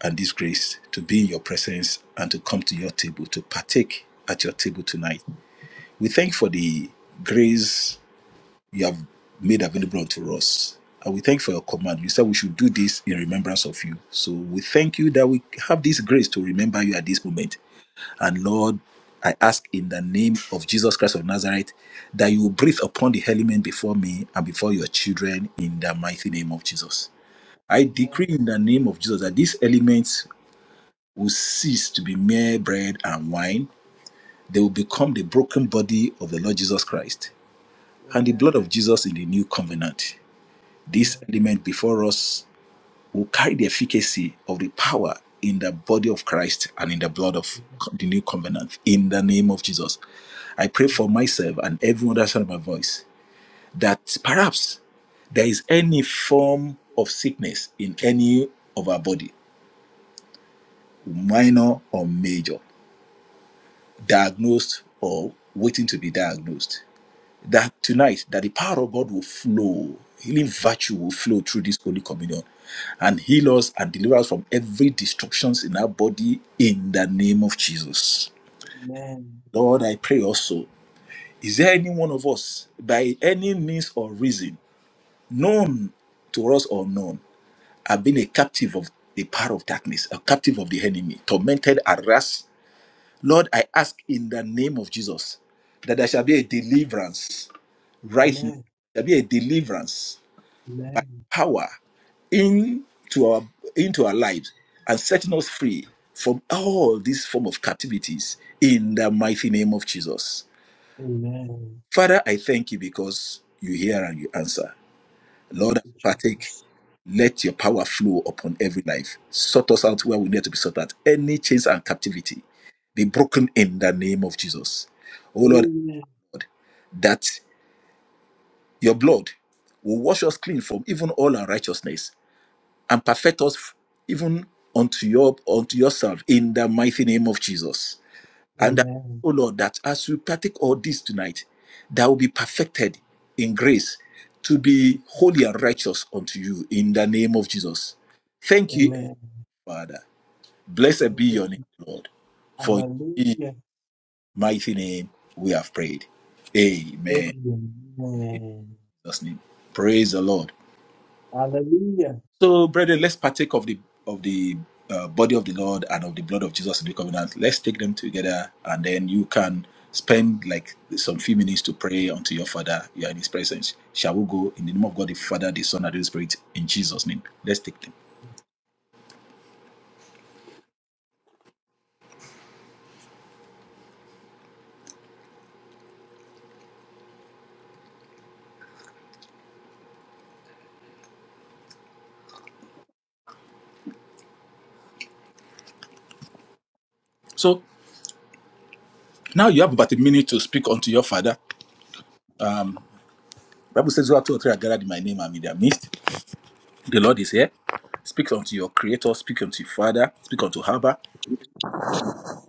Speaker 9: and this grace to be in your presence and to come to your table, to partake at your table tonight. We thank for the grace you have made available unto us. And we thank for your command. You said we should do this in remembrance of you. So we thank you that we have this grace to remember you at this moment. And Lord, I ask in the name of Jesus Christ of Nazareth that you will breathe upon the element before me and before your children in the mighty name of Jesus. I decree
Speaker 2: Amen.
Speaker 9: in the name of Jesus that these elements will cease to be mere bread and wine. They will become the broken body of the Lord Jesus Christ and the blood
Speaker 2: Amen.
Speaker 9: of Jesus in the new covenant. This
Speaker 2: Amen.
Speaker 9: element before us will carry the efficacy of the power in the body of Christ and in the blood of
Speaker 2: Amen.
Speaker 9: the new covenant in the name of Jesus. I pray for myself and everyone that heard my voice that perhaps there is any form of sickness in any of our body, minor or major, diagnosed or waiting to be diagnosed that tonight that the power of God will flow, healing virtue will flow through this holy communion and heal us and deliver us from every destructions in our body in the name of Jesus.
Speaker 2: Amen.
Speaker 9: Lord, I pray also, is there any one of us by any means or reason, known to us or known, have been a captive of the power of darkness, a captive of the enemy, tormented, harassed? Lord, I ask in the name of Jesus that there shall be a deliverance right now.
Speaker 2: Amen.
Speaker 9: There be a deliverance power into our into our lives and setting us free from all these form of captivities in the mighty name of Jesus.
Speaker 2: Amen.
Speaker 9: Father, I thank you because you hear and you answer. Lord, as
Speaker 2: Thank you,
Speaker 9: we partake,
Speaker 2: Jesus.
Speaker 9: let your power flow upon every life. Sort us out where we need to be sorted. out. Any chains and captivity be broken in the name of Jesus. Oh Lord,
Speaker 2: Amen.
Speaker 9: that your blood will wash us clean from even all unrighteousness and perfect us f- even unto your unto yourself in the mighty name of Jesus. And I ask,
Speaker 2: Amen.
Speaker 9: oh Lord, that as we practice all this tonight, that will be perfected in grace to be holy and righteous unto you in the name of Jesus. Thank you,
Speaker 2: Amen.
Speaker 9: Father. Blessed be
Speaker 2: Thank you.
Speaker 9: your name, Lord. For in Jesus'
Speaker 2: Hallelujah.
Speaker 9: mighty name we have prayed. Amen. In
Speaker 2: Amen.
Speaker 9: Jesus' name. Praise the Lord.
Speaker 2: Hallelujah.
Speaker 9: So, brethren, let's partake of the of the uh, body of the Lord and of the blood of Jesus in the covenant. Let's take them together, and then you can spend like some few minutes to pray unto your Father. You are in His presence. Shall we go in the name of God, the Father, the Son, and the Holy Spirit, in Jesus' name? Let's take them. So now you have about a minute to speak unto your Father. Bible says, "Where two or three are gathered in my name, I'm in their midst." The Lord is here. Speak unto your Creator. Speak unto your Father. Speak unto Abba.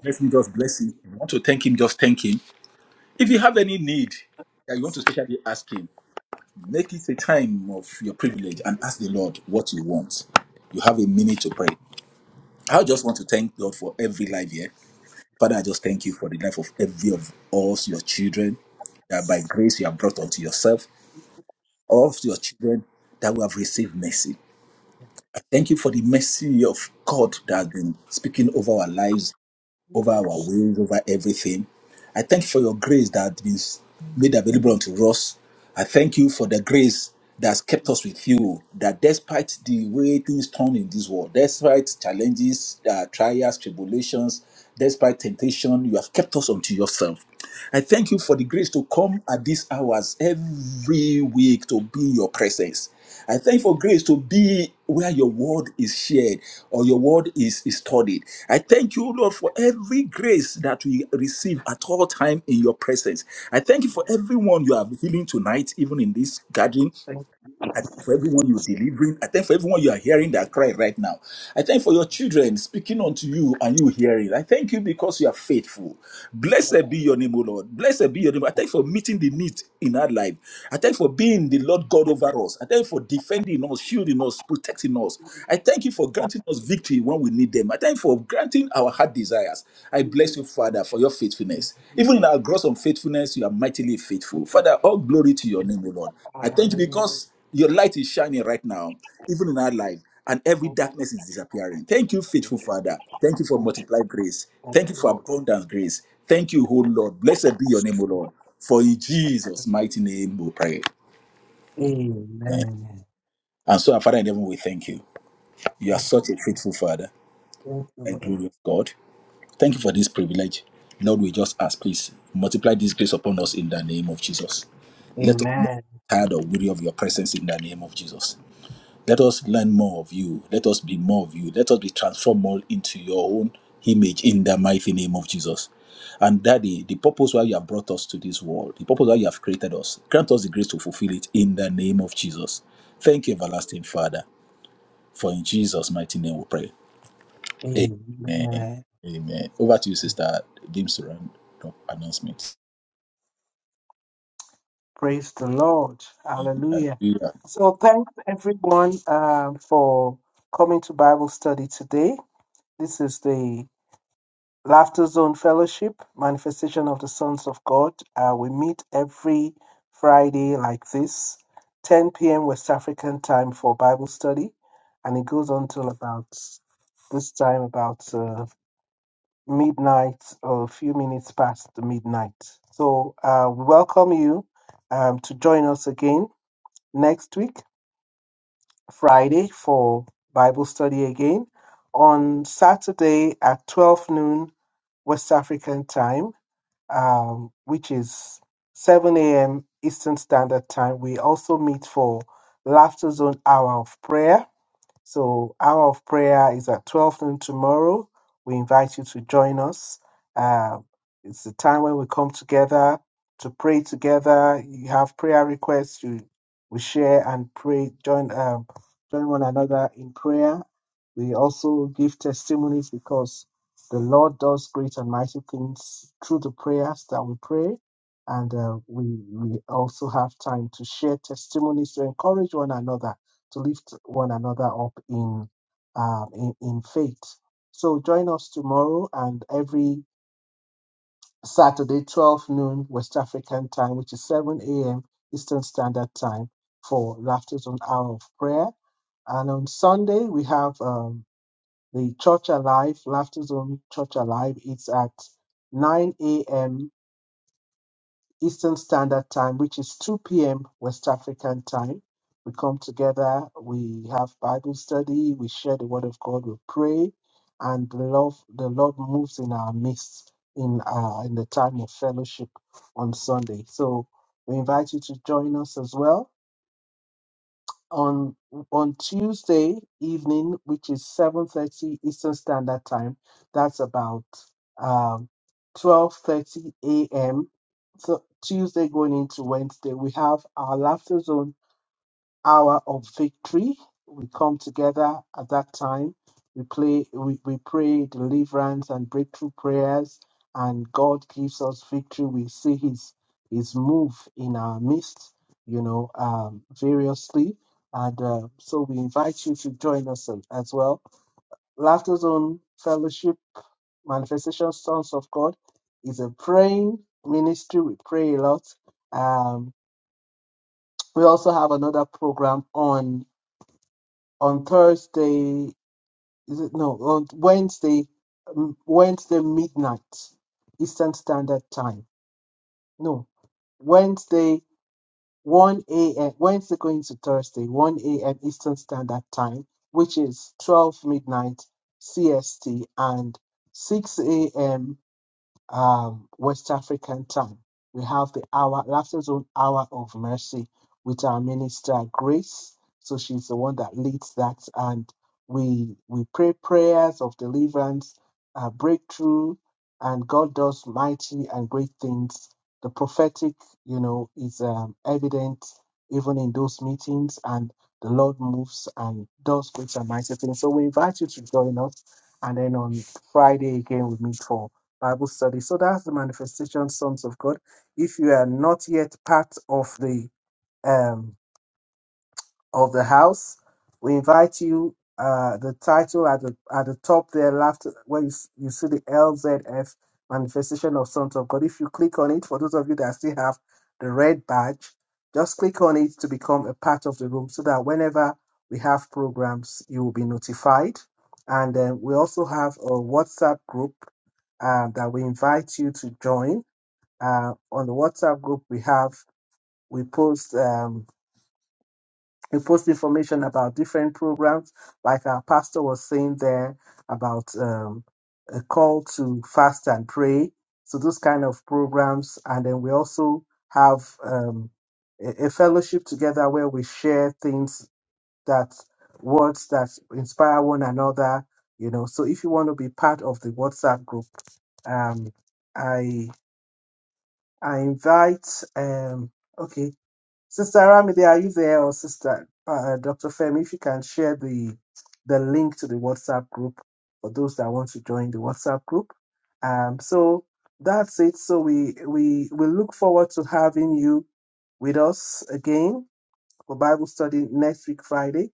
Speaker 9: Let him just bless him. If you want to thank him, just thank him. If you have any need that you want to specially ask Him, make it a time of your privilege and ask the Lord what you want. You have a minute to pray. I
Speaker 2: People
Speaker 9: just
Speaker 2: could
Speaker 9: want to thank God for every life here. Father, I just thank you for the life of every of us, your children, that
Speaker 2: s-
Speaker 9: by grace you have brought unto yourself, all of your children that we have received mercy. I thank you for the mercy of God that has been speaking over our lives over our ways, over everything. I thank you for your grace that has been made available unto us. I thank you for the grace that's kept us with you, that despite the way things turn in this world, despite challenges, uh, trials, tribulations, despite temptation, you have kept us unto yourself. I thank you for the grace to come at this these hours every week to be in your presence. I thank you for grace to be where your word is shared or your word is, is studied. I thank you, Lord, for every grace that we receive at all time in your presence. I thank you for everyone you are healing tonight, even in this garden.
Speaker 2: Thank
Speaker 9: I thank for everyone you're delivering. I thank for everyone you are hearing that cry right now. I thank for your children speaking unto you and you hearing. I thank you because you are faithful. Blessed be your name, O Lord. Blessed be your name. I thank for meeting the need in our life. I thank for being the Lord God over us. I thank for defending us, shielding us, protecting us. I thank you for granting us victory when we need them. I thank you for granting our heart desires. I
Speaker 2: you.
Speaker 9: bless you, Father, for your faithfulness. Even in our gross unfaithfulness, you are mightily faithful. Father, all glory to your
Speaker 2: Thank you.
Speaker 9: name, O Lord. I thank you
Speaker 2: Hallelujah.
Speaker 9: because your light is shining right now, even in our
Speaker 2: Thank
Speaker 9: life, and every
Speaker 2: you.
Speaker 9: darkness is disappearing. Thank you,
Speaker 2: Thank
Speaker 9: faithful Father. Thank you for
Speaker 2: you,
Speaker 9: multiplied grace.
Speaker 2: Thank
Speaker 9: Thank you
Speaker 2: you,
Speaker 9: for
Speaker 2: Lord.
Speaker 9: abundant grace. Thank you, O Lord. Blessed be your name, O Lord. For in Jesus' mighty name we pray. Amen.
Speaker 2: Amen.
Speaker 9: And so, our Father in heaven, we thank you. You are
Speaker 2: Thank you,
Speaker 9: such a faithful Father,
Speaker 2: Thank you,
Speaker 9: a
Speaker 2: Lord.
Speaker 9: glorious God. Thank you for this privilege. Lord, we just ask, please, multiply this grace upon us in the name of Jesus. Let us not
Speaker 2: Amen.
Speaker 9: be tired or weary of your presence in the name of Jesus. Let us learn more of you. Let us be more of you. Let us be transformed more into your own image in the mighty name of Jesus. And Daddy, the purpose why you have brought us to this world, the purpose why you have created us, grant us the grace to fulfill it in the name of Jesus. Thank you, everlasting Father, for in Jesus' mighty name we pray. Amen.
Speaker 2: Amen.
Speaker 9: Amen. Over to you, Sister James Surround. Announcements.
Speaker 2: Praise the Lord. Hallelujah.
Speaker 9: Amen.
Speaker 2: So thanks everyone um, for coming to Bible study today. This is the Laughter Zone Fellowship, Manifestation of the Sons of God. Uh, we meet every Friday like this, 10 p.m. West African time for Bible study. And it goes on till about this time, about uh, midnight or a few minutes past the midnight. So uh, we welcome you um, to join us again next week, Friday, for Bible study again. On Saturday at 12 noon West African time um, which is 7 a.m. Eastern Standard Time. We also meet for Laughter Zone Hour of Prayer. So, hour of prayer is at 12 noon tomorrow. We invite you to join us. Uh, it's the time when we come together to pray together. You have prayer requests, you we share and pray, join, um, join one another in prayer. We also give testimonies because the Lord does great and mighty things through the prayers that we pray. And uh, we, we also have time to share testimonies to encourage one another to lift one another up in, um, in in faith. So join us tomorrow and every Saturday, 12 noon West African time, which is 7 a.m. Eastern Standard Time for Laughter Zone Hour of Prayer. And on Sunday we have um, the Church Alive Laughter Zone Church Alive. It's at 9 a.m. Eastern Standard Time, which is 2 p.m. West African time. We come together, we have Bible study, we share the word of God, we pray, and the love the Lord moves in our midst in uh, in the time of fellowship on Sunday. So we invite you to join us as well on on Tuesday evening, which is seven thirty Eastern Standard Time. That's about um, twelve thirty a.m. So Tuesday going into Wednesday, we have our laughter zone hour of victory. We come together at that time. We play, we, we pray deliverance and breakthrough prayers, and God gives us victory. We see His His move in our midst, you know, um, variously. And uh, so we invite you to join us as as well. Laughter Zone Fellowship Manifestation Sons of God is a praying ministry. We pray a lot. Um, we also have another program on on Thursday, is it no, on Wednesday, um, Wednesday midnight Eastern Standard Time. No, Wednesday 1 a.m. Wednesday going to Thursday 1 a.m. Eastern Standard Time, which is 12 midnight CST and 6 a.m um, West African time. We have the hour, laughter zone hour of mercy with our minister Grace. So she's the one that leads that, and we we pray prayers of deliverance, uh, breakthrough, and God does mighty and great things. The prophetic, you know, is um, evident even in those meetings, and the Lord moves and does great and mighty things. So we invite you to join us, and then on Friday again we meet for Bible study. So that's the manifestation sons of God. If you are not yet part of the um of the house, we invite you. Uh, the title at the at the top there, left where you, s- you see the LZF manifestation of sons of God. If you click on it, for those of you that still have the red badge, just click on it to become a part of the room, so that whenever we have programs, you will be notified. And then we also have a WhatsApp group uh, that we invite you to join. Uh, on the WhatsApp group we have, we post um, we post information about different programs, like our pastor was saying there about um, a call to fast and pray. So those kind of programs, and then we also have um, a, a fellowship together where we share things that words that inspire one another. You know, so if you want to be part of the WhatsApp group, um, I I invite, um, okay, Sister Ramide, are you there, or Sister uh, Dr. Femi? If you can share the the link to the WhatsApp group for those that want to join the WhatsApp group. Um, so that's it. So we we we look forward to having you with us again for Bible study next week Friday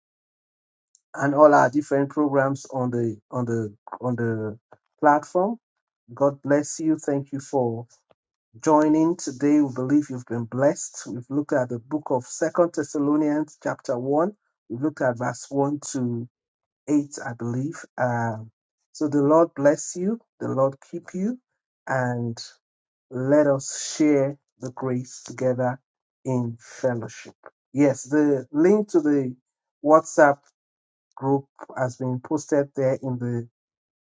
Speaker 2: and all our different programs on the on the on the platform. God bless you. Thank you for joining today. We believe you've been blessed. We've looked at the book of Second Thessalonians, chapter one. We've looked at verse one to eight, I believe. Um, so the Lord bless you. The Lord keep you, and let us share the grace together in fellowship. Yes, the link to the WhatsApp group has been posted there in the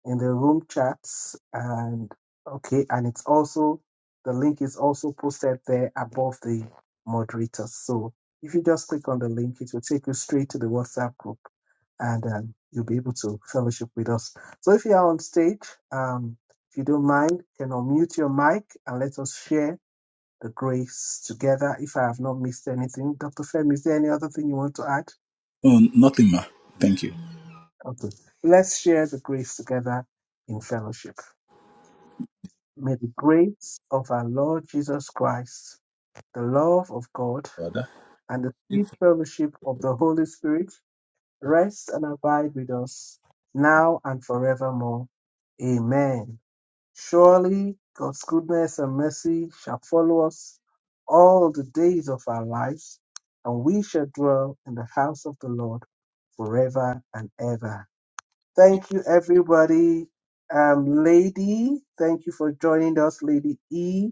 Speaker 2: in the room chats and okay and it's also the link is also posted there above the moderators so if you just click on the link it will take you straight to the whatsapp group and um, you'll be able to fellowship with us so if you are on stage um, if you don't mind you can unmute your mic and let us share the grace together if i have not missed anything dr fem is there any other thing you want to add
Speaker 9: Um, nothing, ma. Thank you,
Speaker 2: okay let's share the grace together in fellowship May the grace of our Lord Jesus Christ, the love of God,
Speaker 9: Father.
Speaker 2: and the sweet fellowship of the Holy Spirit rest and abide with us now and forevermore. Amen. Surely God's goodness and mercy shall follow us all the days of our lives, and we shall dwell in the house of the Lord forever and ever. Thank you, everybody. Um, Lady, thank you for joining us. Lady E,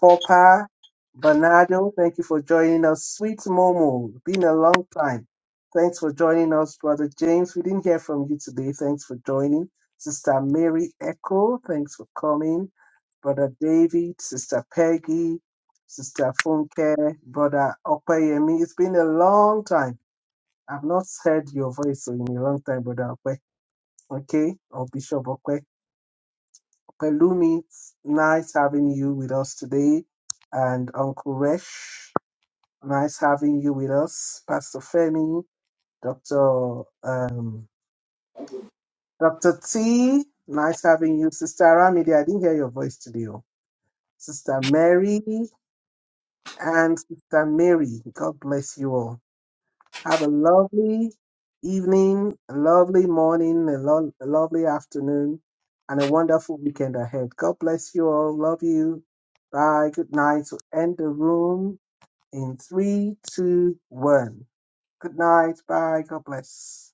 Speaker 2: Papa, Bernardo, thank you for joining us. Sweet Momo, been a long time. Thanks for joining us, Brother James. We didn't hear from you today. Thanks for joining. Sister Mary Echo, thanks for coming. Brother David, Sister Peggy, Sister Funke, Brother Opeyemi. It's been a long time. I've not heard your voice in a long time, Brother Opeyemi. Okay, or Bishop Okwe. Pelumi, it's nice having you with us today. And Uncle Resh, nice having you with us. Pastor Femi, Dr. Um, Dr. T, nice having you. Sister Aramide, I didn't hear your voice today. oh. Sister Mary and Sister Mary, God bless you all. Have a lovely evening, a lovely morning, a, lo- a lovely afternoon, and a wonderful weekend ahead. God bless you all. Love you. Bye. Good night. So end the room in three, two, one. Good night. Bye. God bless.